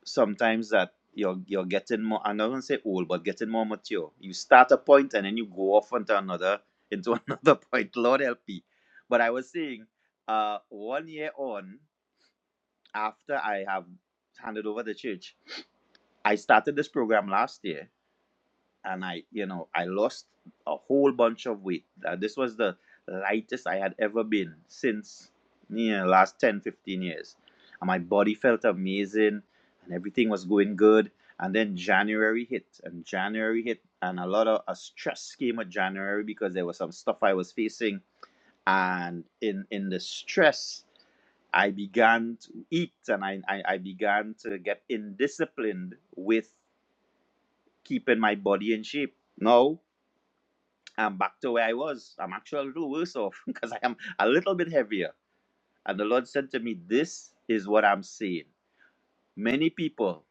Speaker 5: sometimes that you're you're getting more I'm not gonna say old, but getting more mature. You start a point and then you go off into another into (laughs) another point. Lord help me. But I was saying, uh one year on after I have handed over the church, I started this program last year and I, you know, I lost a whole bunch of weight. Uh, this was the lightest I had ever been since, you know, last 10, 15 years. And my body felt amazing and everything was going good. And then January hit and January hit and a lot of a stress came with January because there was some stuff I was facing. And in, in the stress, I began to eat and I, I, I began to get indisciplined with keeping my body in shape. Now I'm back to where I was. I'm actually a little worse off (laughs) because I am a little bit heavier. And the Lord said to me, This is what I'm seeing. Many people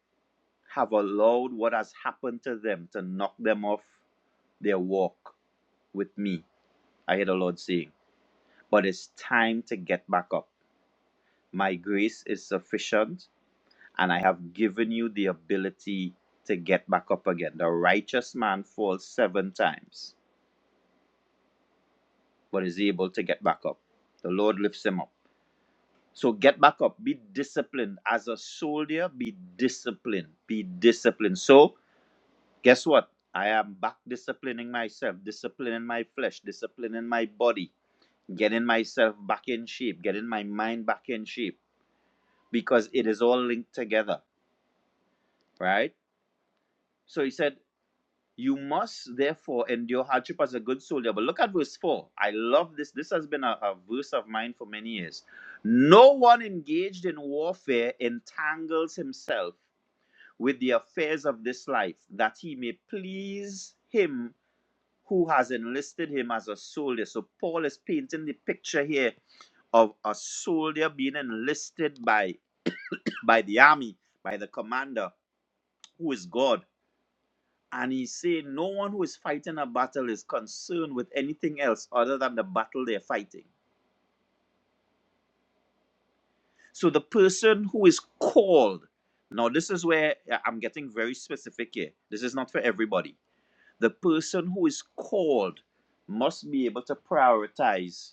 Speaker 5: have allowed what has happened to them to knock them off their walk with me. I hear the Lord saying, But it's time to get back up. My grace is sufficient, and I have given you the ability to get back up again. The righteous man falls seven times, but is able to get back up. The Lord lifts him up. So get back up, be disciplined. As a soldier, be disciplined, be disciplined. So, guess what? I am back disciplining myself, disciplining my flesh, disciplining my body, getting myself back in shape, getting my mind back in shape, because it is all linked together, right? So he said, You must therefore endure hardship as a good soldier. But look at verse 4. I love this. This has been a, a verse of mine for many years. No one engaged in warfare entangles himself with the affairs of this life, that he may please him who has enlisted him as a soldier. So Paul is painting the picture here of a soldier being enlisted by by the army, by the commander, who is God. And he saying, no one who is fighting a battle is concerned with anything else other than the battle they're fighting. So the person who is called, now this is where yeah, I'm getting very specific here. This is not for everybody the person who is called must be able to prioritize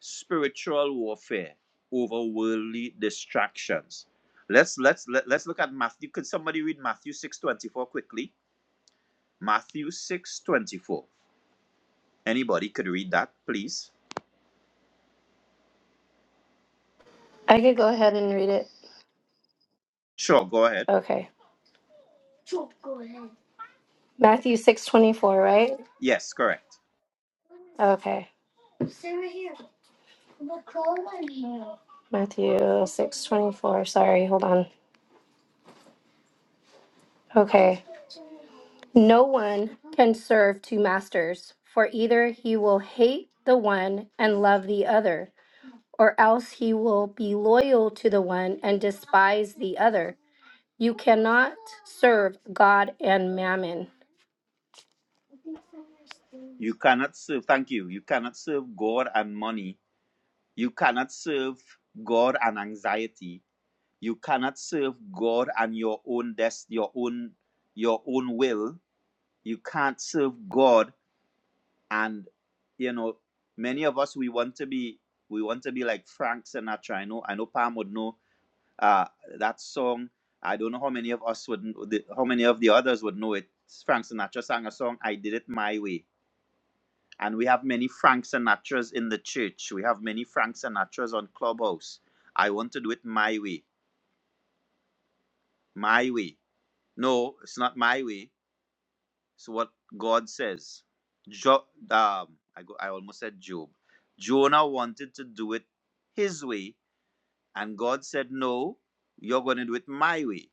Speaker 5: spiritual warfare over worldly distractions. Let's let's let, let's look at Matthew. Could somebody read Matthew 6:24 quickly? Matthew 6:24. Anybody could read that, please?
Speaker 1: I could go ahead and read it.
Speaker 5: Sure, go ahead.
Speaker 1: Okay. Matthew 6:24, right?
Speaker 5: Yes, correct.
Speaker 1: Okay. Matthew 6:24. Sorry, hold on. Okay. No one can serve two masters, for either he will hate the one and love the other or else he will be loyal to the one and despise the other. You cannot serve God and mammon.
Speaker 5: You cannot serve, thank you. You cannot serve God and money. You cannot serve God and anxiety you cannot serve god and your own des- your own your own will you can't serve god and you know many of us we want to be we want to be like frank sinatra i know i know pam would know uh that song i don't know how many of us would the- how many of the others would know it frank sinatra sang a song i did it my way and we have many frank sinatras in the church we have many frank sinatras on clubhouse i want to do it my way my way No, it's not my way. It's what God says. Jo- um, I, go, I almost said Job. Jonah wanted to do it his way, and God said, No, you're going to do it my way.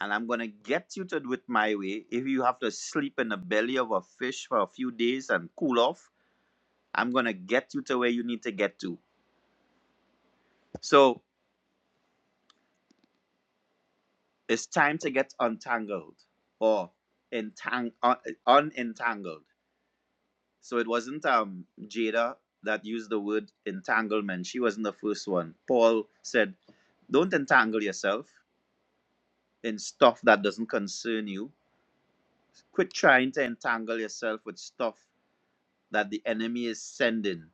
Speaker 5: And I'm going to get you to do it my way. If you have to sleep in the belly of a fish for a few days and cool off, I'm going to get you to where you need to get to. So it's time to get untangled or entang- un- unentangled So it wasn't um Jada that used the word entanglement. She wasn't the first one. Paul said, "Don't entangle yourself in stuff that doesn't concern you. Quit trying to entangle yourself with stuff that the enemy is sending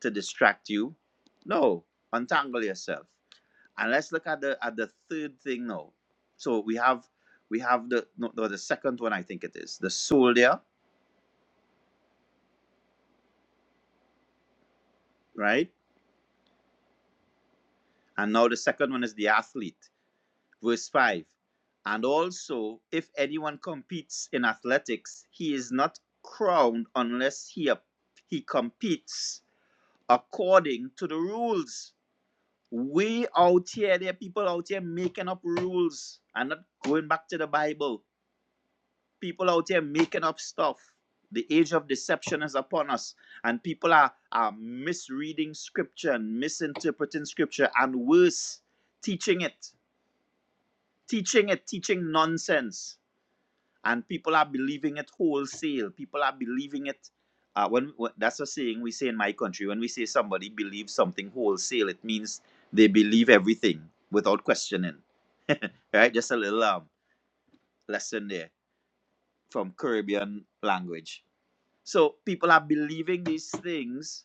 Speaker 5: to distract you. No, untangle yourself." And let's look at the at the third thing now. So we have we have the no, no, the second one I think it is the soldier, right? And now the second one is the athlete Verse 5 And also, if anyone competes in athletics, he is not crowned unless he, he competes according to the rules. We out here, there are people out here making up rules and not going back to the Bible. People out here making up stuff. The age of deception is upon us, and people are, are misreading scripture and misinterpreting scripture, and worse, teaching it, teaching it, teaching nonsense and people are believing it wholesale. People are believing it. Uh, when, when that's a saying we say in my country, when we say somebody believes something wholesale, it means they believe everything without questioning. Right? Just a little um, lesson there from Caribbean language. So people are believing these things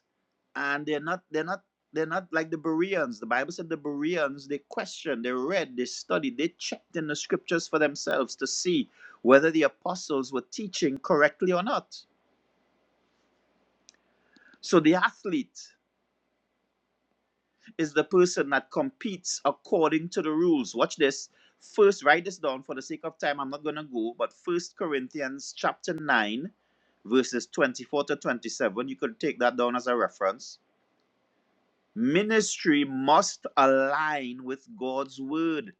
Speaker 5: and they're not they're not they're not like the Bereans. The Bible said the Bereans they questioned, they read, they studied, they checked in the scriptures for themselves to see whether the apostles were teaching correctly or not. So the athlete is the person that competes according to the rules. Watch this. First, write this down for the sake of time. I'm not gonna go, but First Corinthians chapter nine, verses twenty-four to twenty-seven. You could take that down as a reference Ministry must align with God's word.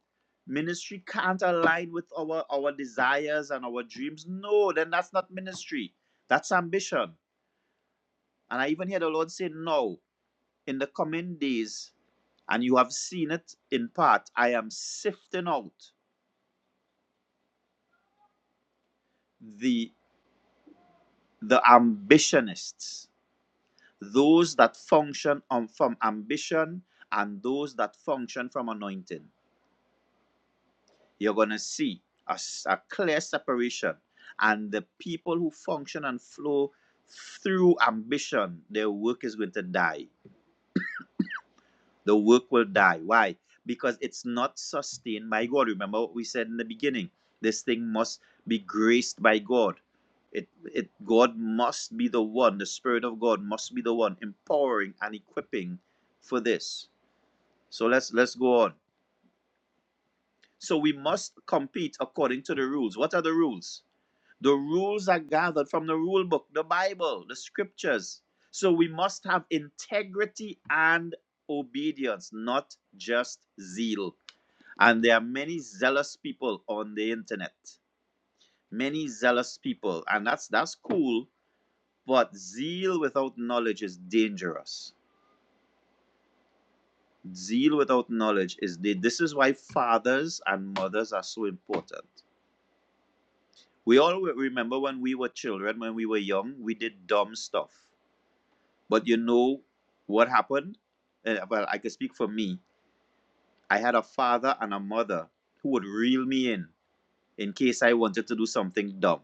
Speaker 5: Ministry can't align with our, our desires and our dreams. No, then that's not ministry. That's ambition. And I even hear the Lord say, No, in the coming days, and you have seen it in part, I am sifting out the the ambitionists, those that function on from ambition and those that function from anointing. you're going to see a, s- a clear separation. And the people who function and flow through ambition, their work is going to die. The work will die. Why? Because it's not sustained by God. Remember what we said in the beginning this thing must be graced by God. It, it God must be the one, the Spirit of God must be the one empowering and equipping for this. So let's let's go on. So we must compete according to the rules. What are the rules? The rules are gathered from the rule book, the Bible, the scriptures. So we must have integrity and obedience, not just zeal. And there are many zealous people on the internet. Many zealous people. And that's that's cool, but zeal without knowledge is dangerous. Zeal without knowledge is the this is why fathers and mothers are so important. We all remember when we were children, when we were young, we did dumb stuff But you know what happened? Eh, Well, I can speak for me. I had a father and a mother who would reel me in in case I wanted to do something dumb.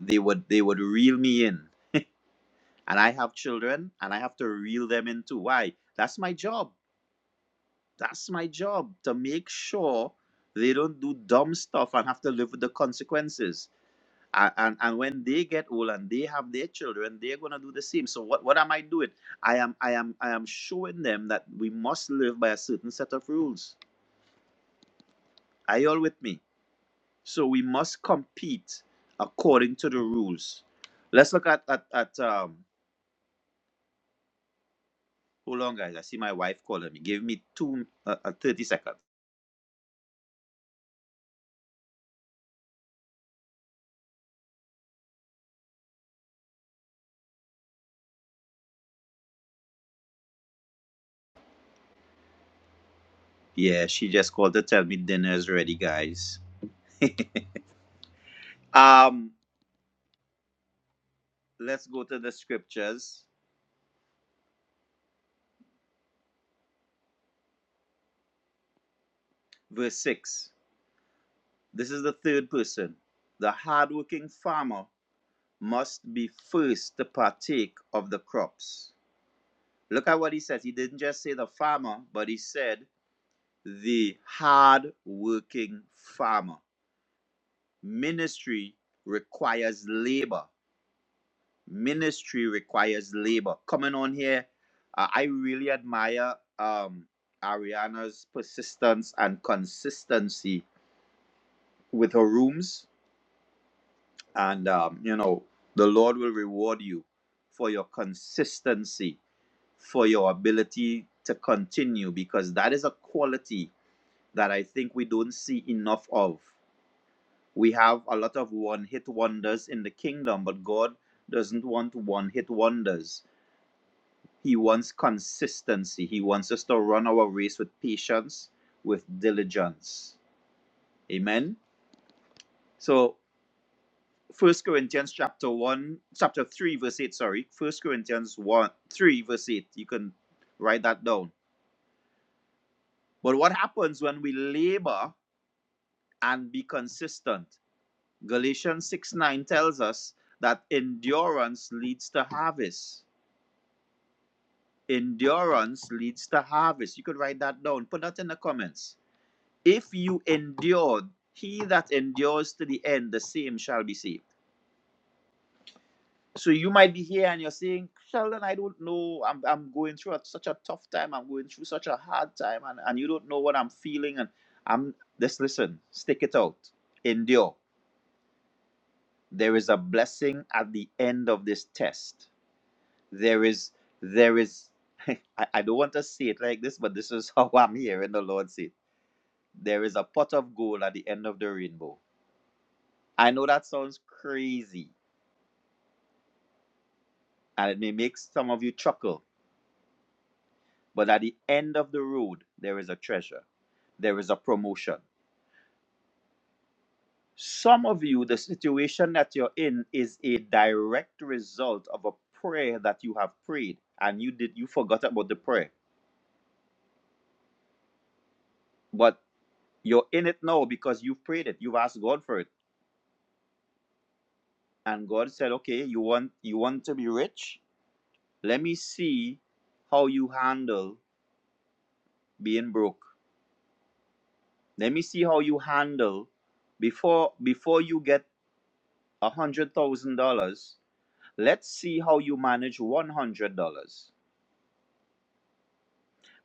Speaker 5: They would they would reel me in, and I have children, and I have to reel them in too. Why? That's my job. That's my job to make sure they don't do dumb stuff and have to live with the consequences. A- and and when they get old and they have their children they're going to do the same so what, what am i doing i am i am i am showing them that we must live by a certain set of rules are you all with me so we must compete according to the rules let's look at at, at um hold on guys i see my wife calling me give me two uh, uh, 30 seconds yeah she just called to tell me dinner is ready guys um let's go to the scriptures verse 6 This is the third person. The hardworking farmer must be first to partake of the crops. Look at what he says. He didn't just say the farmer, but he said the hardworking farmer. Ministry requires labor. Ministry requires labor. Coming on here, uh, I really admire um, Ariana's persistence and consistency with her rooms and um, you know the lord will reward you for your consistency for your ability to continue because that is a quality that i think we don't see enough of we have a lot of one hit wonders in the kingdom but god doesn't want one hit wonders he wants consistency he wants us to run our race with patience with diligence amen so First Corinthians chapter one, chapter three, verse eight. Sorry, First Corinthians one, three, verse eight. You can write that down. But what happens when we labor and be consistent? Galatians six nine tells us that endurance leads to harvest. Endurance leads to harvest. You could write that down. Put that in the comments. If you endured, he that endures to the end, the same shall be saved. so you might be here and you're saying sheldon i don't know i'm, I'm going through a, such a tough time i'm going through such a hard time and, and you don't know what i'm feeling and i'm just listen stick it out endure there is a blessing at the end of this test there is there is (laughs) I, I don't want to say it like this but this is (laughs) how i'm hearing the lord say it. there is a pot of gold at the end of the rainbow i know that sounds crazy and it may make some of you chuckle But at the end of the road, there is a treasure, there is a promotion. Some of you, the situation that you're in is a direct result of a prayer that you have prayed and you did you forgot about the prayer. But you're in it now because you've prayed it. You've asked God for it. And God said, Okay, you want you want to be rich? Let me see how you handle being broke. Let me see how you handle before before you get a hundred thousand dollars Let's see how you manage $100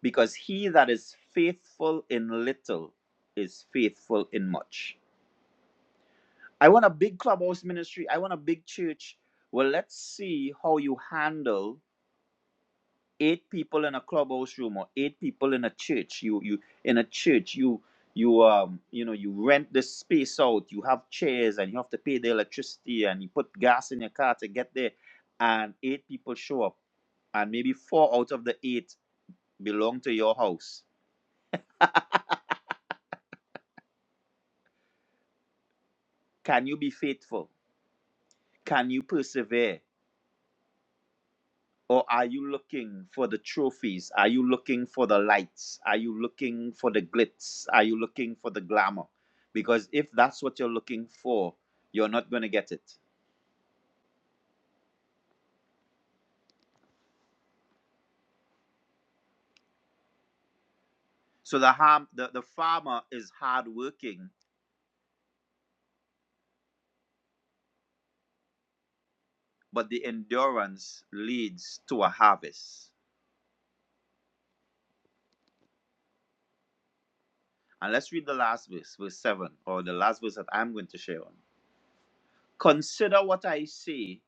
Speaker 5: because he that is faithful in little is faithful in much. I want a big clubhouse ministry. I want a big church. Well, let's see how you handle eight people in a clubhouse room or eight people in a church. You you in a church you you um you know you rent the space out. You have chairs and you have to pay the electricity and you put gas in your car to get there, and eight people show up and maybe four out of the eight belong to your house? Can you be faithful? Can you persevere? Or are you looking for the trophies? Are you looking for the lights? Are you looking for the glitz? Are you looking for the glamour? Because if that's what you're looking for, you're not going to get it. So the harm the, the farmer is hardworking, but the endurance leads to a harvest. And let's read the last verse, verse 7, or the last verse that I'm going to share on. Consider what I say,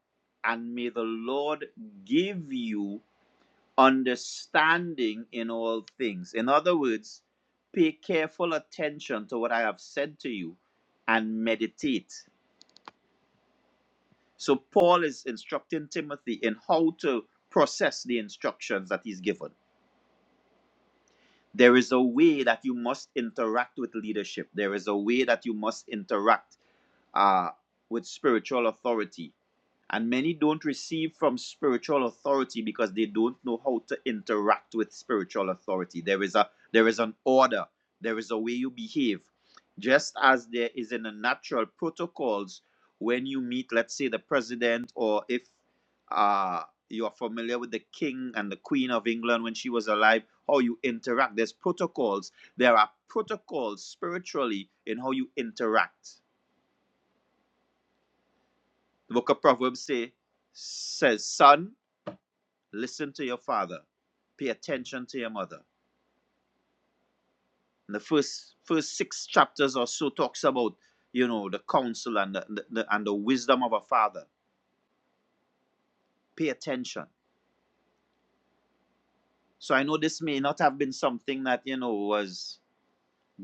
Speaker 5: and may the Lord give you understanding in all things. In other words, pay careful attention to what I have said to you and meditate. So, Paul is instructing Timothy in how to process the instructions that he's given. There is a way that you must interact with leadership, there is a way that you must interact uh, with spiritual authority. And many don't receive from spiritual authority because they don't know how to interact with spiritual authority. There is a there is an order, there is a way you behave. Just as there is in the natural protocols when you meet, let's say, the president, or if uh, you're familiar with the king and the queen of England when she was alive, how you interact. There's protocols. There are protocols spiritually in how you interact the book of Proverbs say, says, Son, listen to your father, pay attention to your mother. And the first first six chapters or so talks about, you know, the counsel and the, the, the- and the wisdom of a father. Pay attention. So I know this may not have been something that, you know, was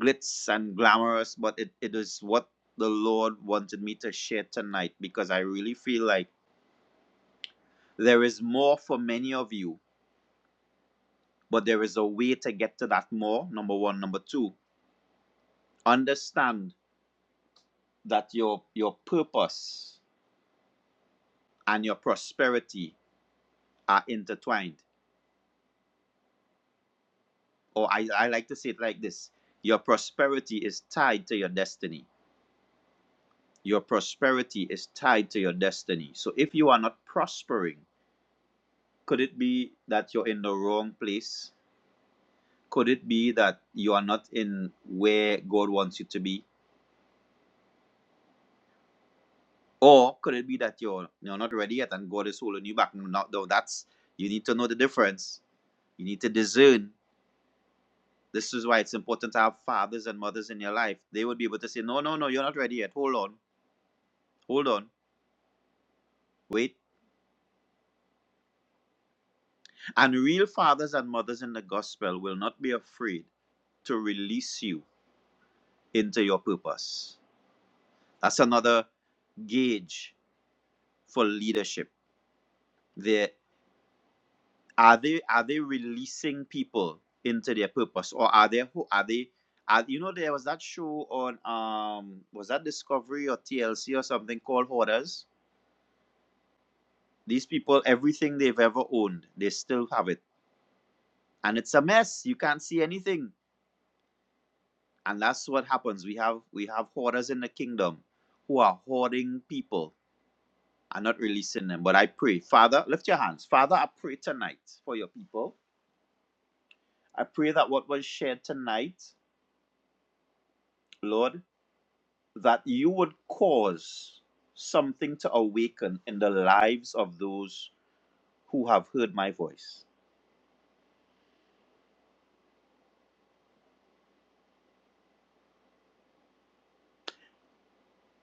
Speaker 5: glitz and glamorous, but it, it is what the Lord wanted me to share tonight because I really feel like there is more for many of you, but there is a way to get to that more, number one. Number two, Understand that your your purpose and your prosperity are intertwined. Or I, I like to say it like this your prosperity is tied to your destiny. Your prosperity is tied to your destiny. So if you are not prospering, could it be that you're in the wrong place? Could it be that you are not in where God wants you to be? Or could it be that you're you're not ready yet and God is holding you back? No, no, that's you need to know the difference. You need to discern This is why it's important to have fathers and mothers in your life. They would be able to say, No, no, no, you're not ready yet. Hold on. Hold on. Wait. And real fathers and mothers in the gospel will not be afraid to release you into your purpose. That's another gauge for leadership. They, are they are they releasing people into their purpose? Or are they who are they are, you know there was that show on um was that Discovery or TLC or something called Hoarders? These people, everything they've ever owned, they still have it, and it's a mess. You can't see anything, and that's what happens. We have we have hoarders in the kingdom who are hoarding people and not releasing them. But I pray, Father, lift your hands, Father. I pray tonight for your people. I pray that what was shared tonight, Lord, that you would cause something to awaken in the lives of those who have heard my voice.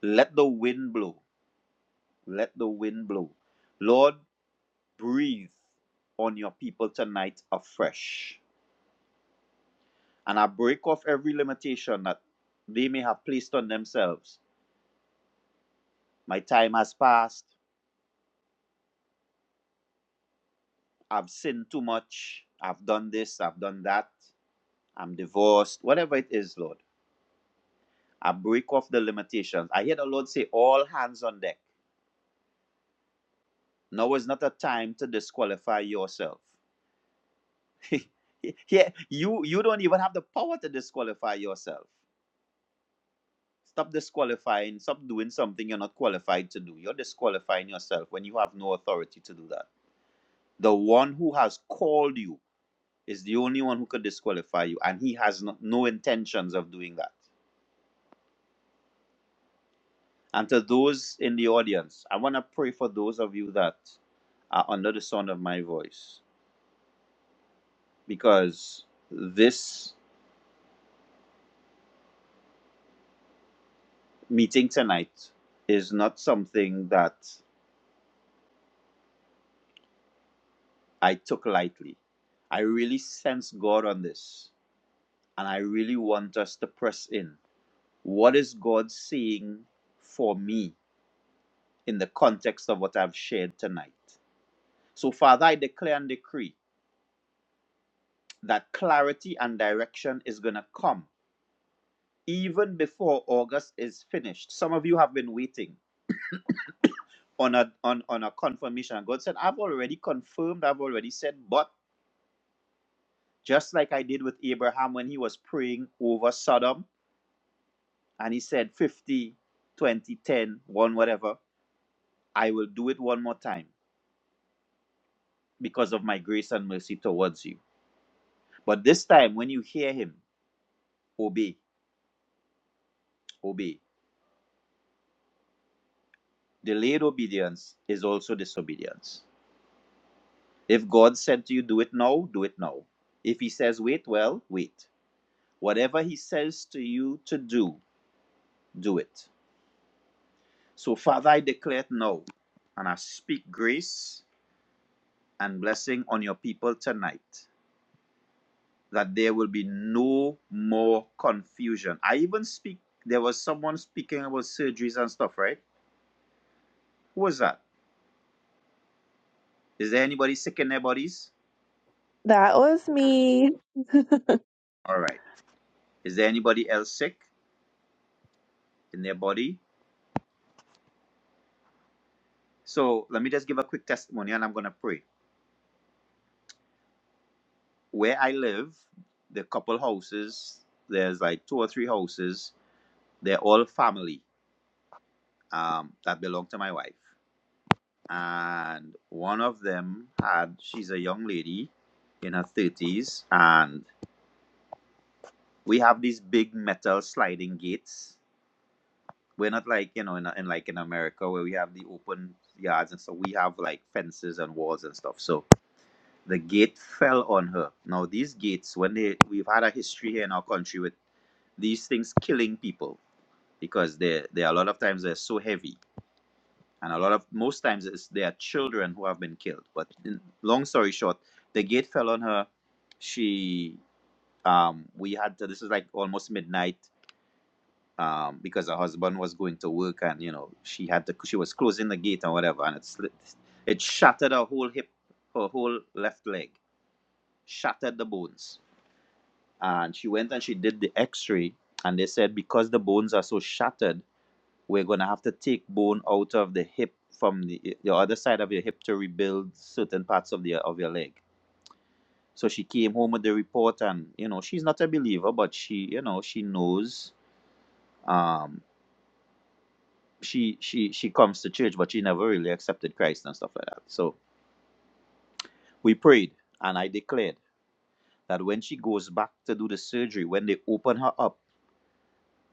Speaker 5: Let the wind blow. Let the wind blow. Lord, breathe on your people tonight afresh. And I break off every limitation that they may have placed on themselves. My time has passed. I've sinned too much. I've done this. I've done that. I'm divorced. Whatever it is, Lord. I break off the limitations. I hear the Lord say, All hands on deck. Now is not a time to disqualify yourself. (laughs) yeah, you you don't even have the power to disqualify yourself. Stop disqualifying. Stop doing something you're not qualified to do. You're disqualifying yourself when you have no authority to do that. The one who has called you is the only one who could disqualify you, and he has no, no intentions of doing that. And to those in the audience, I want to pray for those of you that are under the sound of my voice because this meeting tonight is not something that I took lightly. I really sense God on this And I really want us to press in. What is God seeing for me in the context of what I've shared tonight? So, Father, I declare and decree that clarity and direction is going to come even before August is finished. Some of you have been waiting on a, on, on a confirmation. And God said, I've already confirmed, I've already said, but just like I did with Abraham when he was praying over Sodom, and he said 50, 20, ten, one, whatever I will do it one more time because of my grace and mercy towards you. But this time, when you hear him, obey, obey. Delayed obedience is also disobedience. If God said to you, do it now, do it now. If he says, wait, well, wait. Whatever he says to you to do, do it. So, Father, I declare it now, and I speak grace and blessing on your people tonight. that there will be no more confusion. I even speak, there was someone speaking about surgeries and stuff, right? Who was that? Is there anybody sick in their bodies?
Speaker 3: That
Speaker 5: All right. Is there anybody else sick in their body? So let me just give a quick testimony and I'm going to pray. Where I live, the couple houses, there's like two or three houses, they're all family um, that belong to my wife. And one of them had, she's a young lady in her 30s and we have these big metal sliding gates. We're not like you know in, in like in America where we have the open yards and so we have like fences and walls and stuff. So the gate fell on her. Now these gates, when they we've had a history here in our country with these things killing people because they they a lot of times they're so heavy and a lot of most times it's they are children who have been killed. But in, long story short, the gate fell on her. She um we had to, this is like almost midnight um, because her husband was going to work and you know she had to she was closing the gate and whatever and it slit, it shattered her whole hip her whole left leg shattered the bones and she went and she did the x-ray and they said because the bones are so shattered we're going to have to take bone out of the hip from the, the other side of your hip to rebuild certain parts of the of your leg so she came home with the report and you know she's not a believer but she you know she knows um she she she comes to church but she never really accepted christ and stuff like that so we prayed and i declared that when she goes back to do the surgery when they open her up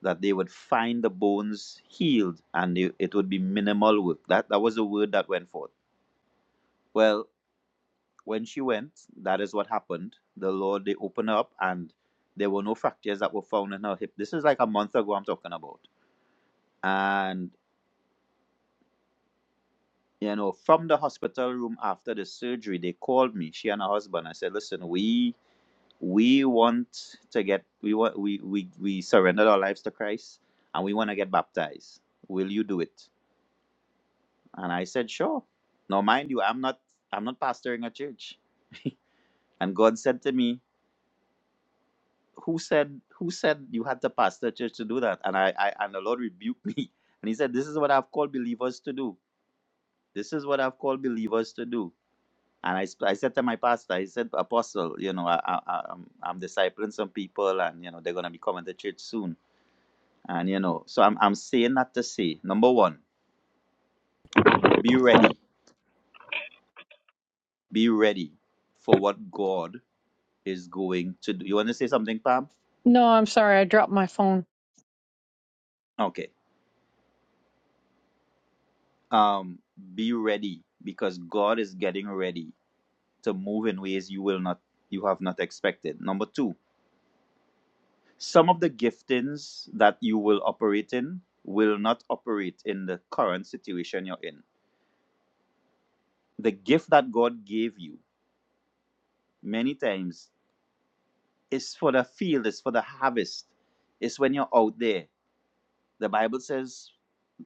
Speaker 5: that they would find the bones healed and they, it would be minimal work that that was the word that went forth well when she went that is what happened the lord they opened her up and there were no fractures that were found in her hip this is like a month ago i'm talking about and. You know, from the hospital room after the surgery, they called me, she and her husband. I said, listen, we we want to get we want we we, we surrendered our lives to Christ and we want to get baptized. Will you do it? And I said, sure. Now mind you, I'm not I'm not pastoring a church. And God said to me, Who said who said you had to pastor a church to do that? And I, I and the Lord rebuked (laughs) me. And he said, This is what I've called believers to do. This is what I've called believers to do And I, sp- I said to my pastor, I said, Apostle, you know, I, I, I- am I'm discipling some people and, you know, they're going to be coming to church soon. And, you know, so I'm, I'm saying that to say, number one, be ready. Be ready for what God is going to do. You want to say something, Pam?
Speaker 6: No, I'm sorry. I dropped my phone.
Speaker 5: Okay. Um, be ready because God is getting ready to move in ways you will not, you have not expected. Number two, some of the giftings that you will operate in will not operate in the current situation you're in the gift that God gave you many times is for the field, is for the harvest. It's when you're out there. The Bible says,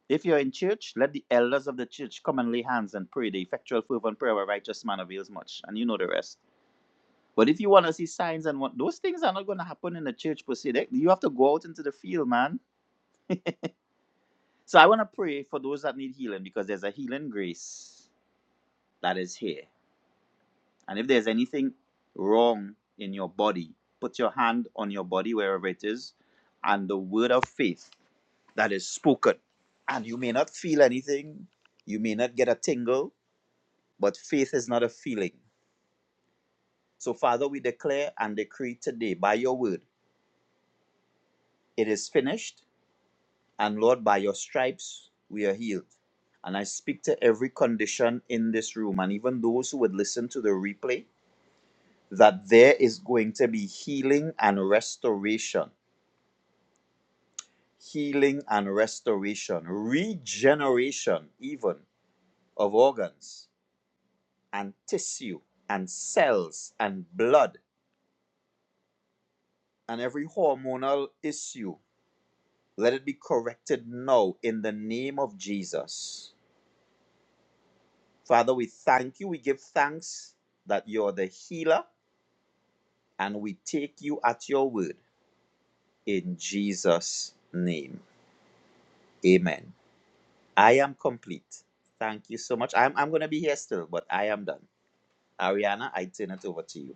Speaker 5: if you're in church, let the elders of the church come and lay hands and pray. The effectual fervent prayer of a righteous man avails much. And you know the rest. But if you want to see signs and what those things are not going to happen in the church per se. They- You have to go out into the field, man. So I want to pray for those that need healing because there's a healing grace that is here. And if there's anything wrong in your body, put your hand on your body wherever it is, and the word of faith that is spoken. And you may not feel anything, you may not get a tingle, but faith is not a feeling. So, Father, we declare and decree today by your word, it is finished. And Lord, by your stripes, we are healed. And I speak to every condition in this room, and even those who would listen to the replay, that there is going to be healing and restoration healing and restoration, regeneration, even of organs and tissue and cells and blood and every hormonal issue. Let it be corrected now in the name of Jesus. Father, we thank you. We give thanks that you're the healer and we take you at your word in Jesus' name. Amen. I am complete. Thank you so much. I'm, I'm going to be here still, but I am done. Ariana, I turn it over to you.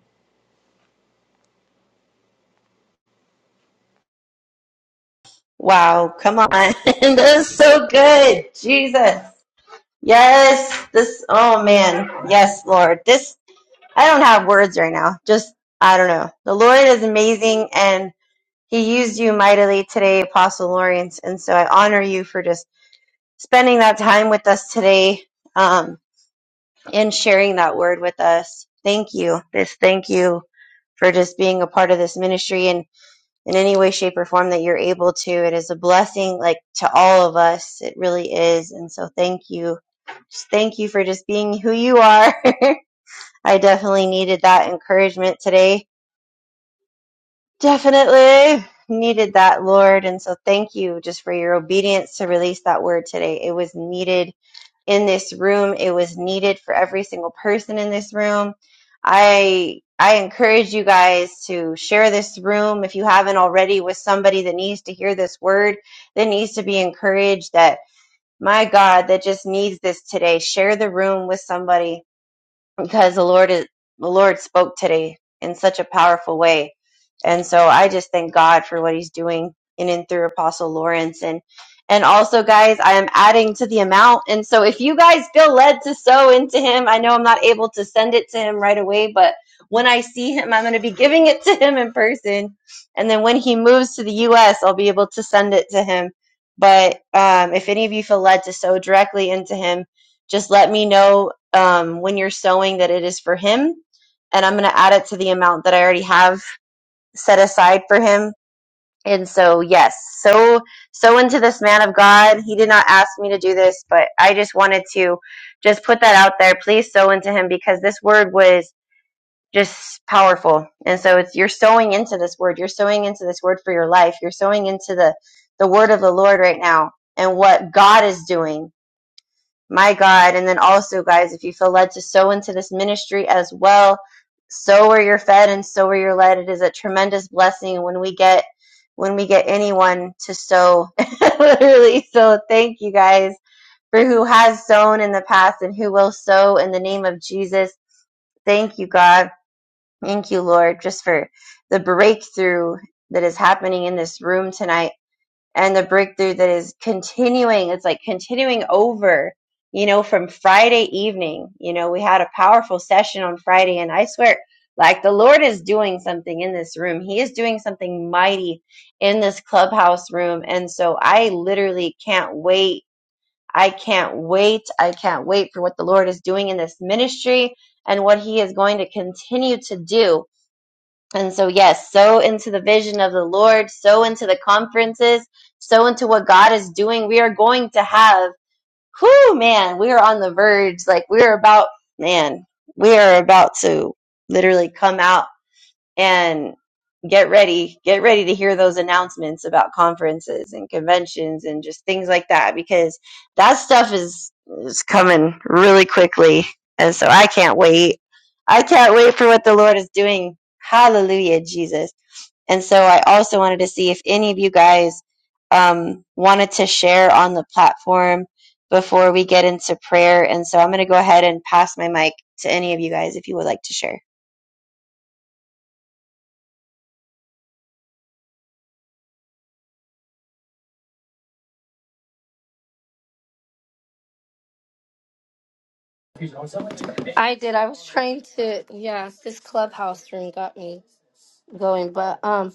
Speaker 2: Wow, come on. (laughs) that is so good. Jesus. Yes. This oh man. Yes, Lord. This I don't have words right now. Just I don't know. The Lord is amazing and he used you mightily today, Apostle Lawrence, and so I honor you for just spending that time with us today um and sharing that word with us. Thank you. This thank you for just being a part of this ministry and. in any way, shape, or form that you're able to. It is a blessing, like to all of us. It really is. And so thank you. Just thank you for just being who you are. (laughs) I definitely needed that encouragement today. Definitely needed that, Lord. And so thank you just for your obedience to release that word today. It was needed in this room. It was needed for every single person in this room. I I encourage you guys to share this room if you haven't already with somebody that needs to hear this word, that needs to be encouraged that my God, that just needs this today. Share the room with somebody because the Lord is the Lord spoke today in such a powerful way. And so I just thank God for what he's doing in and through Apostle Lawrence and and also guys, I am adding to the amount. And so if you guys feel led to sow into him, I know I'm not able to send it to him right away, but when I see him, I'm going to be giving it to him in person. And then when he moves to the US, I'll be able to send it to him. But um, if any of you feel led to sow directly into him, just let me know um, when you're sowing that it is for him and i'm going to add it to the amount that i already have set aside for him and so yes so so into this man of god he did not ask me to do this but i just wanted to just put that out there please sow into him because this word was just powerful and so it's you're sowing into this word you're sowing into this word for your life you're sowing into the the word of the lord right now and what god is doing my God. And then also, guys, if you feel led to sow into this ministry as well, sow where you're fed and sow where you're led. It is a tremendous blessing when we get when we get anyone to sow. (laughs) Literally. So thank you guys for who has sown in the past and who will sow in the name of Jesus. Thank you, God. Thank you, Lord, just for the breakthrough that is happening in this room tonight and the breakthrough that is continuing it's like continuing over you know from friday evening you know we had a powerful session on friday and i swear like the lord is doing something in this room he is doing something mighty in this clubhouse room and so i literally can't wait i can't wait i can't wait for what the lord is doing in this ministry and what he is going to continue to do and so, yes, so into the vision of the Lord, so into the conferences, so into what God is doing. We are going to have, whoo, man, we are on the verge. Like, we are about, man, we are about to literally come out and get ready get ready to hear those announcements about conferences and conventions and just things like that because that stuff is is coming really quickly and so i can't wait i can't wait for what the lord is doing hallelujah jesus and so i also wanted to see if any of you guys um, wanted to share on the platform before we get into prayer and so i'm going to go ahead and pass my mic to any of you guys if you would like to share
Speaker 1: I did. I was trying to, yeah, this clubhouse room got me going, but um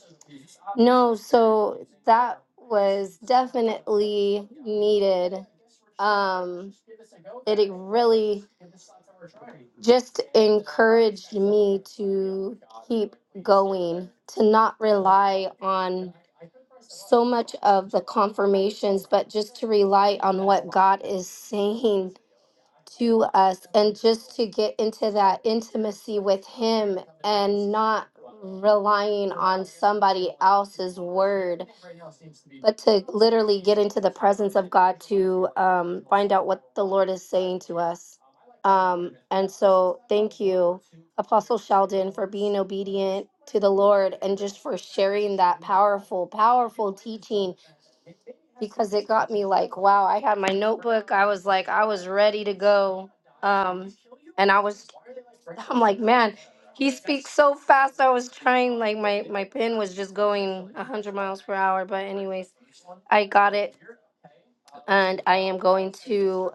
Speaker 1: no, so that was definitely needed. Um it really just encouraged me to keep going, to not rely on so much of the confirmations, but just to rely on what God is saying to us and just to get into that intimacy with Him and not relying on somebody else's word, but to literally get into the presence of God to um, find out what the Lord is saying to us. Um, and so, thank you, Apostle Sheldon, for being obedient to the Lord and just for sharing that powerful, powerful teaching because it got me like, wow, I had my notebook. I was like, I was ready to go. Um, and I was, I'm like, man, he speaks so fast. I was trying, like, my, my pen was just going 100 miles per hour. But, anyways, I got it. And I am going to,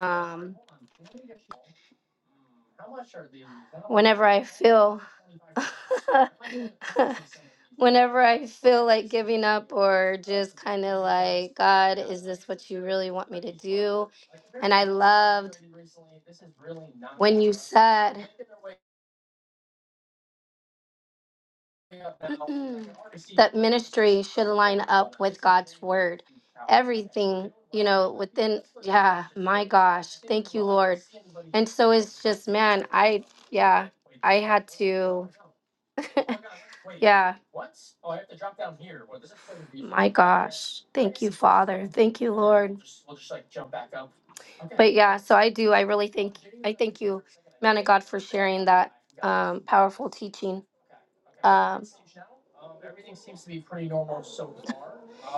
Speaker 1: um, whenever I feel (laughs) whenever I feel like giving up or just kind of like, God, is this what you really want me to do? And I loved when you said (clears throat) that ministry should line up with God's word. Everything, you know, within, yeah, my gosh, thank you, Lord. And so it's just, man, I, yeah, I had to. yeah. My gosh. Thank you, Father. Thank you, Lord. But yeah, so I do. I really think I thank you, man of God, for sharing that um, powerful teaching. Um,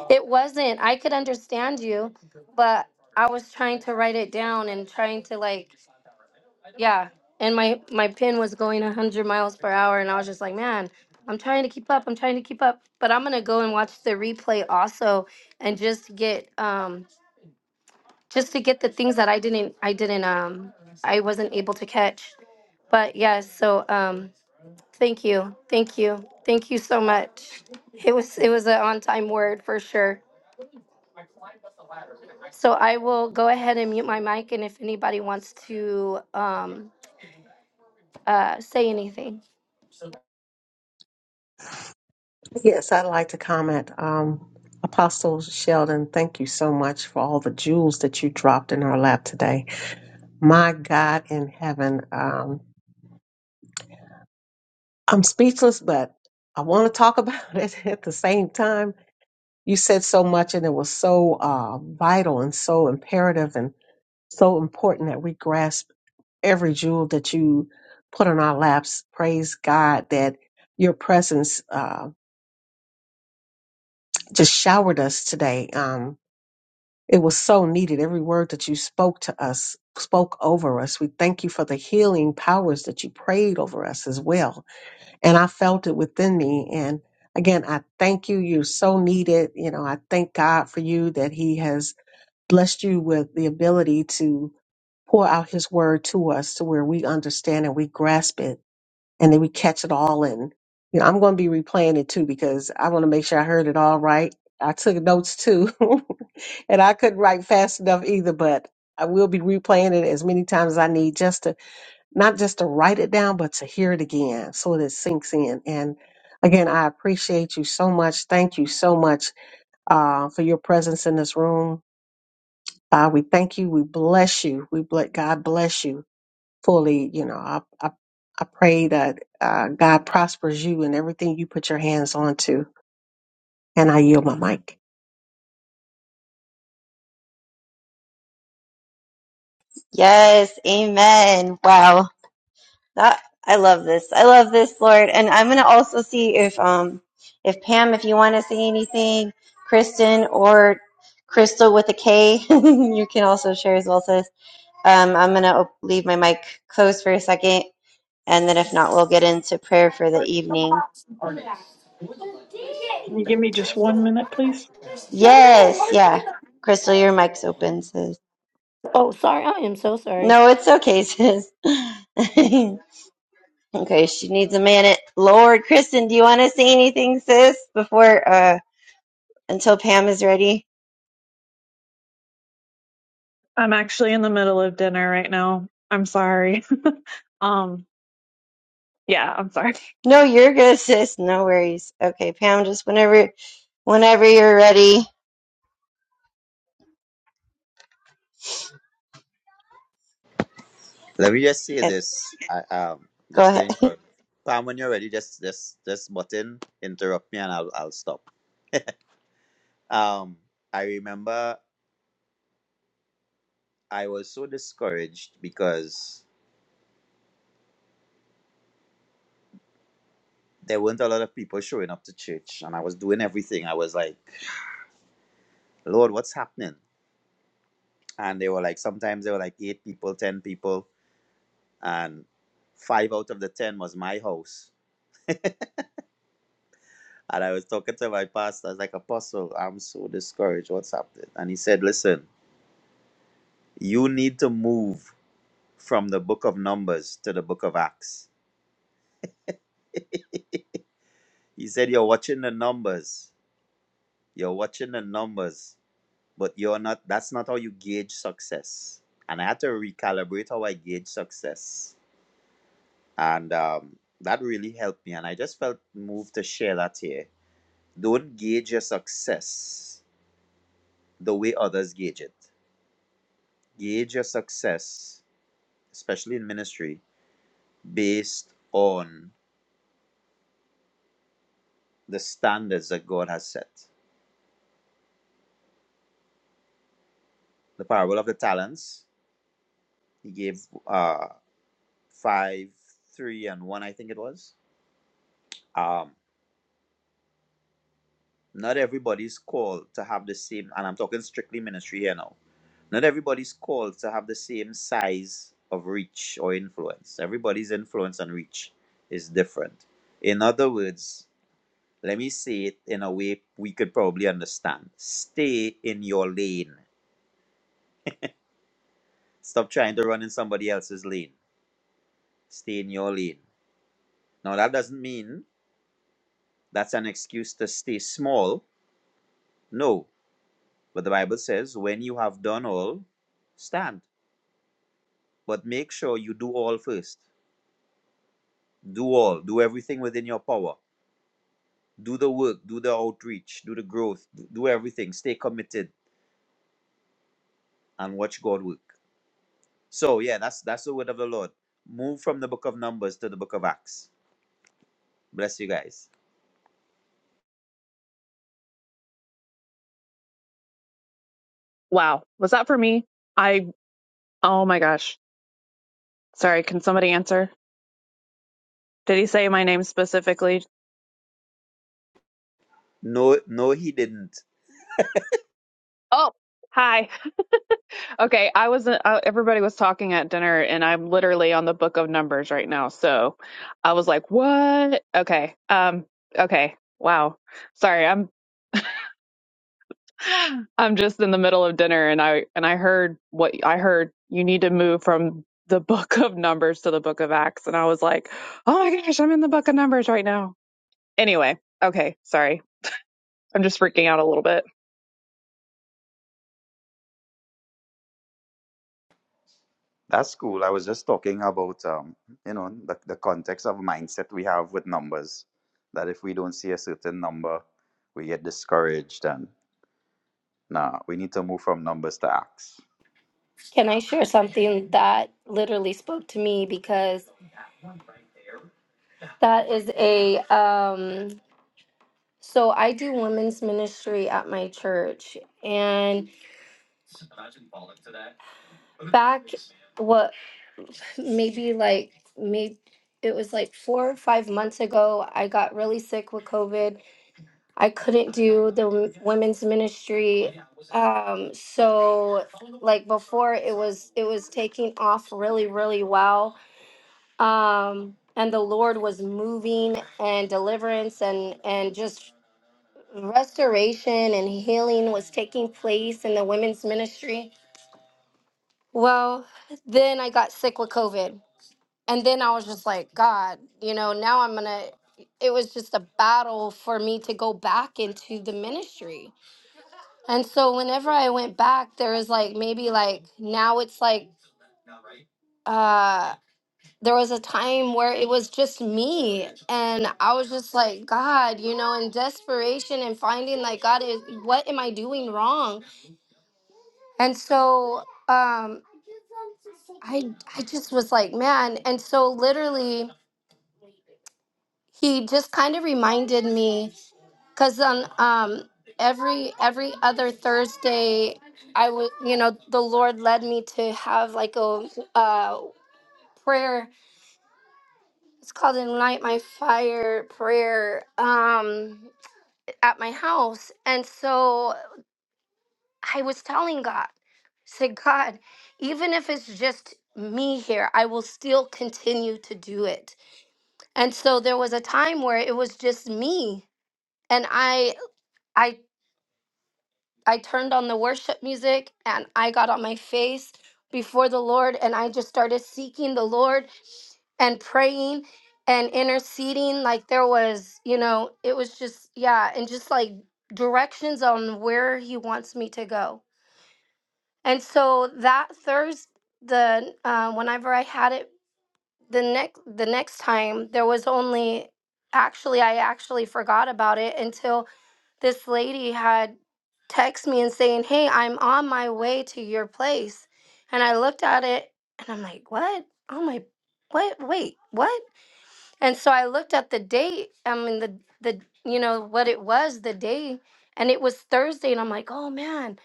Speaker 1: it wasn't. I could understand you, but I was trying to write it down and trying to like. Yeah. And my my pin was going 100 miles per hour and I was just like, "Man, I'm trying to keep up. I'm trying to keep up." But I'm going to go and watch the replay also and just get um just to get the things that I didn't I didn't um I wasn't able to catch. But yes, so um thank you. Thank you. Thank you so much. It was it was an on-time word for sure. So I will go ahead and mute my mic and if anybody wants to um uh say anything.
Speaker 4: Yes, I'd like to comment. Um, Apostle Sheldon, thank you so much for all the jewels that you dropped in our lap today. My God in heaven, um, I'm speechless, but I want to talk about (laughs) it at the same time. You said so much, and it was so uh, vital and so imperative and so important that we grasp every jewel that you put on our laps. Praise God that your presence uh, just showered us today. Um, it was so needed. Every word that you spoke to us, spoke over us. We thank you for the healing powers that you prayed over us as well and I felt it within me. And again, I thank you. You're so needed. You know, I thank God for you that He has blessed you with the ability to pour out His word to us to where we understand and we grasp it and then we catch it all. And, you know, I'm going to be replaying it too because I want to make sure I heard it all right. I took notes too, (laughs) and I couldn't write fast enough either, but I will be replaying it as many times as I need just to not just to write it down, but to hear it again so that it sinks in. And again, I appreciate you so much. Thank you so much uh, for your presence in this room. Uh, we thank you. We bless you. We bless God bless you fully. You know, I I, I pray that uh, God prospers you and everything you put your hands on to. And I yield my mic.
Speaker 2: Yes, amen. Wow. That I love this. I love this, Lord. And I'm going to also see if um if Pam if you want to say anything, Kristen or Crystal with a K, (laughs) you can also share as well, sis. Um I'm going to leave my mic closed for a second and then if not we'll get into prayer for the evening.
Speaker 6: Can you give me just one minute, please?
Speaker 2: Yes, yeah. Crystal, your mic's open, sis.
Speaker 1: Oh, sorry. I am so sorry.
Speaker 2: No, it's okay, (laughs) sis. (laughs) Okay, she needs a minute. Lord, Kristen, do you want to say anything, sis, before uh until Pam is ready?
Speaker 3: I'm actually in the middle of dinner right now. I'm sorry. (laughs) um, yeah, I'm sorry.
Speaker 2: No, you're good, sis. No worries. Okay, Pam, just whenever whenever you're ready.
Speaker 5: Let me just say
Speaker 2: Yeah,
Speaker 5: this. I, um,
Speaker 2: go
Speaker 5: just to
Speaker 2: ahead.
Speaker 5: encourage. Pam, when you're ready, just just just button, interrupt me, and I'll I'll stop. Um, I remember I was so discouraged because there weren't a lot of people showing up to church, and I was doing everything. I was like, Lord, what's happening? And they were like, sometimes they were like eight people, ten people, and five out of the ten was my house And I was talking to my pastor. I was like, Apostle, I'm so discouraged. What's happening? And he said, Listen, you need to move from the book of Numbers to the book of Acts. (laughs) He said, You're watching the numbers. You're watching the numbers, but you're not, that's not how you gauge success. And I had to recalibrate how I gauge success. And um, that really helped me. And I just felt moved to share that here. Don't gauge your success the way others gauge it. gauge your success, especially in ministry, based on the standards that God has set. The parable of the talents, he gave uh, five, three, and one, I think it was. Um, not everybody's called to have the same, and I'm talking strictly ministry here now. Not everybody's called to have the same size of reach or influence. Everybody's influence and reach is different. In other words, let me say it in a way we could probably understand. Stay in your lane. Stop trying to run in somebody else's lane. Stay in your lane. Now, that doesn't mean that's an excuse to stay small. No. But the Bible says, when you have done all, stand. But make sure you do all first. Do all. Do everything within your power. Do the work. Do the outreach. Do the growth. Do everything. Stay committed and watch God work. So yeah, that's that's the word of the Lord. Move from the book of Numbers to the book of Acts. Bless you guys.
Speaker 3: Wow, was that for me? I oh my gosh. Sorry, can somebody answer? Did he say my name specifically?
Speaker 5: No, no, he didn't.
Speaker 3: Oh, hi. (laughs) Okay, I was uh, everybody was talking at dinner and I'm literally on the book of numbers right now. So, I was like, "What?" Okay. Um okay. Wow. Sorry. I'm (gasps) I'm just in the middle of dinner and I and I heard what I heard you need to move from the (laughs) book of numbers to the book of acts and I was like, "Oh my gosh, I'm in the book of numbers right now." Anyway, okay. Sorry. I'm just freaking out a little bit.
Speaker 5: That's cool. I was just talking about um, you know, the, the context of mindset we have with numbers. That if we don't see a certain number, we get discouraged and nah, we need to move from numbers to acts.
Speaker 1: Can I share something that literally spoke to me because that is a um so I do women's ministry at my church and back what maybe like maybe it was like 4 or 5 months ago I got really sick with COVID I couldn't do the w- women's ministry. Um, so like before it was it was taking off really, really well. Um, and the Lord was moving and deliverance and and just restoration and healing was taking place in the women's ministry. Well, then I got sick with COVID. And then I was just like, God, you know, now I'm gonna it was just a battle for me to go back into the ministry And so whenever I went back, there was like maybe like now it's like uh there was a time where it was just me and I was just like God, you know, in desperation and finding like God is what am I doing wrong? And so um I I just was like, man, and so literally he just kind of reminded me because on um every every other thursday i would you know the lord led me to have like a uh prayer it's called ignite my fire prayer um at my house and so i was telling god say god even if it's just me here i will still continue to do it and so there was a time where it was just me and i I turned on the worship music and I got on my face before the Lord and I just started seeking the Lord and praying and interceding like there was you know it was just yeah and just like directions on where he wants me to go and so that thursday the uh, whenever i had it the next the next time there was only actually i actually forgot about it until this lady had text me and saying, "Hey, I'm on my way to your place." And I looked at it and I'm like, "What? Oh my what? Wait, what?" And so I looked at the date, I mean the the you know what it was, the day, and it was Thursday and I'm like, "Oh man."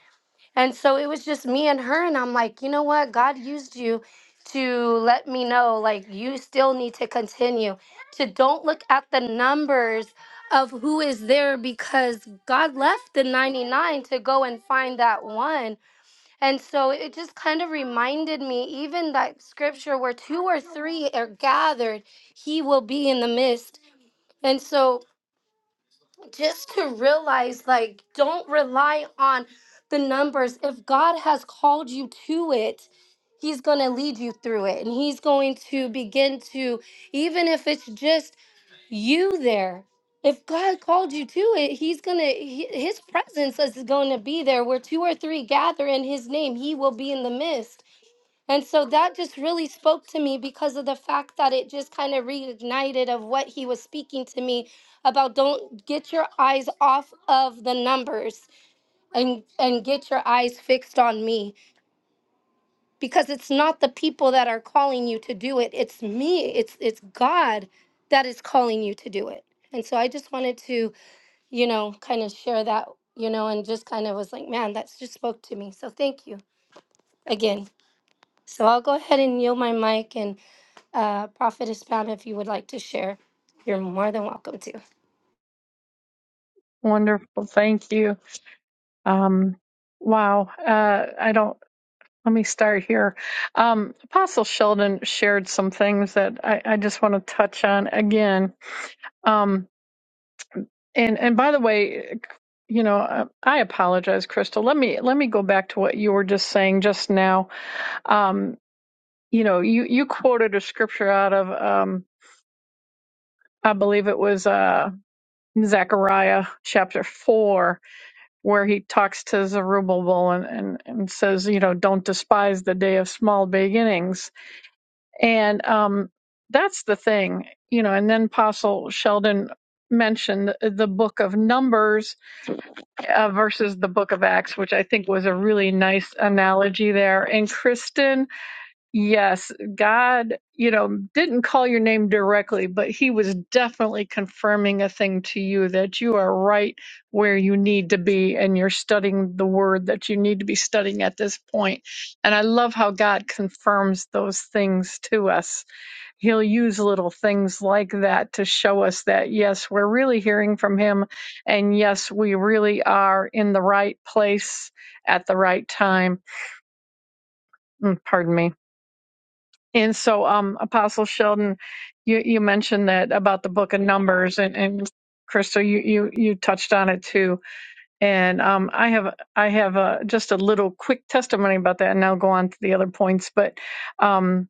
Speaker 1: And so it was just me and her. And I'm like, you know what? God used you to let me know, like, you still need to continue to don't look at the numbers of who is there because God left the 99 to go and find that one. And so it just kind of reminded me, even that scripture where two or three are gathered, he will be in the midst. And so just to realize like don't rely on the numbers if god has called you to it he's going to lead you through it and he's going to begin to even if it's just you there if god called you to it he's going to his presence is going to be there where two or three gather in his name he will be in the midst and so that just really spoke to me because of the fact that it just kind of reignited of what he was speaking to me about don't get your eyes off of the numbers and and get your eyes fixed on me because it's not the people that are calling you to do it it's me it's it's God that is calling you to do it. And so I just wanted to, you know, kind of share that, you know, and just kind of was like, man, that's just spoke to me. So thank you again. So I'll go ahead and yield my mic and uh, Prophetess Pam, if you would like to share, you're more than welcome to.
Speaker 6: Wonderful. Thank you. Um, wow. Uh, I don't, let me start here. Um, Apostle Sheldon shared some things that I, I just want to touch on again. Um, and, and by the way, you know, uh, I apologize, Crystal. Let me, let me go back to what you were just saying just now. Um, you know, you, you quoted a scripture out of, um, I believe it was, uh, Zechariah chapter four, where he talks to Zerubbabel and, and, and says, you know, don't despise the day of small beginnings. And um, that's the thing, you know, and then Apostle Sheldon mentioned the book of Numbers uh, versus the book of Acts, which I think was a really nice analogy there. And Kristen, Yes, God, you know, didn't call your name directly, but he was definitely confirming a thing to you that you are right where you need to be and you're studying the word that you need to be studying at this point. And I love how God confirms those things to us. He'll use little things like that to show us that, yes, we're really hearing from him. And yes, we really are in the right place at the right time. Mm, Pardon me. And so, um, Apostle Sheldon, you, you mentioned that about the book of Numbers, and, and Crystal, you, you, you touched on it too. And um, I have I have a, just a little quick testimony about that, and I'll go on to the other points. But um,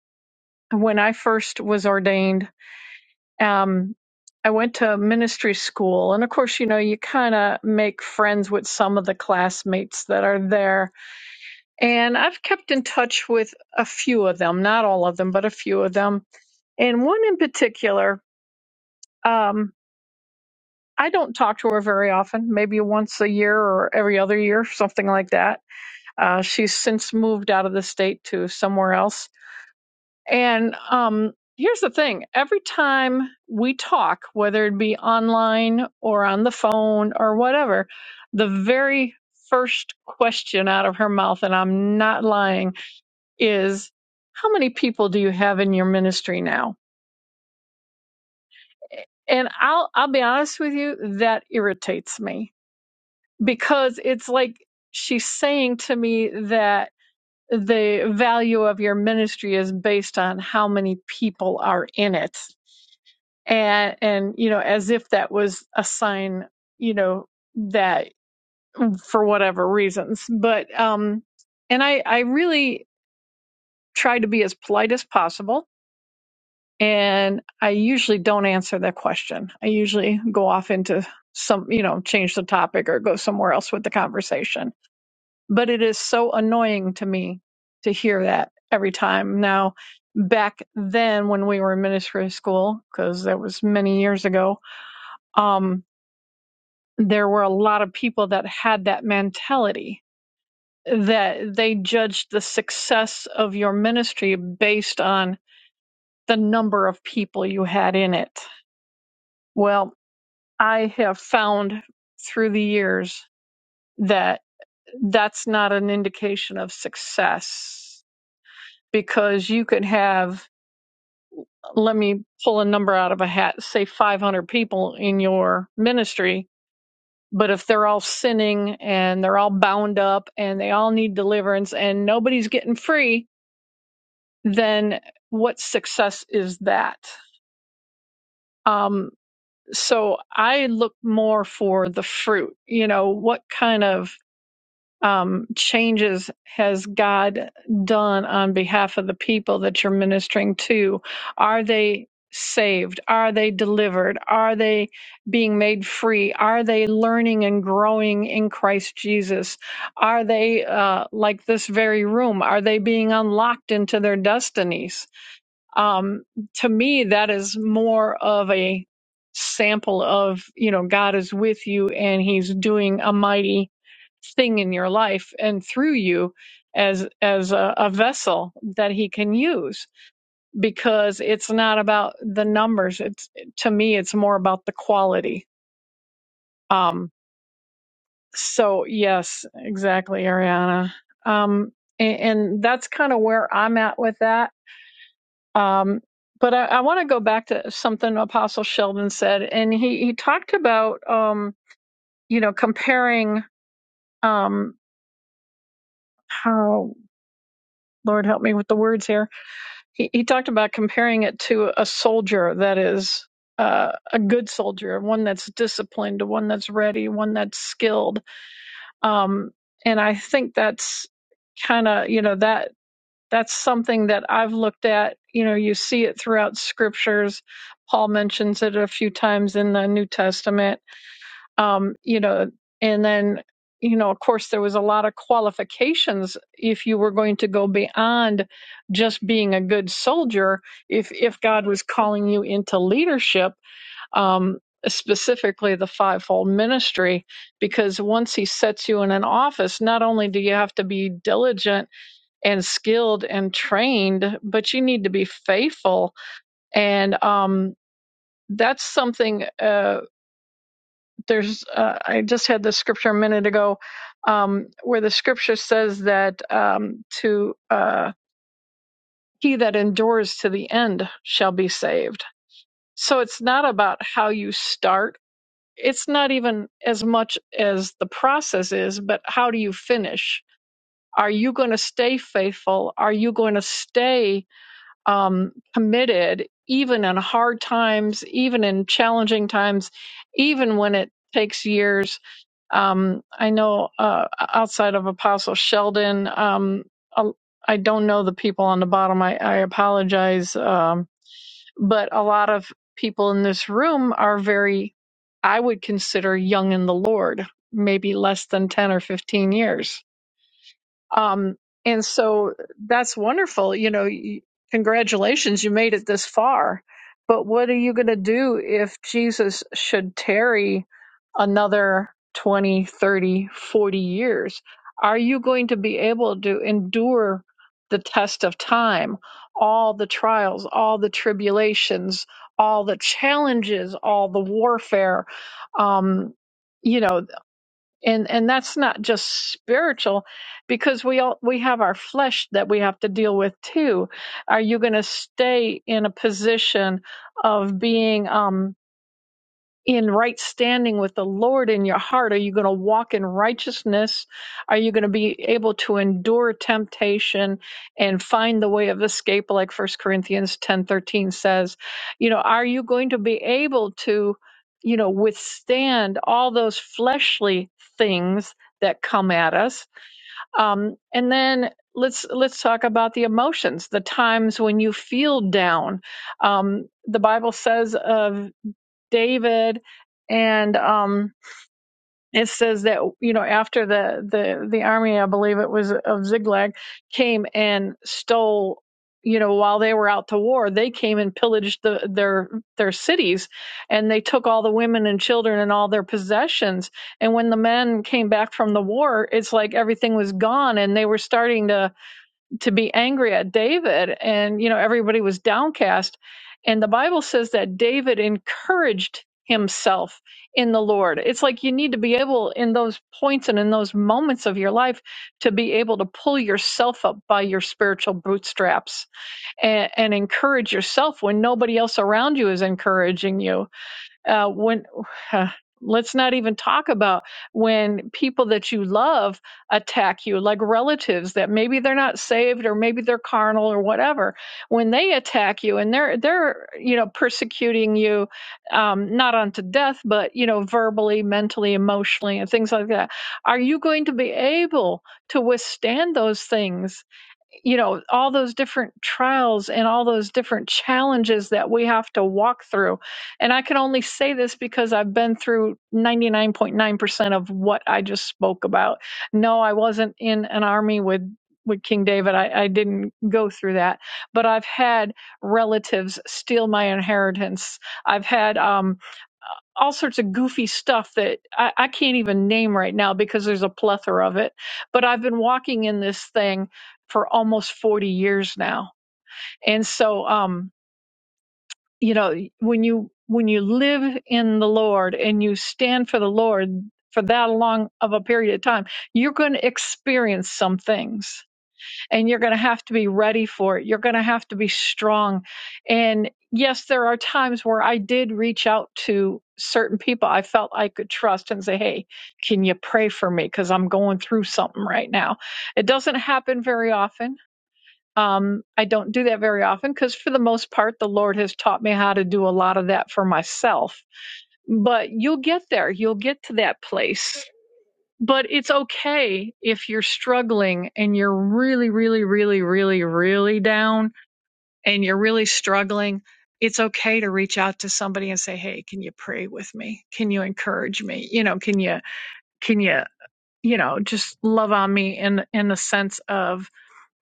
Speaker 6: when I first was ordained, um, I went to ministry school, and of course, you know, you kind of make friends with some of the classmates that are there. And I've kept in touch with a few of them, not all of them, but a few of them and one in particular, um, I don't talk to her very often, maybe once a year or every other year, something like that. Uh, she's since moved out of the state to somewhere else. And um, here's the thing every time we talk, whether it be online or on the phone or whatever, the very first question out of her mouth, and I'm not lying, is how many people do you have in your ministry now? and I'll I'll be honest with you, that irritates me because it's like she's saying to me that the value of your ministry is based on how many people are in it. And and you know, as if that was a sign, you know, that for whatever reasons. But um and I I really try to be as polite as possible and I usually don't answer that question. I usually go off into some, you know, change the topic or go somewhere else with the conversation. But it is so annoying to me to hear that every time. Now, back then when we were in ministry school, because that was many years ago, um, there were a lot of people that had that mentality that they judged the success of your ministry based on the number of people you had in it. Well, I have found through the years that that's not an indication of success because you could have, let me pull a number out of a hat, say 500 people in your ministry. But if they're all sinning and they're all bound up and they all need deliverance and nobody's getting free, then what success is that? Um, so I look more for the fruit. You know, what kind of um, changes has God done on behalf of the people that you're ministering to? Are they saved? Are they delivered? Are they being made free? Are they learning and growing in Christ Jesus? Are they, uh, like this very room, are they being unlocked into their destinies? Um, to me, that is more of a sample of, you know, God is with you and he's doing a mighty thing in your life and through you as as a, a vessel that he can use because it's not about the numbers it's to me it's more about the quality um so yes exactly ariana um and, and that's kind of where i'm at with that um but i, I want to go back to something apostle sheldon said and he he talked about um you know comparing um how lord help me with the words here he, he talked about comparing it to a soldier that is uh, a good soldier, one that's disciplined, one that's ready, one that's skilled. Um, and I think that's kind of you know that that's something that I've looked at. You know, you see it throughout scriptures. Paul mentions it a few times in the New Testament um, you know, and then, you know, of course, there was a lot of qualifications if you were going to go beyond just being a good soldier. If if God was calling you into leadership, um, specifically the fivefold ministry, because once He sets you in an office, not only do you have to be diligent and skilled and trained, but you need to be faithful and um, that's something. Uh, there's uh, I just had this scripture a minute ago um, where the scripture says that um, to uh, he that endures to the end shall be saved. So it's not about how you start. It's not even as much as the process is, but how do you finish? Are you going to stay faithful? Are you going to stay um, committed, even in hard times, even in challenging times, even when it takes years. Um, I know uh, outside of Apostle Sheldon, um, a- I don't know the people on the bottom. I, I apologize. Um, but a lot of people in this room are very, I would consider young in the Lord, maybe less than 10 or 15 years um, and so that's wonderful. You know, y- congratulations, you made it this far. But what are you going to do if Jesus should tarry another 20, 30, forty years? Are you going to be able to endure the test of time, all the trials, all the tribulations, all the challenges, all the warfare? Um, you know and and that's not just spiritual because we all we have our flesh that we have to deal with too are you going to stay in a position of being um in right standing with the Lord in your heart? Are you going to walk in righteousness? Are you going to be able to endure temptation and find the way of escape like First Corinthians 10:13 says? You know, are you going to be able to, you know, withstand all those fleshly things that come at us? Um and then let's let's talk about the emotions, the times when you feel down. Um the Bible says of David, and um, it says that you know after the the the army, I believe it was of Ziglag, came and stole. You know, while they were out to war, they came and pillaged the, their their cities, and they took all the women and children and all their possessions. And when the men came back from the war, it's like everything was gone, and they were starting to to be angry at David and you know everybody was downcast and the Bible says that David encouraged himself in the Lord. It's like you need to be able in those points and in those moments of your life to be able to pull yourself up by your spiritual bootstraps and, and encourage yourself when nobody else around you is encouraging you uh, when uh, let's not even talk about when people that you love attack you like relatives that maybe they're not saved or maybe they're carnal or whatever when they attack you and they're they're you know persecuting you um, not unto death but you know verbally mentally emotionally and things like that are you going to be able to withstand those things you know all those different trials and all those different challenges that we have to walk through and i can only say this because i've been through 99.9% of what i just spoke about no i wasn't in an army with with king david I, I didn't go through that but i've had relatives steal my inheritance i've had um, all sorts of goofy stuff that I, I can't even name right now because there's a plethora of it. But I've been walking in this thing for almost 40 years now. And so, um, you know, when you, when you live in the Lord and you stand for the Lord for that long of a period of time, you're going to experience some things and you're going to have to be ready for it. You're going to have to be strong. And yes, there are times where I did reach out to certain people I felt I could trust and say, Hey, can you pray for me? Because I'm going through something right now. It doesn't happen very often. Um, I don't do that very often because, for the most part, the Lord has taught me how to do a lot of that for myself. But you'll get there. You'll get to that place but it's okay if you're struggling and you're really, really, really, really, really down and you're really struggling. It's okay to reach out to somebody and say, Hey, can you pray with me? Can you encourage me? You know, can you, can you, you know, just love on me in, in the sense of,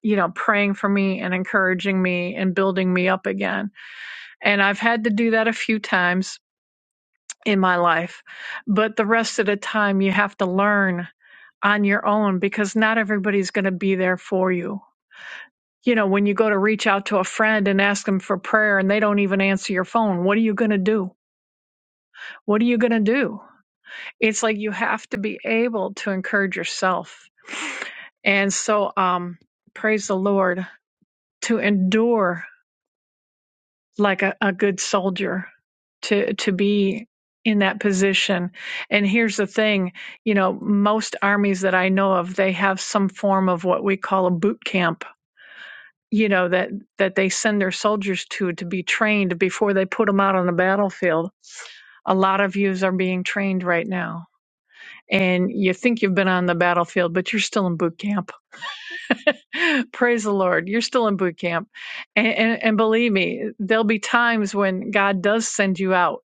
Speaker 6: you know, praying for me and encouraging me and building me up again. And I've had to do that a few times in my life, but the rest of the time you have to learn on your own because not everybody's going to be there for you. You know, when you go to reach out to a friend and ask them for prayer and they don't even answer your phone, what are you going to do? What are you going to do? It's like you have to be able to encourage yourself. And so, um, praise the Lord to endure like a, a good soldier, to, to be in that position. And here's the thing you know, most armies that I know of, they have some form of what we call a boot camp you know that that they send their soldiers to to be trained before they put them out on the battlefield a lot of yous are being trained right now and you think you've been on the battlefield but you're still in boot camp (laughs) praise the lord you're still in boot camp and, and and believe me there'll be times when god does send you out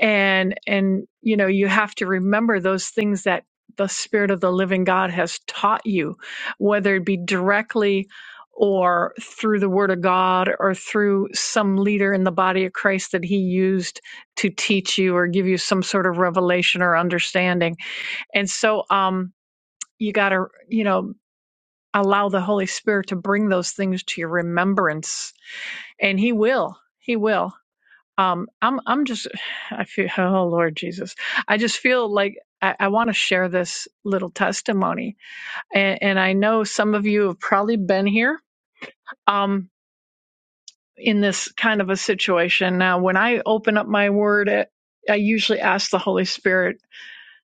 Speaker 6: and and you know you have to remember those things that the spirit of the living god has taught you whether it be directly or through the word of god or through some leader in the body of christ that he used to teach you or give you some sort of revelation or understanding and so um you got to you know allow the holy spirit to bring those things to your remembrance and he will he will um i'm i'm just (sighs) i feel oh lord jesus i just feel like i, I want to share this little testimony and, and i know some of you have probably been here um in this kind of a situation now when i open up my word i I usually ask the holy spirit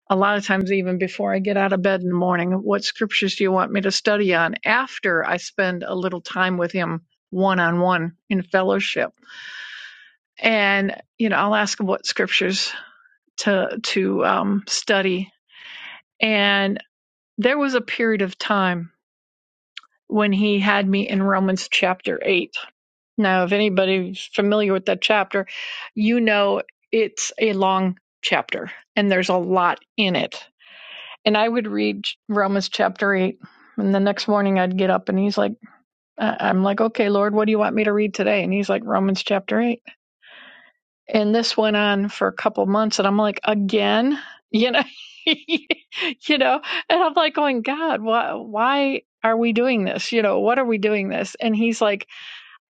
Speaker 6: a lot of times even before i get out of bed in the morning what scriptures do you want me to study on after i spend a little time with him one on one in fellowship and you know i'll ask him what scriptures to to um, study. And there was a period of time when he had me in Romans chapter eight. Now, if anybody's familiar with that chapter, you know it's a long chapter and there's a lot in it. And I would read Romans chapter eight. And the next morning I'd get up and he's like, I- am like, okay, Lord, what do you want me to read today? And he's like, Romans chapter 8 and this went on for a couple months and i'm like again you know (laughs) you know and i'm like going god why why are we doing this you know what are we doing this and he's like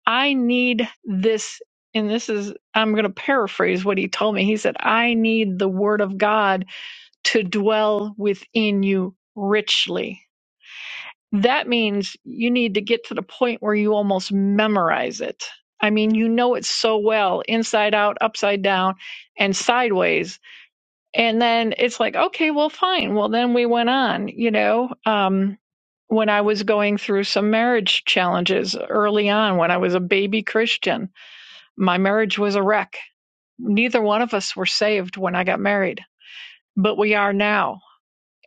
Speaker 6: i need this and this is i'm going to paraphrase what he told me he said i need the word of god to dwell within you richly that means you need to get to the point where you almost memorize it. I mean, you know it so well, inside out, upside down, and sideways. And then it's like, okay, well, fine. Well, then we went on, you know. Um, when I was going through some marriage challenges early on, when I was a baby Christian, my marriage was a wreck. Neither one of us were saved when I got married, but we are now.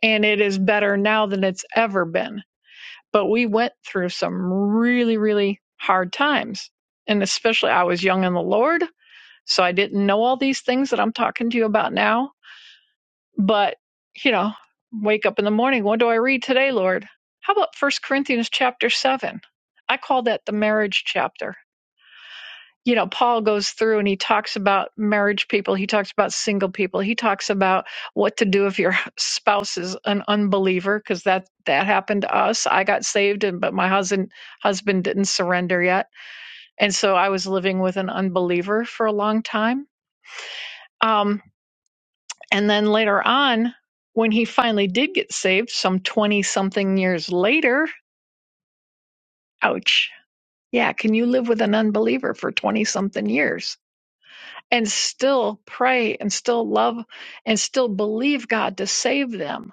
Speaker 6: And it is better now than it's ever been but we went through some really, really hard times. And especially, I was young in the Lord, so I didn't know all these things that I'm talking to you about now. But, you know, wake up in the morning, what do I read today, Lord? How about First Corinthians chapter 7? I call that the marriage chapter you know, Paul goes through and he talks about marriage people, he talks about single people, he talks about what to do if your spouse is an unbeliever because that that happened to us. I got saved and but my husband husband didn't surrender yet, and so I was living with an unbeliever for a long time. Um, and then later on, when he finally did get saved, some twenty something years later, ouch. Yeah, can you live with an unbeliever for 20 something years? and still pray and still love and still believe God to save them.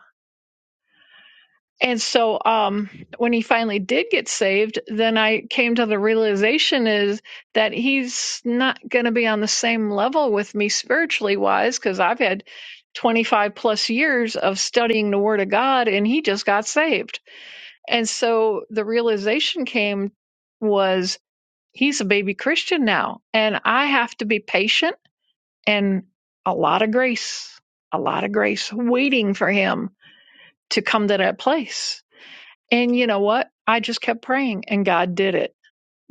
Speaker 6: And so um, when he finally did get saved, then I came to the realization is that he's not going to be on the same level with me spiritually wise because I've had 25 plus years of studying the word of God and he just got saved. And so the realization came was he's a baby Christian now and I have to be patient and a lot of grace, a lot of grace waiting for him to come to that place. And you know what? I just kept praying and God did it.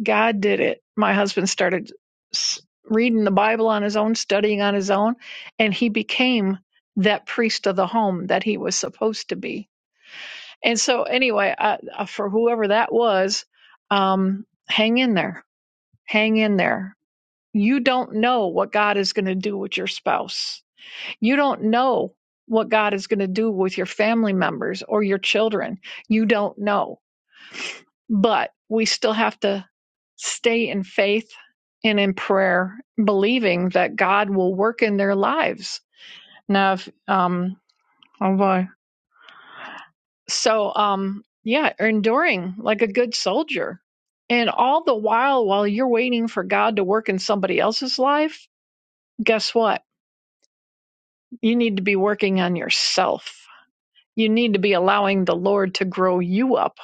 Speaker 6: God did it. My husband started reading the Bible on his own, studying on his own, and he became that priest of the home that he was supposed to be. And so, anyway, I- for whoever that was, um, hang in there. Hang in there. You don't know what God is going to do with your spouse You don't know what God is going to do with your family members or your children. You don't know. But we still have to stay in faith and in prayer, believing that God will work in their lives. Now, if, um, oh boy. So, um, yeah, enduring like a good soldier. And all the while, while you're waiting for God to work in somebody else's life, guess what? You need to be working on yourself you need to be allowing the Lord to grow you up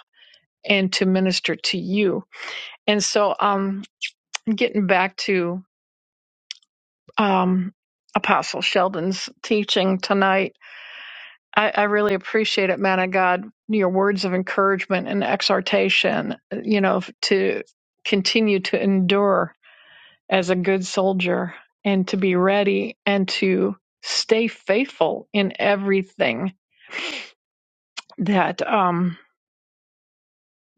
Speaker 6: and to minister to you. And so, um, getting back to um, Apostle Sheldon's teaching tonight, I, I really appreciate it, man of God, your words of encouragement and exhortation, you know, to continue to endure as a good soldier and to be ready and to stay faithful in everything that um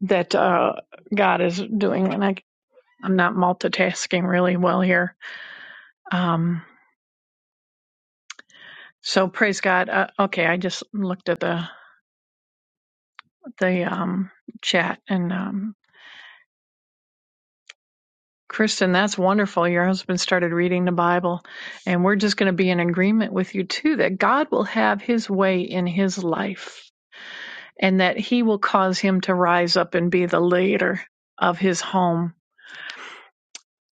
Speaker 6: that uh God is doing. And I I'm not multitasking really well here. Um, so praise God. Uh, okay, I just looked at the the um, chat and um, Kristen, that's wonderful. Your husband started reading the Bible, and we're just going to be in agreement with you too that God will have His way in His life, and that He will cause him to rise up and be the leader of his home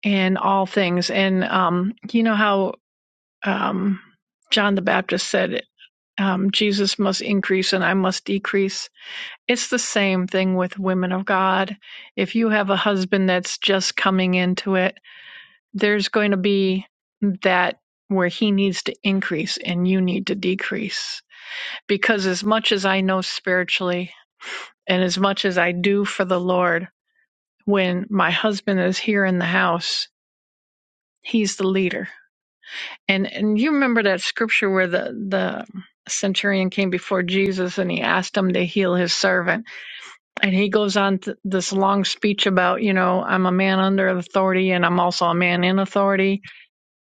Speaker 6: and all things. And um, you know how um, John the Baptist said. um, Jesus must increase and I must decrease. It's the same thing with women of God. If you have a husband that's just coming into it, there's going to be that where he needs to increase and you need to decrease. Because as much as I know spiritually and as much as I do for the Lord, when my husband is here in the house, he's the leader. And and you remember that scripture where the the centurion came before Jesus and he asked him to heal his servant and he goes on th- this long speech about, you know, I'm a man under authority and I'm also a man in authority.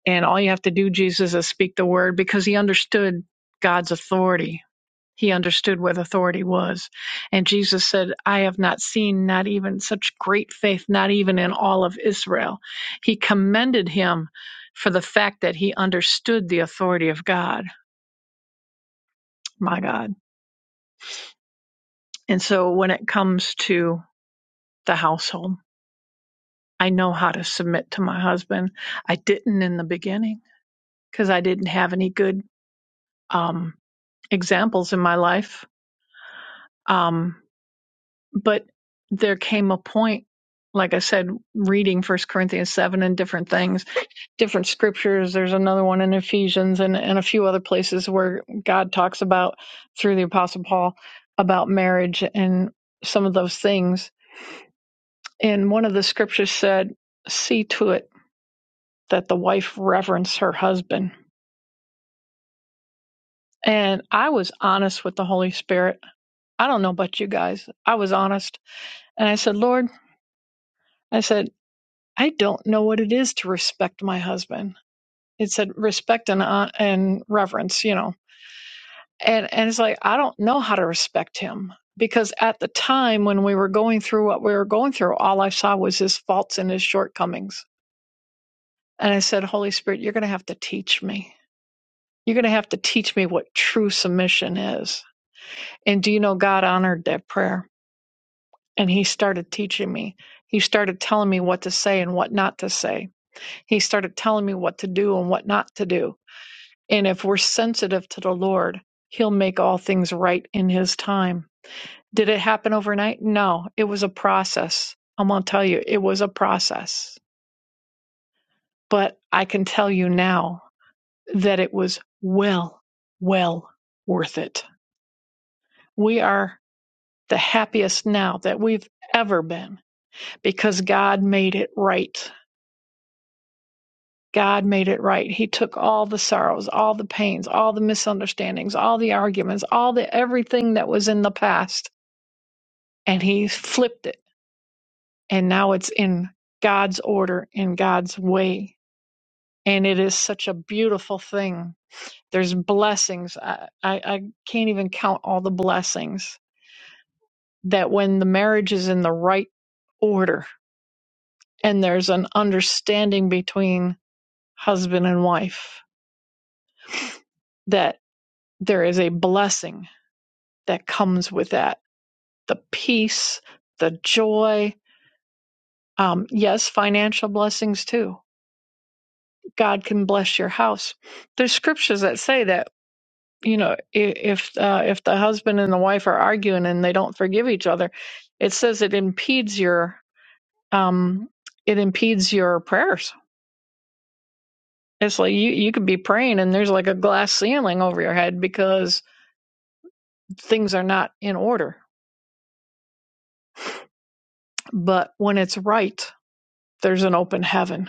Speaker 6: And all you have to do, Jesus, is speak the word because he understood God's authority. He understood what authority was. And Jesus said, I have not seen not even such great faith, not even in all of Israel. He commended him for the fact that he understood the authority of God, my God. And so when it comes to the household, I know how to submit to my husband. I didn't in the beginning because I didn't have any good um, examples in my life. Um, but there came a point, like I said, reading First Corinthians 7 and different things, different scriptures. There's another one in Ephesians and, and a few other places where God talks about, through the Apostle Paul, about marriage and some of those things. And one of the scriptures said, See to it that the wife reverence her husband and I was honest with the Holy Spirit. I don't know about you guys. I was honest. And I said, Lord, I said, I don't know what it is to respect my husband. It said respect and, hon- and reverence, you know. And, and it's like, I don't know how to respect him because at the time when we were going through what we were going through, all I saw was his faults and his shortcomings. And I said, Holy Spirit, you're going to have to teach me. You're going to have to teach me what true submission is. And do you know God honored that prayer? and he started teaching me. He started telling me what to say and what not to say. He started telling me what to do and what not to do. And if we're sensitive to the Lord, he'll make all things right in his time. Did it happen overnight? No, it was a process. I'm going to tell you, it was a process. But I can tell you now that it was well, well worth it. We are the happiest now that we've ever been because God made it right God made it right. He took all the sorrows, all the pains, all the misunderstandings, all the arguments, all the everything that was in the past, and he flipped it. And now it's in God's order, in God's way. And it is such a beautiful thing. There's blessings. I, I, I can't even count all the blessings that when the marriage is in the right order and there's an understanding between husband and wife, that there is a blessing that comes with that the peace, the joy. Um, yes, financial blessings too. God can bless your house. There's scriptures that say that you know i- if uh, if the husband and the wife are arguing and they don't forgive each other, it says it impedes your um, it impedes your prayers. It's like you you could be praying and there's like a glass ceiling over your head because things are not in order. But when it's right, there's an open heaven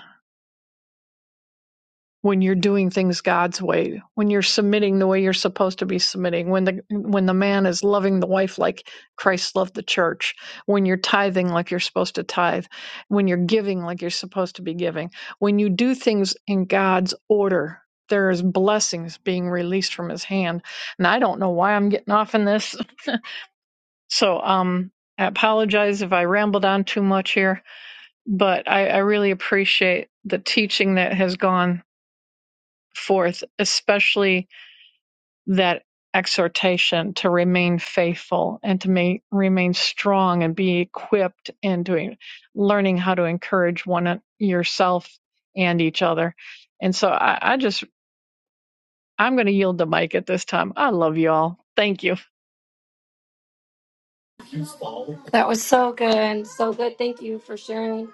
Speaker 6: when you're doing things God's way, when you're submitting the way you're supposed to be submitting, when the when the man is loving the wife like Christ loved the church, when you're tithing like you're supposed to tithe, when you're giving like you're supposed to be giving, when you do things in God's order, there is blessings being released from his hand. And I don't know why I'm getting off in this. (laughs) So um I apologize if I rambled on too much here, but I, I really appreciate the teaching that has gone forth, especially that exhortation to remain faithful and to ma- remain strong and be equipped in doing learning how to encourage one uh, yourself and each other. And so I, I just I'm going to yield the mic at this time. I love you all. Thank you.
Speaker 1: That was so good. So good. Thank you for sharing.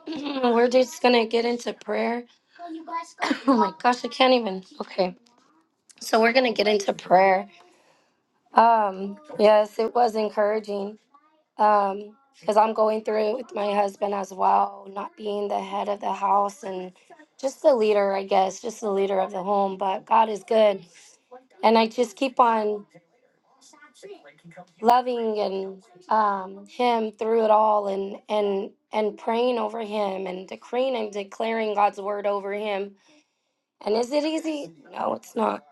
Speaker 1: (clears throat) we're just going to get into prayer. (clears throat) (coughs) oh my gosh, I can't even. Okay. So we're going to get into prayer. Um, yes, it was encouraging. Um, because I'm going through it with my husband as well, not being the head of the house and just the leader, I guess, just the leader of the home. But God is good. And I just keep on loving and um, him through it all and and and praying over him and decreeing and declaring God's word over him. And is it easy? No, it's not.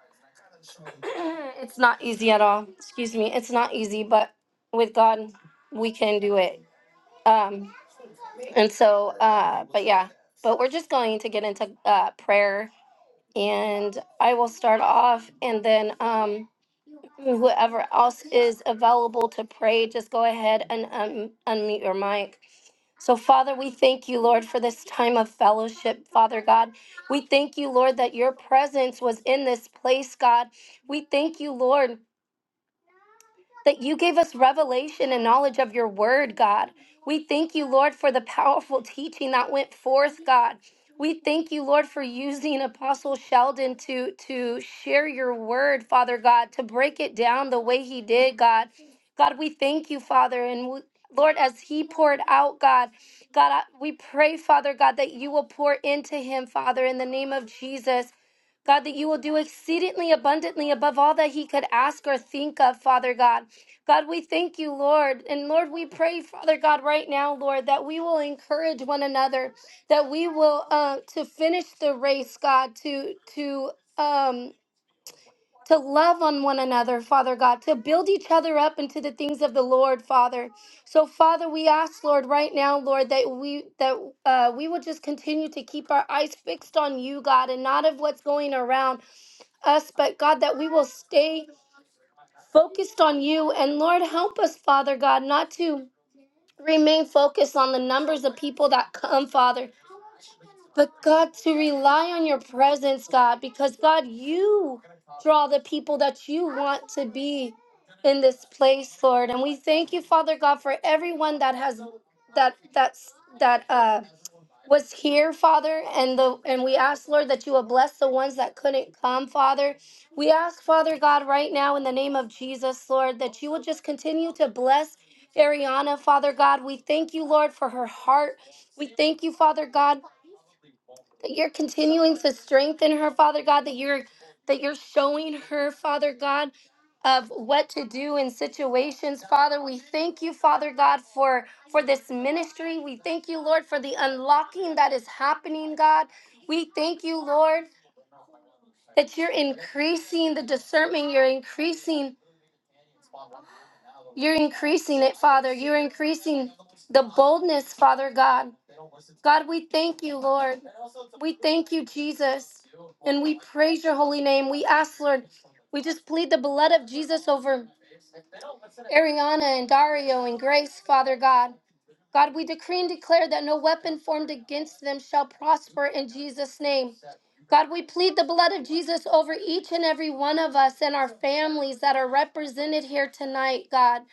Speaker 1: (clears throat) it's not easy at all. Excuse me. It's not easy, but with God, we can do it. Um, and so, uh, but yeah, but we're just going to get into uh, prayer and I will start off and then, um, Whoever else is available to pray, just go ahead and um, unmute your mic. So, Father, we thank you, Lord, for this time of fellowship, Father God. We thank you, Lord, that your presence was in this place, God. We thank you, Lord that you gave us revelation and knowledge of your word, God. We thank you, Lord, for the powerful teaching that went forth, God. We thank you, Lord, for using Apostle Sheldon to, to share your word, Father God, to break it down the way he did, God. God, we thank you, Father. And we, Lord, as he poured out, God, God, I, we pray, Father God, that you will pour into him, Father, in the name of Jesus. God, that you will do exceedingly abundantly above all that he could ask or think of, Father God. God, we thank you, Lord. And Lord, we pray, Father God, right now, Lord, that we will encourage one another, that we will uh, to finish the race, God, to to um to love on one another, Father God, to build each other up into the things of the Lord, Father. So, Father, we ask, Lord, right now, Lord, that we that uh, we will just continue to keep our eyes fixed on you, God, and not of what's going around us, but God, that we will stay focused on you. And Lord, help us, Father God, not to remain focused on the numbers of people that come, Father, but God, to rely on your presence, God, because God, you draw the people that you want to be in this place, Lord. And we thank you, Father God, for everyone that has that that's that uh was here, Father, and the and we ask, Lord, that you would bless the ones that couldn't come, Father. We ask, Father God, right now in the name of Jesus, Lord, that you will just continue to bless Ariana, Father God. We thank you, Lord, for her heart. We thank you, Father God that you're continuing to strengthen her, Father God, that you're that you're showing her, Father God, of what to do in situations. Father, we thank you, Father God, for for this ministry. We thank you, Lord, for the unlocking that is happening, God. We thank you, Lord, that you're increasing the discernment, you're increasing you're increasing it, Father. You're increasing the boldness, Father God. God, we thank you, Lord. We thank you, Jesus, and we praise your holy name. We ask, Lord, we just plead the blood of Jesus over Ariana and Dario and Grace, Father God. God, we decree and declare that no weapon formed against them shall prosper in Jesus' name. God, we plead the blood of Jesus over each and every one of us and our families that are represented here tonight, God.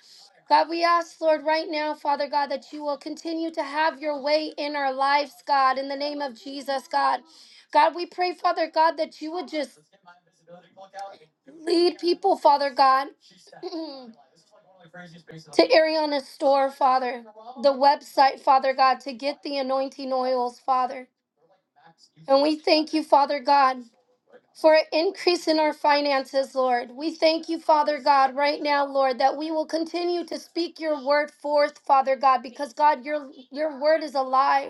Speaker 1: God, we ask, Lord, right now, Father God, that you will continue to have your way in our lives, God, in the name of Jesus, God. God, we pray, Father God, that you would just lead people, Father God, (clears throat) to Ariana's store, Father, the website, Father God, to get the anointing oils, Father. And we thank you, Father God for an increase in our finances, Lord. We thank you, Father God, right now, Lord, that we will continue to speak your word forth, Father God, because God, your your word is alive.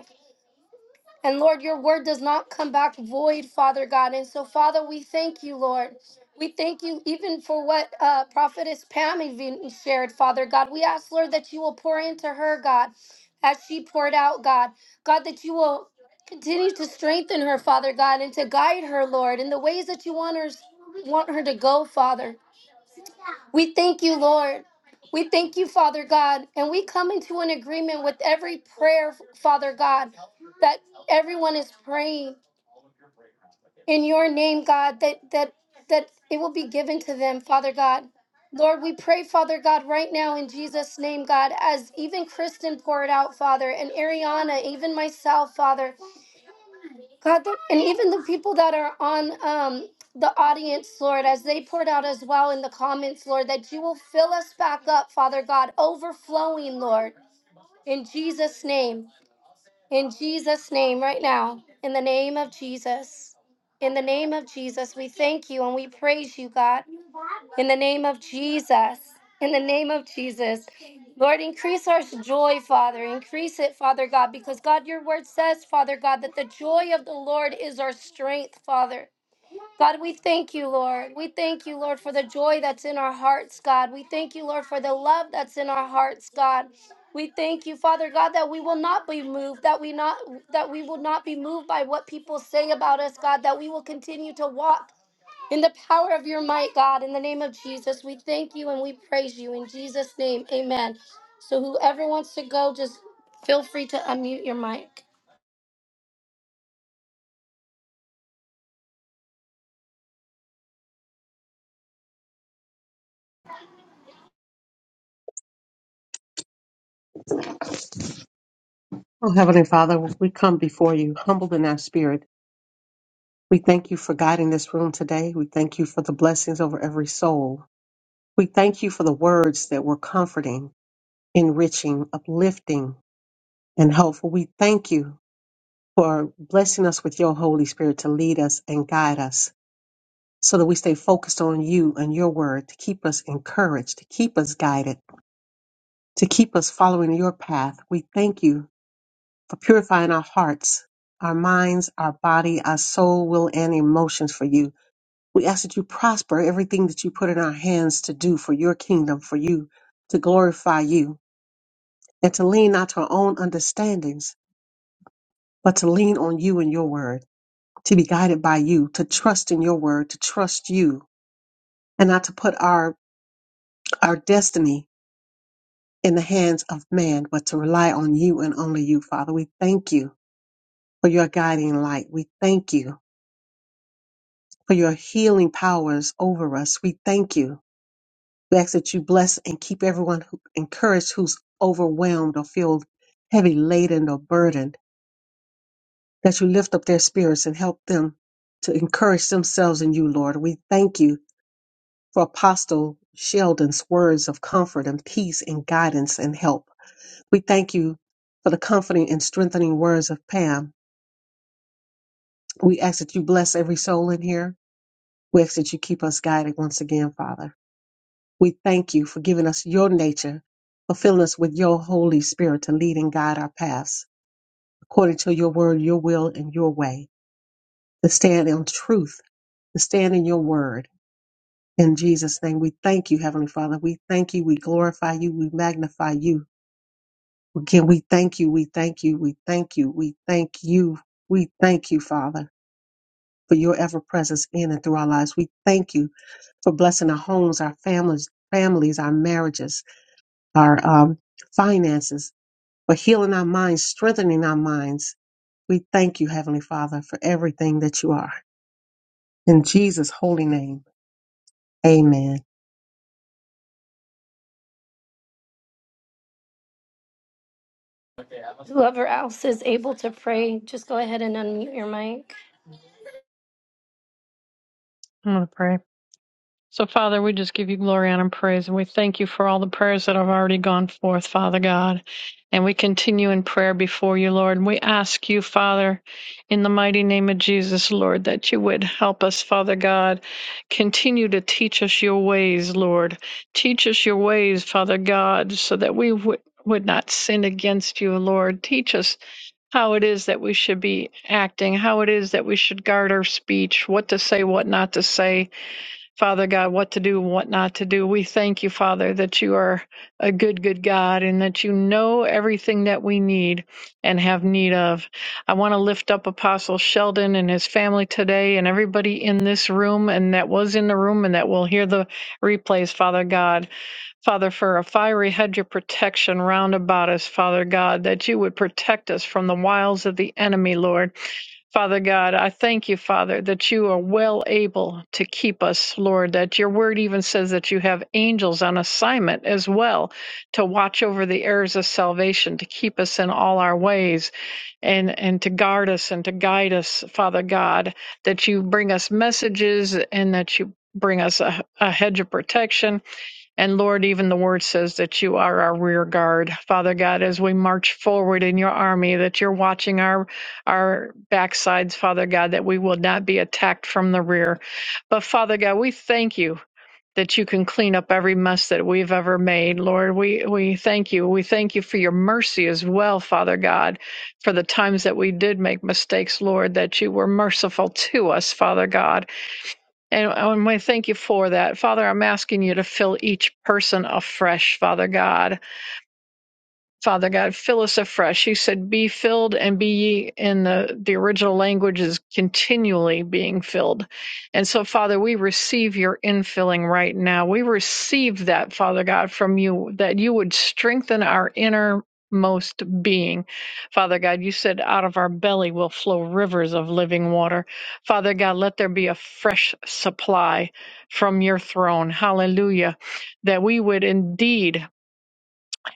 Speaker 1: And Lord, your word does not come back void, Father God. And so, Father, we thank you, Lord. We thank you even for what uh, Prophetess Pam even shared, Father God. We ask, Lord, that you will pour into her, God, as she poured out, God. God, that you will continue to strengthen her, Father God, and to guide her, Lord, in the ways that you want her, want her to go, Father. We thank you, Lord. We thank you, Father God. And we come into an agreement with every prayer, Father God, that everyone is praying in your name, God, that that that it will be given to them, Father God. Lord, we pray, Father God, right now in Jesus' name, God, as even Kristen poured out, Father, and Ariana, even myself, Father. God, the- and even the people that are on um, the audience, Lord, as they poured out as well in the comments, Lord, that you will fill us back up, Father God, overflowing, Lord, in Jesus' name, in Jesus' name, right now, in the name of Jesus. In the name of Jesus, we thank you and we praise you, God. In the name of Jesus. In the name of Jesus. Lord, increase our joy, Father. Increase it, Father God, because God, your word says, Father God, that the joy of the Lord is our strength, Father. God, we thank you, Lord. We thank you, Lord, for the joy that's in our hearts, God. We thank you, Lord, for the love that's in our hearts, God. We thank you, Father God, that we will not be moved, that we not that we will not be moved by what people say about us, God, that we will continue to walk in the power of your might, God, in the name of Jesus, we thank you and we praise you. In Jesus' name, amen. So whoever wants to go, just feel free to unmute your mic.
Speaker 4: Oh, Heavenly Father, we come before you humbled in our spirit. We thank you for guiding this room today. We thank you for the blessings over every soul We thank you for the words that were comforting, enriching, uplifting, and helpful. We thank you for blessing us with your Holy Spirit to lead us and guide us so that we stay focused on you and your word to keep us encouraged, to keep us guided, to keep us following your path. We thank you for purifying our hearts, our minds, our body, our soul, will, and emotions for you. We ask that you prosper everything that you put in our hands to do for your kingdom, for you, to glorify you and to lean not to our own understandings, but to lean on you and your word, to be guided by you, to trust in your word, to trust you, and not to put our, our destiny in the hands of man, but to rely on you and only you, Father. We thank you for your guiding light. We thank you for your healing powers over us. We thank you. We ask that you bless and keep everyone who encouraged who's overwhelmed or feel heavy laden or burdened that you lift up their spirits and help them to encourage themselves in you, Lord. We thank you for Apostle Sheldon's words of comfort and peace and guidance and help. We thank you for the comforting and strengthening words of Pam. We ask that you bless every soul in here. We ask that you keep us guided once again, Father. We thank you for giving us your nature, for filling us with your Holy Spirit to lead and guide our paths according to your word, your will, and your way, to stand in truth, to stand in your word In Jesus' name, we thank you, Heavenly Father. We thank you. We glorify you. We magnify you. Again, we thank you. We thank you. We thank you. We thank you. We thank you, Father, for your ever presence in and through our lives. We thank you for blessing our homes, our families, families, our marriages, our um, finances, for healing our minds, strengthening our minds. We thank you, Heavenly Father, for everything that you are. In Jesus' holy name, amen.
Speaker 1: Whoever else is able to pray, just go ahead and unmute your mic.
Speaker 6: I'm going to pray. So, Father, we just give you glory honor, and praise, and we thank you for all the prayers that have already gone forth, Father God. And we continue in prayer before you, Lord. And we ask you, Father, in the mighty name of Jesus, Lord, that you would help us, Father God. Continue to teach us your ways, Lord. Teach us your ways, Father God, so that we would would not sin against you, Lord. Teach us how it is that we should be acting, how it is that we should guard our speech, what to say, what not to say Father God, what to do and what not to do. We thank you, Father, that you are a good, good God and that you know everything that we need and have need of. I want to lift up Apostle Sheldon and his family today and everybody in this room and that was in the room and that will hear the replays, Father God. Father, for a fiery hedge of protection round about us, Father God, that you would protect us from the wiles of the enemy, Lord. Father God, I thank you, Father, that you are well able to keep us, Lord, that your word even says that you have angels on assignment as well to watch over the heirs of salvation, to keep us in all our ways and, and to guard us and to guide us, Father God, that you bring us messages and that you bring us a, a hedge of protection and Lord, even the word says that you are our rear guard. Father God, as we march forward in your army, that you're watching our our backsides, Father God, that we will not be attacked from the rear. But Father God, we thank you that you can clean up every mess that we've ever made. Lord, we, we thank you. We thank you for your mercy as well, Father God, for the times that we did make mistakes, Lord, that you were merciful to us, Father God. And, and we thank you for that. Father, I'm asking you to fill each person afresh, Father God. Father God, fill us afresh. You said, be filled and be ye in the, the original language is continually being filled. And so, Father, we receive your infilling right now. We receive that, Father God, from you, that you would strengthen our innermost being. Father God, you said out of our belly will flow rivers of living water. Father God, let there be a fresh supply from your throne. Hallelujah. That we would indeed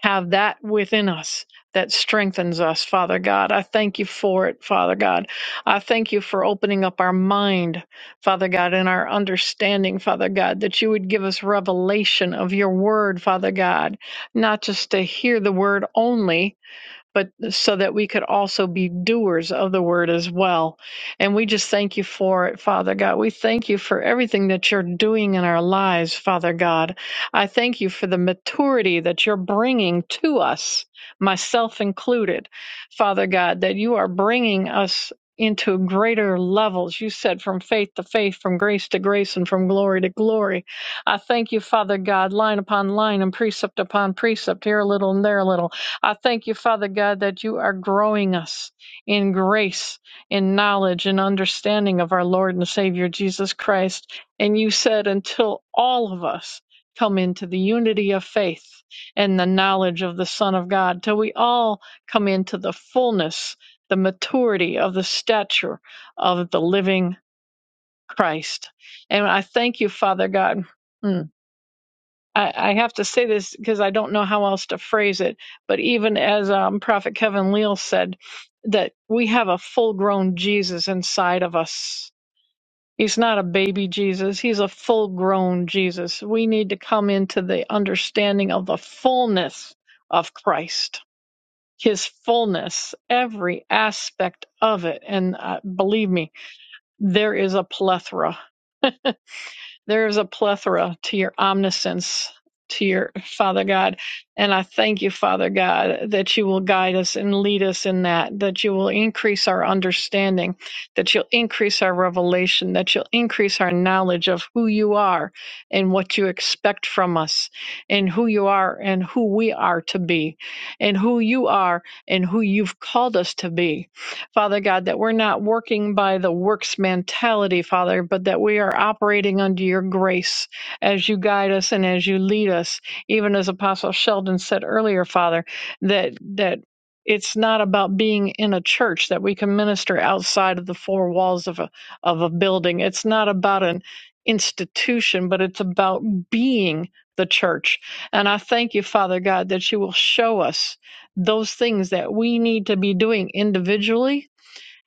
Speaker 6: have that within us that strengthens us, Father God. I thank you for it, Father God. I thank you for opening up our mind, Father God, and our understanding, Father God, that you would give us revelation of your word, Father God, not just to hear the word only but so that we could also be doers of the word as well. And we just thank you for it, Father God. We thank you for everything that you're doing in our lives, Father God. I thank you for the maturity that you're bringing to us, myself included, Father God, that you are bringing us. Into greater levels. You said from faith to faith, from grace to grace, and from glory to glory. I thank you, Father God, line upon line and precept upon precept, here a little and there a little I thank you, Father God, that you are growing us in grace, in knowledge, and understanding of our Lord and Savior Jesus Christ. And you said, until all of us come into the unity of faith and the knowledge of the Son of God, till we all come into the fullness, the maturity of the stature of the living Christ. And I thank you, Father God. Mm. I, I have to say this because I don't know how else to phrase it, but even as um, Prophet Kevin Leal said, that we have a full grown Jesus inside of us. He's not a baby Jesus, he's a full grown Jesus. We need to come into the understanding of the fullness of Christ, his fullness, every aspect of it. And uh, believe me, there is a plethora there's a plethora to your omniscience, to your Father God. And I thank you, Father God, that you will guide us and lead us in that, that you will increase our understanding, that you'll increase our revelation, that you'll increase our knowledge of who you are and what you expect from us, and who you are and who we are to be, and who you are and who you've called us to be. Father God, that we're not working by the works mentality, Father, but that we are operating under your grace as you guide us and as you lead us. Even as Apostle Sheldon said earlier, Father, that that it's not about being in a church that we can minister outside of the four walls of a of a building. It's not about an institution, but it's about being the church. And I thank you, Father God, that you will show us those things that we need to be doing individually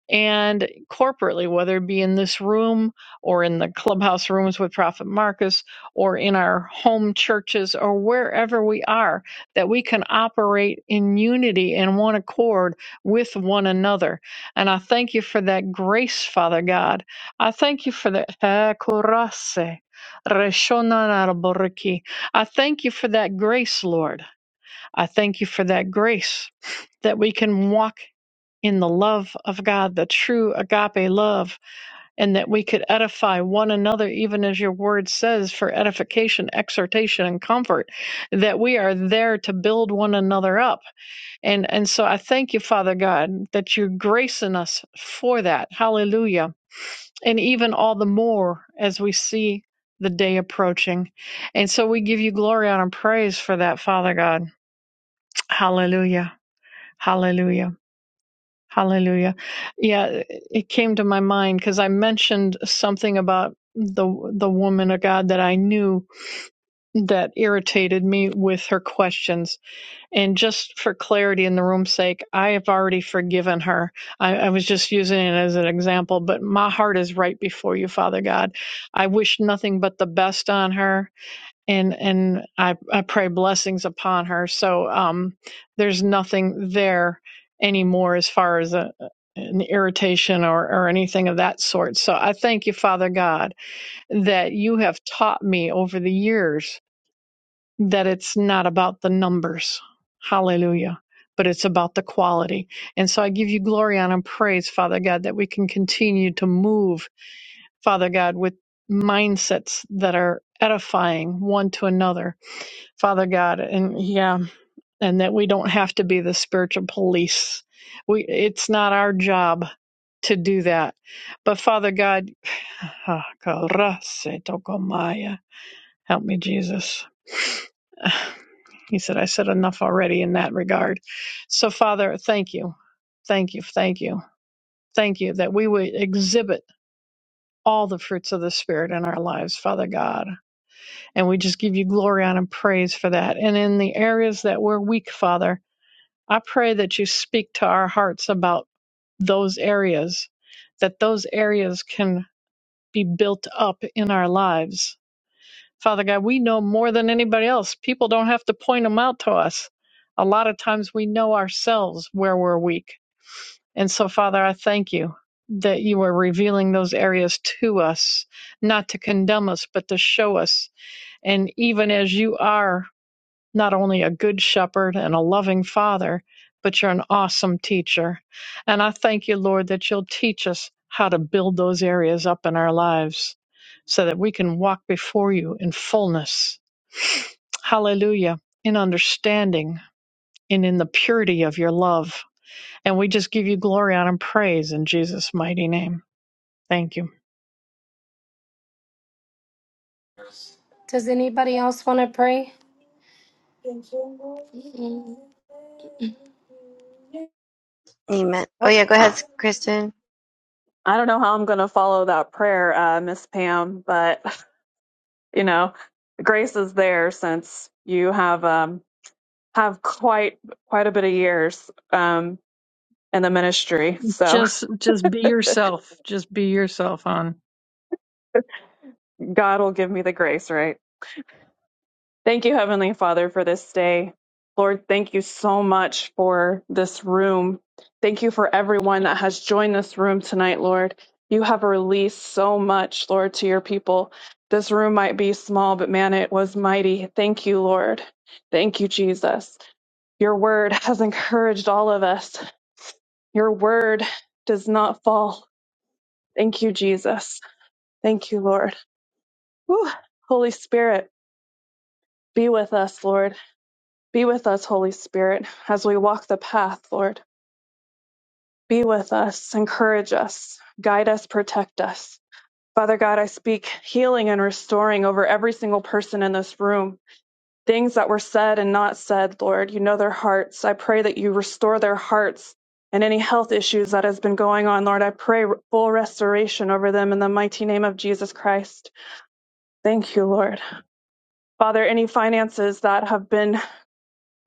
Speaker 6: and corporately, whether it be in this room or in the clubhouse rooms with Prophet Marcus or in our home churches or wherever we are, that we can operate in unity and one accord with one another. And I thank you for that grace, Father God. I thank you for the Ekurase, Reshonanarboriki. I thank you for that grace, Lord. I thank you for that grace that we can walk in the love of God, the true agape love, and that we could edify one another, even as your word says, for edification, exhortation, and comfort, that we are there to build one another up. And, and so I thank you, Father God, that you're gracing us for that. Hallelujah. And even all the more as we see the day approaching. And so we give you glory, honor, and praise for that, Father God. Hallelujah. Hallelujah. Hallelujah. Yeah, it came to my mind because I mentioned something about the the woman of God that I knew that irritated me with her questions. And just for clarity in the room's sake, I have already forgiven her. I, I was just using it as an example, but my heart is right before you, Father God. I wish nothing but the best on her and and I I pray blessings upon her. So um, there's nothing there anymore as far as a, an irritation or or anything of that sort. So I thank you, Father God, that you have taught me over the years that it's not about the numbers. Hallelujah. But it's about the quality. And so I give you glory honor, and praise, Father God, that we can continue to move, Father God, with mindsets that are edifying one to another Father God, and yeah, and that we don't have to be the spiritual police. We it's not our job to do that. But Father God, (sighs) help me, Jesus. (sighs) He said, I said enough already in that regard. So, Father, thank you. Thank you. Thank you. Thank you that we would exhibit all the fruits of the Spirit in our lives, Father God. And we just give you glory honor, and praise for that. And in the areas that we're weak, Father, I pray that you speak to our hearts about those areas, that those areas can be built up in our lives. Father God, we know more than anybody else. People don't have to point them out to us. A lot of times we know ourselves where we're weak. And so, Father, I thank you that you are revealing those areas to us, not to condemn us, but to show us. And even as you are not only a good shepherd and a loving father, but you're an awesome teacher. And I thank you, Lord, that you'll teach us how to build those areas up in our lives so that we can walk before you in fullness. Hallelujah. In understanding and in the purity of your love. And we just give you glory honor, and praise in Jesus' mighty name. Thank you.
Speaker 1: Does anybody else want to pray? Mm.
Speaker 2: (laughs) Amen. Oh
Speaker 3: Well,
Speaker 2: yeah, go ahead, Kristen.
Speaker 3: I don't know how I'm going to follow that prayer, uh, Miss Pam, but (laughs) you know, grace is there since you have um, have quite quite a bit of years um, in the ministry. So
Speaker 6: Just just be yourself. Just be yourself, hon.
Speaker 3: (laughs) God will give me the grace, right? Thank you, Heavenly Father, for this day. Lord, thank you so much for this room. Thank you for everyone that has joined this room tonight, Lord. You have released so much, Lord, to your people. This room might be small, but man, it was mighty. Thank you, Lord. Thank you, Jesus. Your word has encouraged all of us. Your word does not fall. Thank you, Jesus. Thank you, Lord. Whew. Holy Spirit, be with us, Lord. Be with us, Holy Spirit, as we walk the path, Lord. Be with us, encourage us, guide us, protect us. Father God, I speak healing and restoring over every single person in this room. Things that were said and not said, Lord, you know their hearts. I pray that you restore their hearts and any health issues that has been going on, Lord. I pray full restoration over them in the mighty name of Jesus Christ. Thank you, Lord. Father, any finances that have been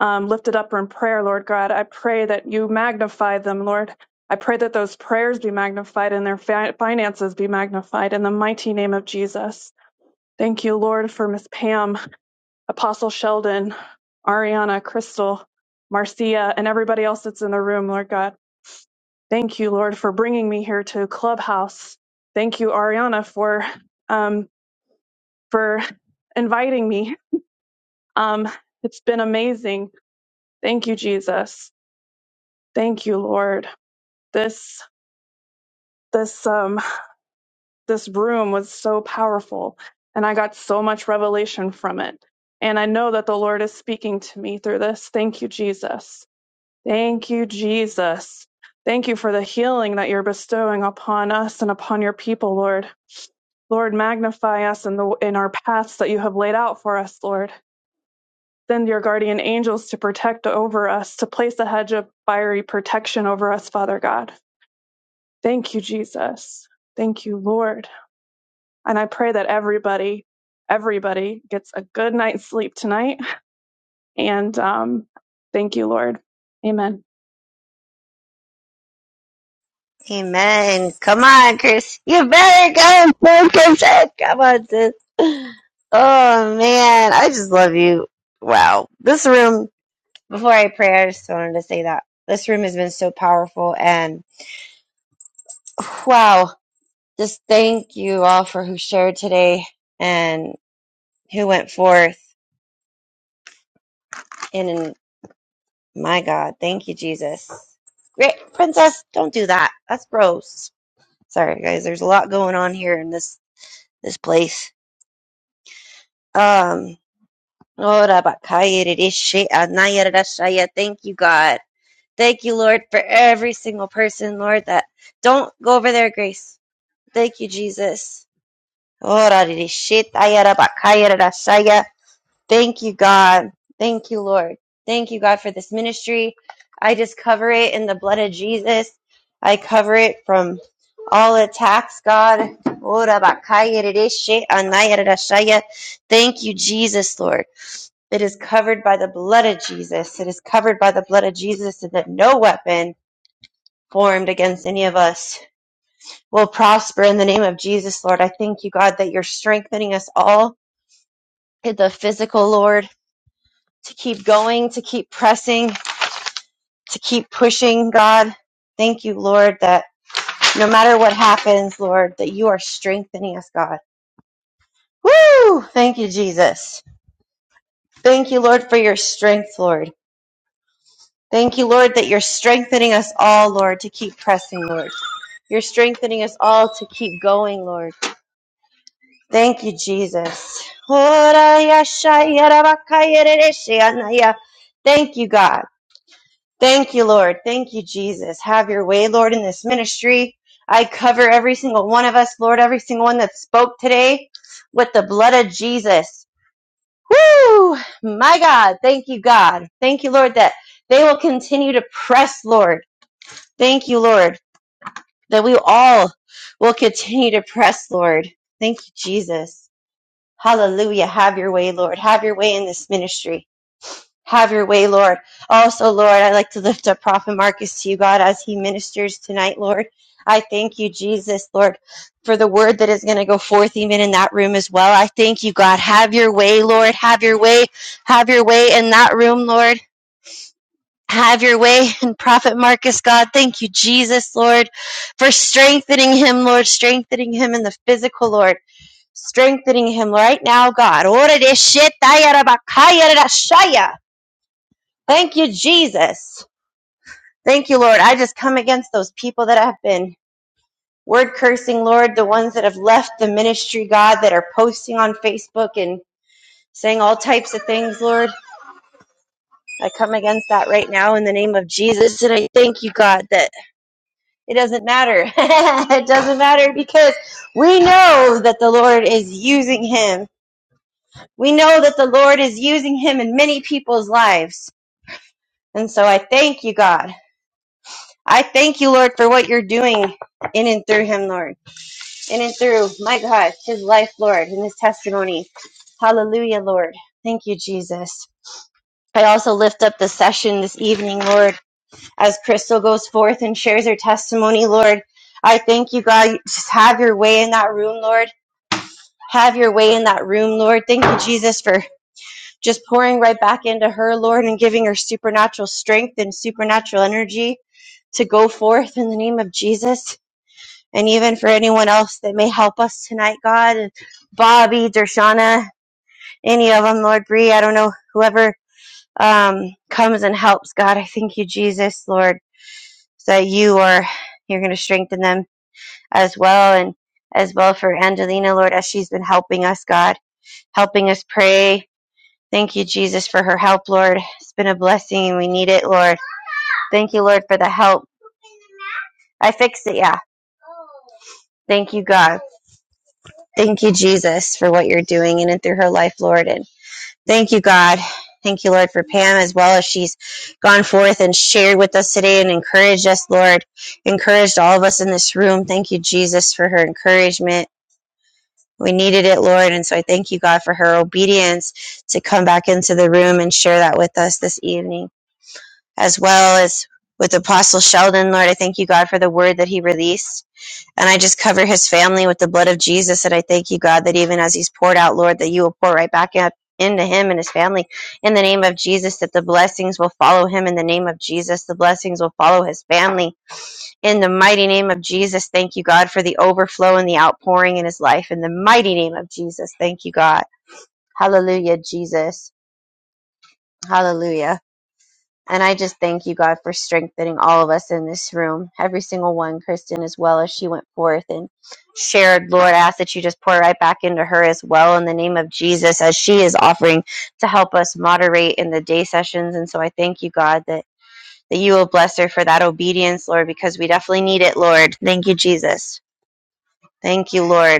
Speaker 3: um, lifted up in prayer, Lord God. I pray that you magnify them, Lord. I pray that those prayers be magnified and their fi- finances be magnified in the mighty name of Jesus. Thank you, Lord, for Miss Pam, Apostle Sheldon, Ariana, Crystal, Marcia, and everybody else that's in the room, Lord God. Thank you, Lord, for bringing me here to Clubhouse. Thank you, Ariana, for um, for inviting me. Um, it's been amazing. Thank you, Jesus. Thank you, Lord. this this um this room was so powerful and i got so much revelation from it and i know that the lord is speaking to me through this thank you jesus thank you jesus thank you for the healing that you're bestowing upon us and upon your people lord lord magnify us in the in our paths that you have laid out for us lord send your guardian angels to protect over us to place a hedge of fiery protection over us father god thank you jesus thank you lord And I pray that everybody, everybody gets a good night's sleep tonight. And um, thank you, Lord. Amen.
Speaker 2: Amen. Come on, Chris. You better go, go, Kristen. Come on, sis. (sighs) Oh man, I just love you. Wow. This room before I pray, I just wanted to say that. This room has been so powerful and (sighs) wow Just thank you all for who shared today and who went forth. And, and my God, thank you, Jesus. Great princess, don't do that. That's gross. Sorry, guys. There's a lot going on here in this this place. Um. ora bakaya rishi anaya rashaya. Thank you, God. Thank you, Lord, for every single person, Lord, that don't go over there, Grace. Thank you, Jesus. Ora rishi taya rabakaya rashaya. Thank you, God. Thank you, Lord. Thank you, God, for this ministry. I just cover it in the blood of Jesus. I cover it from all attacks, God. Ora bakaya redeshe anaya redashaya. Thank you, Jesus, Lord. It is covered by the blood of Jesus. It is covered by the blood of Jesus, so that no weapon formed against any of us will prosper in the name of Jesus, Lord. I thank you, God, that you're strengthening us all in the physical, Lord. to keep going, to keep pressing, to keep pushing, God. Thank you, Lord, that no matter what happens, Lord, that you are strengthening us, God. Woo! Thank you, Jesus. Thank you, Lord, for your strength, Lord. Thank you, Lord, that you're strengthening us all, Lord, to keep pressing, Lord. You're strengthening us all to keep going, Lord. Thank you, Jesus. Thank you, God. Thank you, Lord. Thank you, Jesus. Have your way, Lord, in this ministry. I cover every single one of us, Lord, every single one that spoke today with the blood of Jesus. Woo! My God. Thank you, God. Thank you, Lord, that they will continue to press, Lord. Thank you, Lord, that we all will continue to press, Lord. Thank you, Jesus. Hallelujah. Have your way, Lord. Have your way in this ministry. Have your way, Lord. Also, Lord, I like to lift up Prophet Marcus to you, God, as he ministers tonight, Lord. I thank you, Jesus, Lord, for the word that is going to go forth even in that room as well. I thank you, God. Have your way, Lord. Have your way. Have your way in that room, Lord. Have your way (laughs) in Prophet Marcus, God. Thank you, Jesus, Lord, for strengthening him, Lord, strengthening him in the physical, Lord, strengthening him right now, God. Ora de shetaya rabakaya rashaya. Thank you, Jesus. Thank you, Lord. I just come against those people that have been word cursing, Lord, the ones that have left the ministry, God, that are posting on Facebook and saying all types of things, Lord. I come against that right now in the name of Jesus. And I thank you, God, that it doesn't matter. (laughs) it doesn't matter because we know that the Lord is using him. We know that the Lord is using him in many people's lives. And so I thank you, God. I thank you, Lord, for what you're doing in and through him, Lord. In and through, my God, his life, Lord, and his testimony. Hallelujah, Lord. Thank you, Jesus. I also lift up the session this evening, Lord, as Crystal goes forth and shares her testimony, Lord. I thank you, God. Just have your way in that room, Lord. Have your way in that room, Lord. Thank you, Jesus, for just pouring right back into her, Lord, and giving her supernatural strength and supernatural energy to go forth in the name of Jesus. and even for anyone else that may help us tonight, God, Bobby, Dershana, any of them, Lord Bree, I don't know, whoever um, comes and helps, God, I thank you, Jesus, Lord, that you are you're going to strengthen them as well, and as well for Angelina, Lord, as she's been helping us, God, helping us pray. Thank you, Jesus, for her help, Lord. It's been a blessing, and we need it, Lord. Thank you, Lord, for the help. I fixed it, yeah. Thank you, God. Thank you, Jesus, for what you're doing in and through her life, Lord, and Thank you, God. Thank you, Lord, for Pam as well as she's gone forth and shared with us today and encouraged us, Lord. Encouraged all of us in this room. Thank you, Jesus, for her encouragement. We needed it, Lord. And so I thank you, God, for her obedience to come back into the room and share that with us this evening, as well as with Apostle Sheldon, Lord. I thank you, God, for the word that he released. And I just cover his family with the blood of Jesus. And I thank you, God, that even as he's poured out, Lord, that you will pour right back up into him and his family in the name of Jesus, that the blessings will follow him in the name of Jesus. The blessings will follow his family in the mighty name of Jesus. Thank you, God, for the overflow and the outpouring in his life in the mighty name of Jesus. Thank you, God. Hallelujah, Jesus. Hallelujah. And I just thank you, God, for strengthening all of us in this room, every single one, Kristen, as well as she went forth and shared. Lord, I ask that you just pour right back into her as well in the name of Jesus as she is offering to help us moderate in the day sessions. And so I thank you, God, that, that you will bless her for that obedience, Lord, because we definitely need it, Lord. Thank you, Jesus. Thank you, Lord.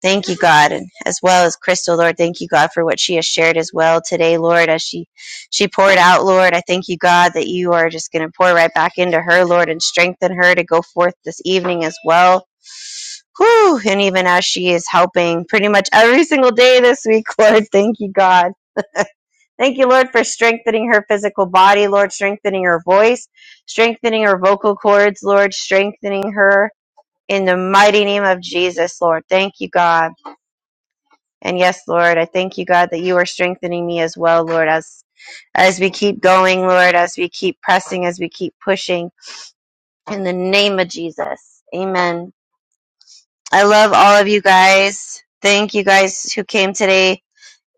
Speaker 2: Thank you, God, and as well as Crystal, Lord. Thank you, God, for what she has shared as well today, Lord, as she she poured out, Lord. I thank you, God, that you are just going to pour right back into her, Lord, and strengthen her to go forth this evening as well. Whew, and even as she is helping pretty much every single day this week, (laughs) Lord, thank you, God. Thank you, Lord, for strengthening her physical body, Lord, strengthening her voice, strengthening her vocal cords, Lord, strengthening her in the mighty name of Jesus, Lord. Thank you, God. And yes, Lord, I thank you, God, that you are strengthening me as well, Lord, as as we keep going, Lord, as we keep pressing, as we keep pushing. In the name of Jesus. Amen. I love all of you guys. Thank you guys who came today.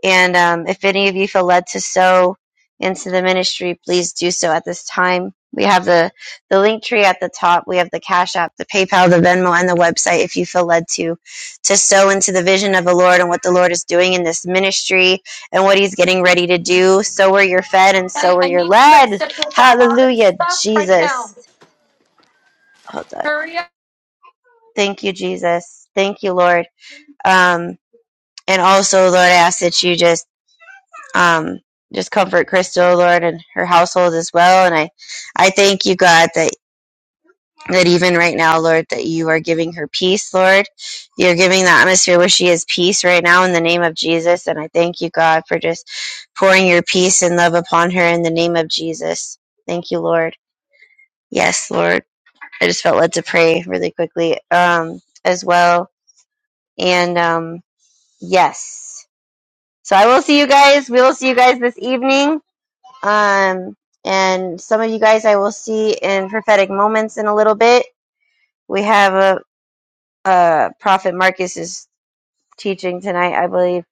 Speaker 2: And um, if any of you feel led to sow into the ministry, please do so at this time. We have the, the link tree at the top. We have the Cash App, the PayPal, the Venmo, and the website if you feel led to to sow into the vision of the Lord and what the Lord is doing in this ministry and what He's getting ready to do. So where you're fed and so
Speaker 1: I,
Speaker 2: where
Speaker 1: I
Speaker 2: you're
Speaker 1: need to pray.
Speaker 2: led.
Speaker 1: Sit with that all this
Speaker 2: Hallelujah,
Speaker 1: stuff right now.
Speaker 2: Jesus. Hold on. Thank you, Jesus. Thank you, Lord. Um, and also, Lord, I ask that you just um, just comfort Crystal, Lord, and her household as well. And I, I thank you, God, that that even right now, Lord, that you are giving her peace, Lord. You're giving the atmosphere where she is peace right now in the name of Jesus. And I thank you, God, for just pouring your peace and love upon her in the name of Jesus. Thank you, Lord. Yes, Lord. I just felt led to pray really quickly um, as well. And um, yes. So I will see you guys. We will see you guys this evening. Um, and some of you guys I will see in prophetic moments in a little bit. We have a, a prophet Marcus is teaching tonight, I believe,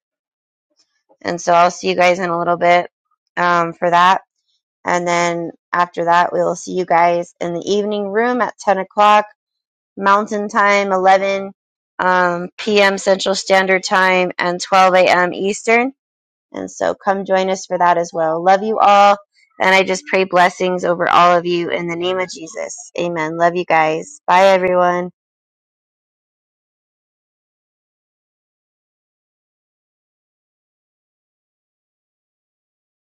Speaker 2: and so I'll see you guys in a little bit um, for that. And then after that, we will see you guys in the evening room at ten o'clock Mountain Time, eleven um, p.m. Central Standard Time, and twelve a.m. Eastern And so come join us for that as well. Love you all. And I just pray blessings over all of you in the name of Jesus. Amen. Love you guys. Bye, everyone.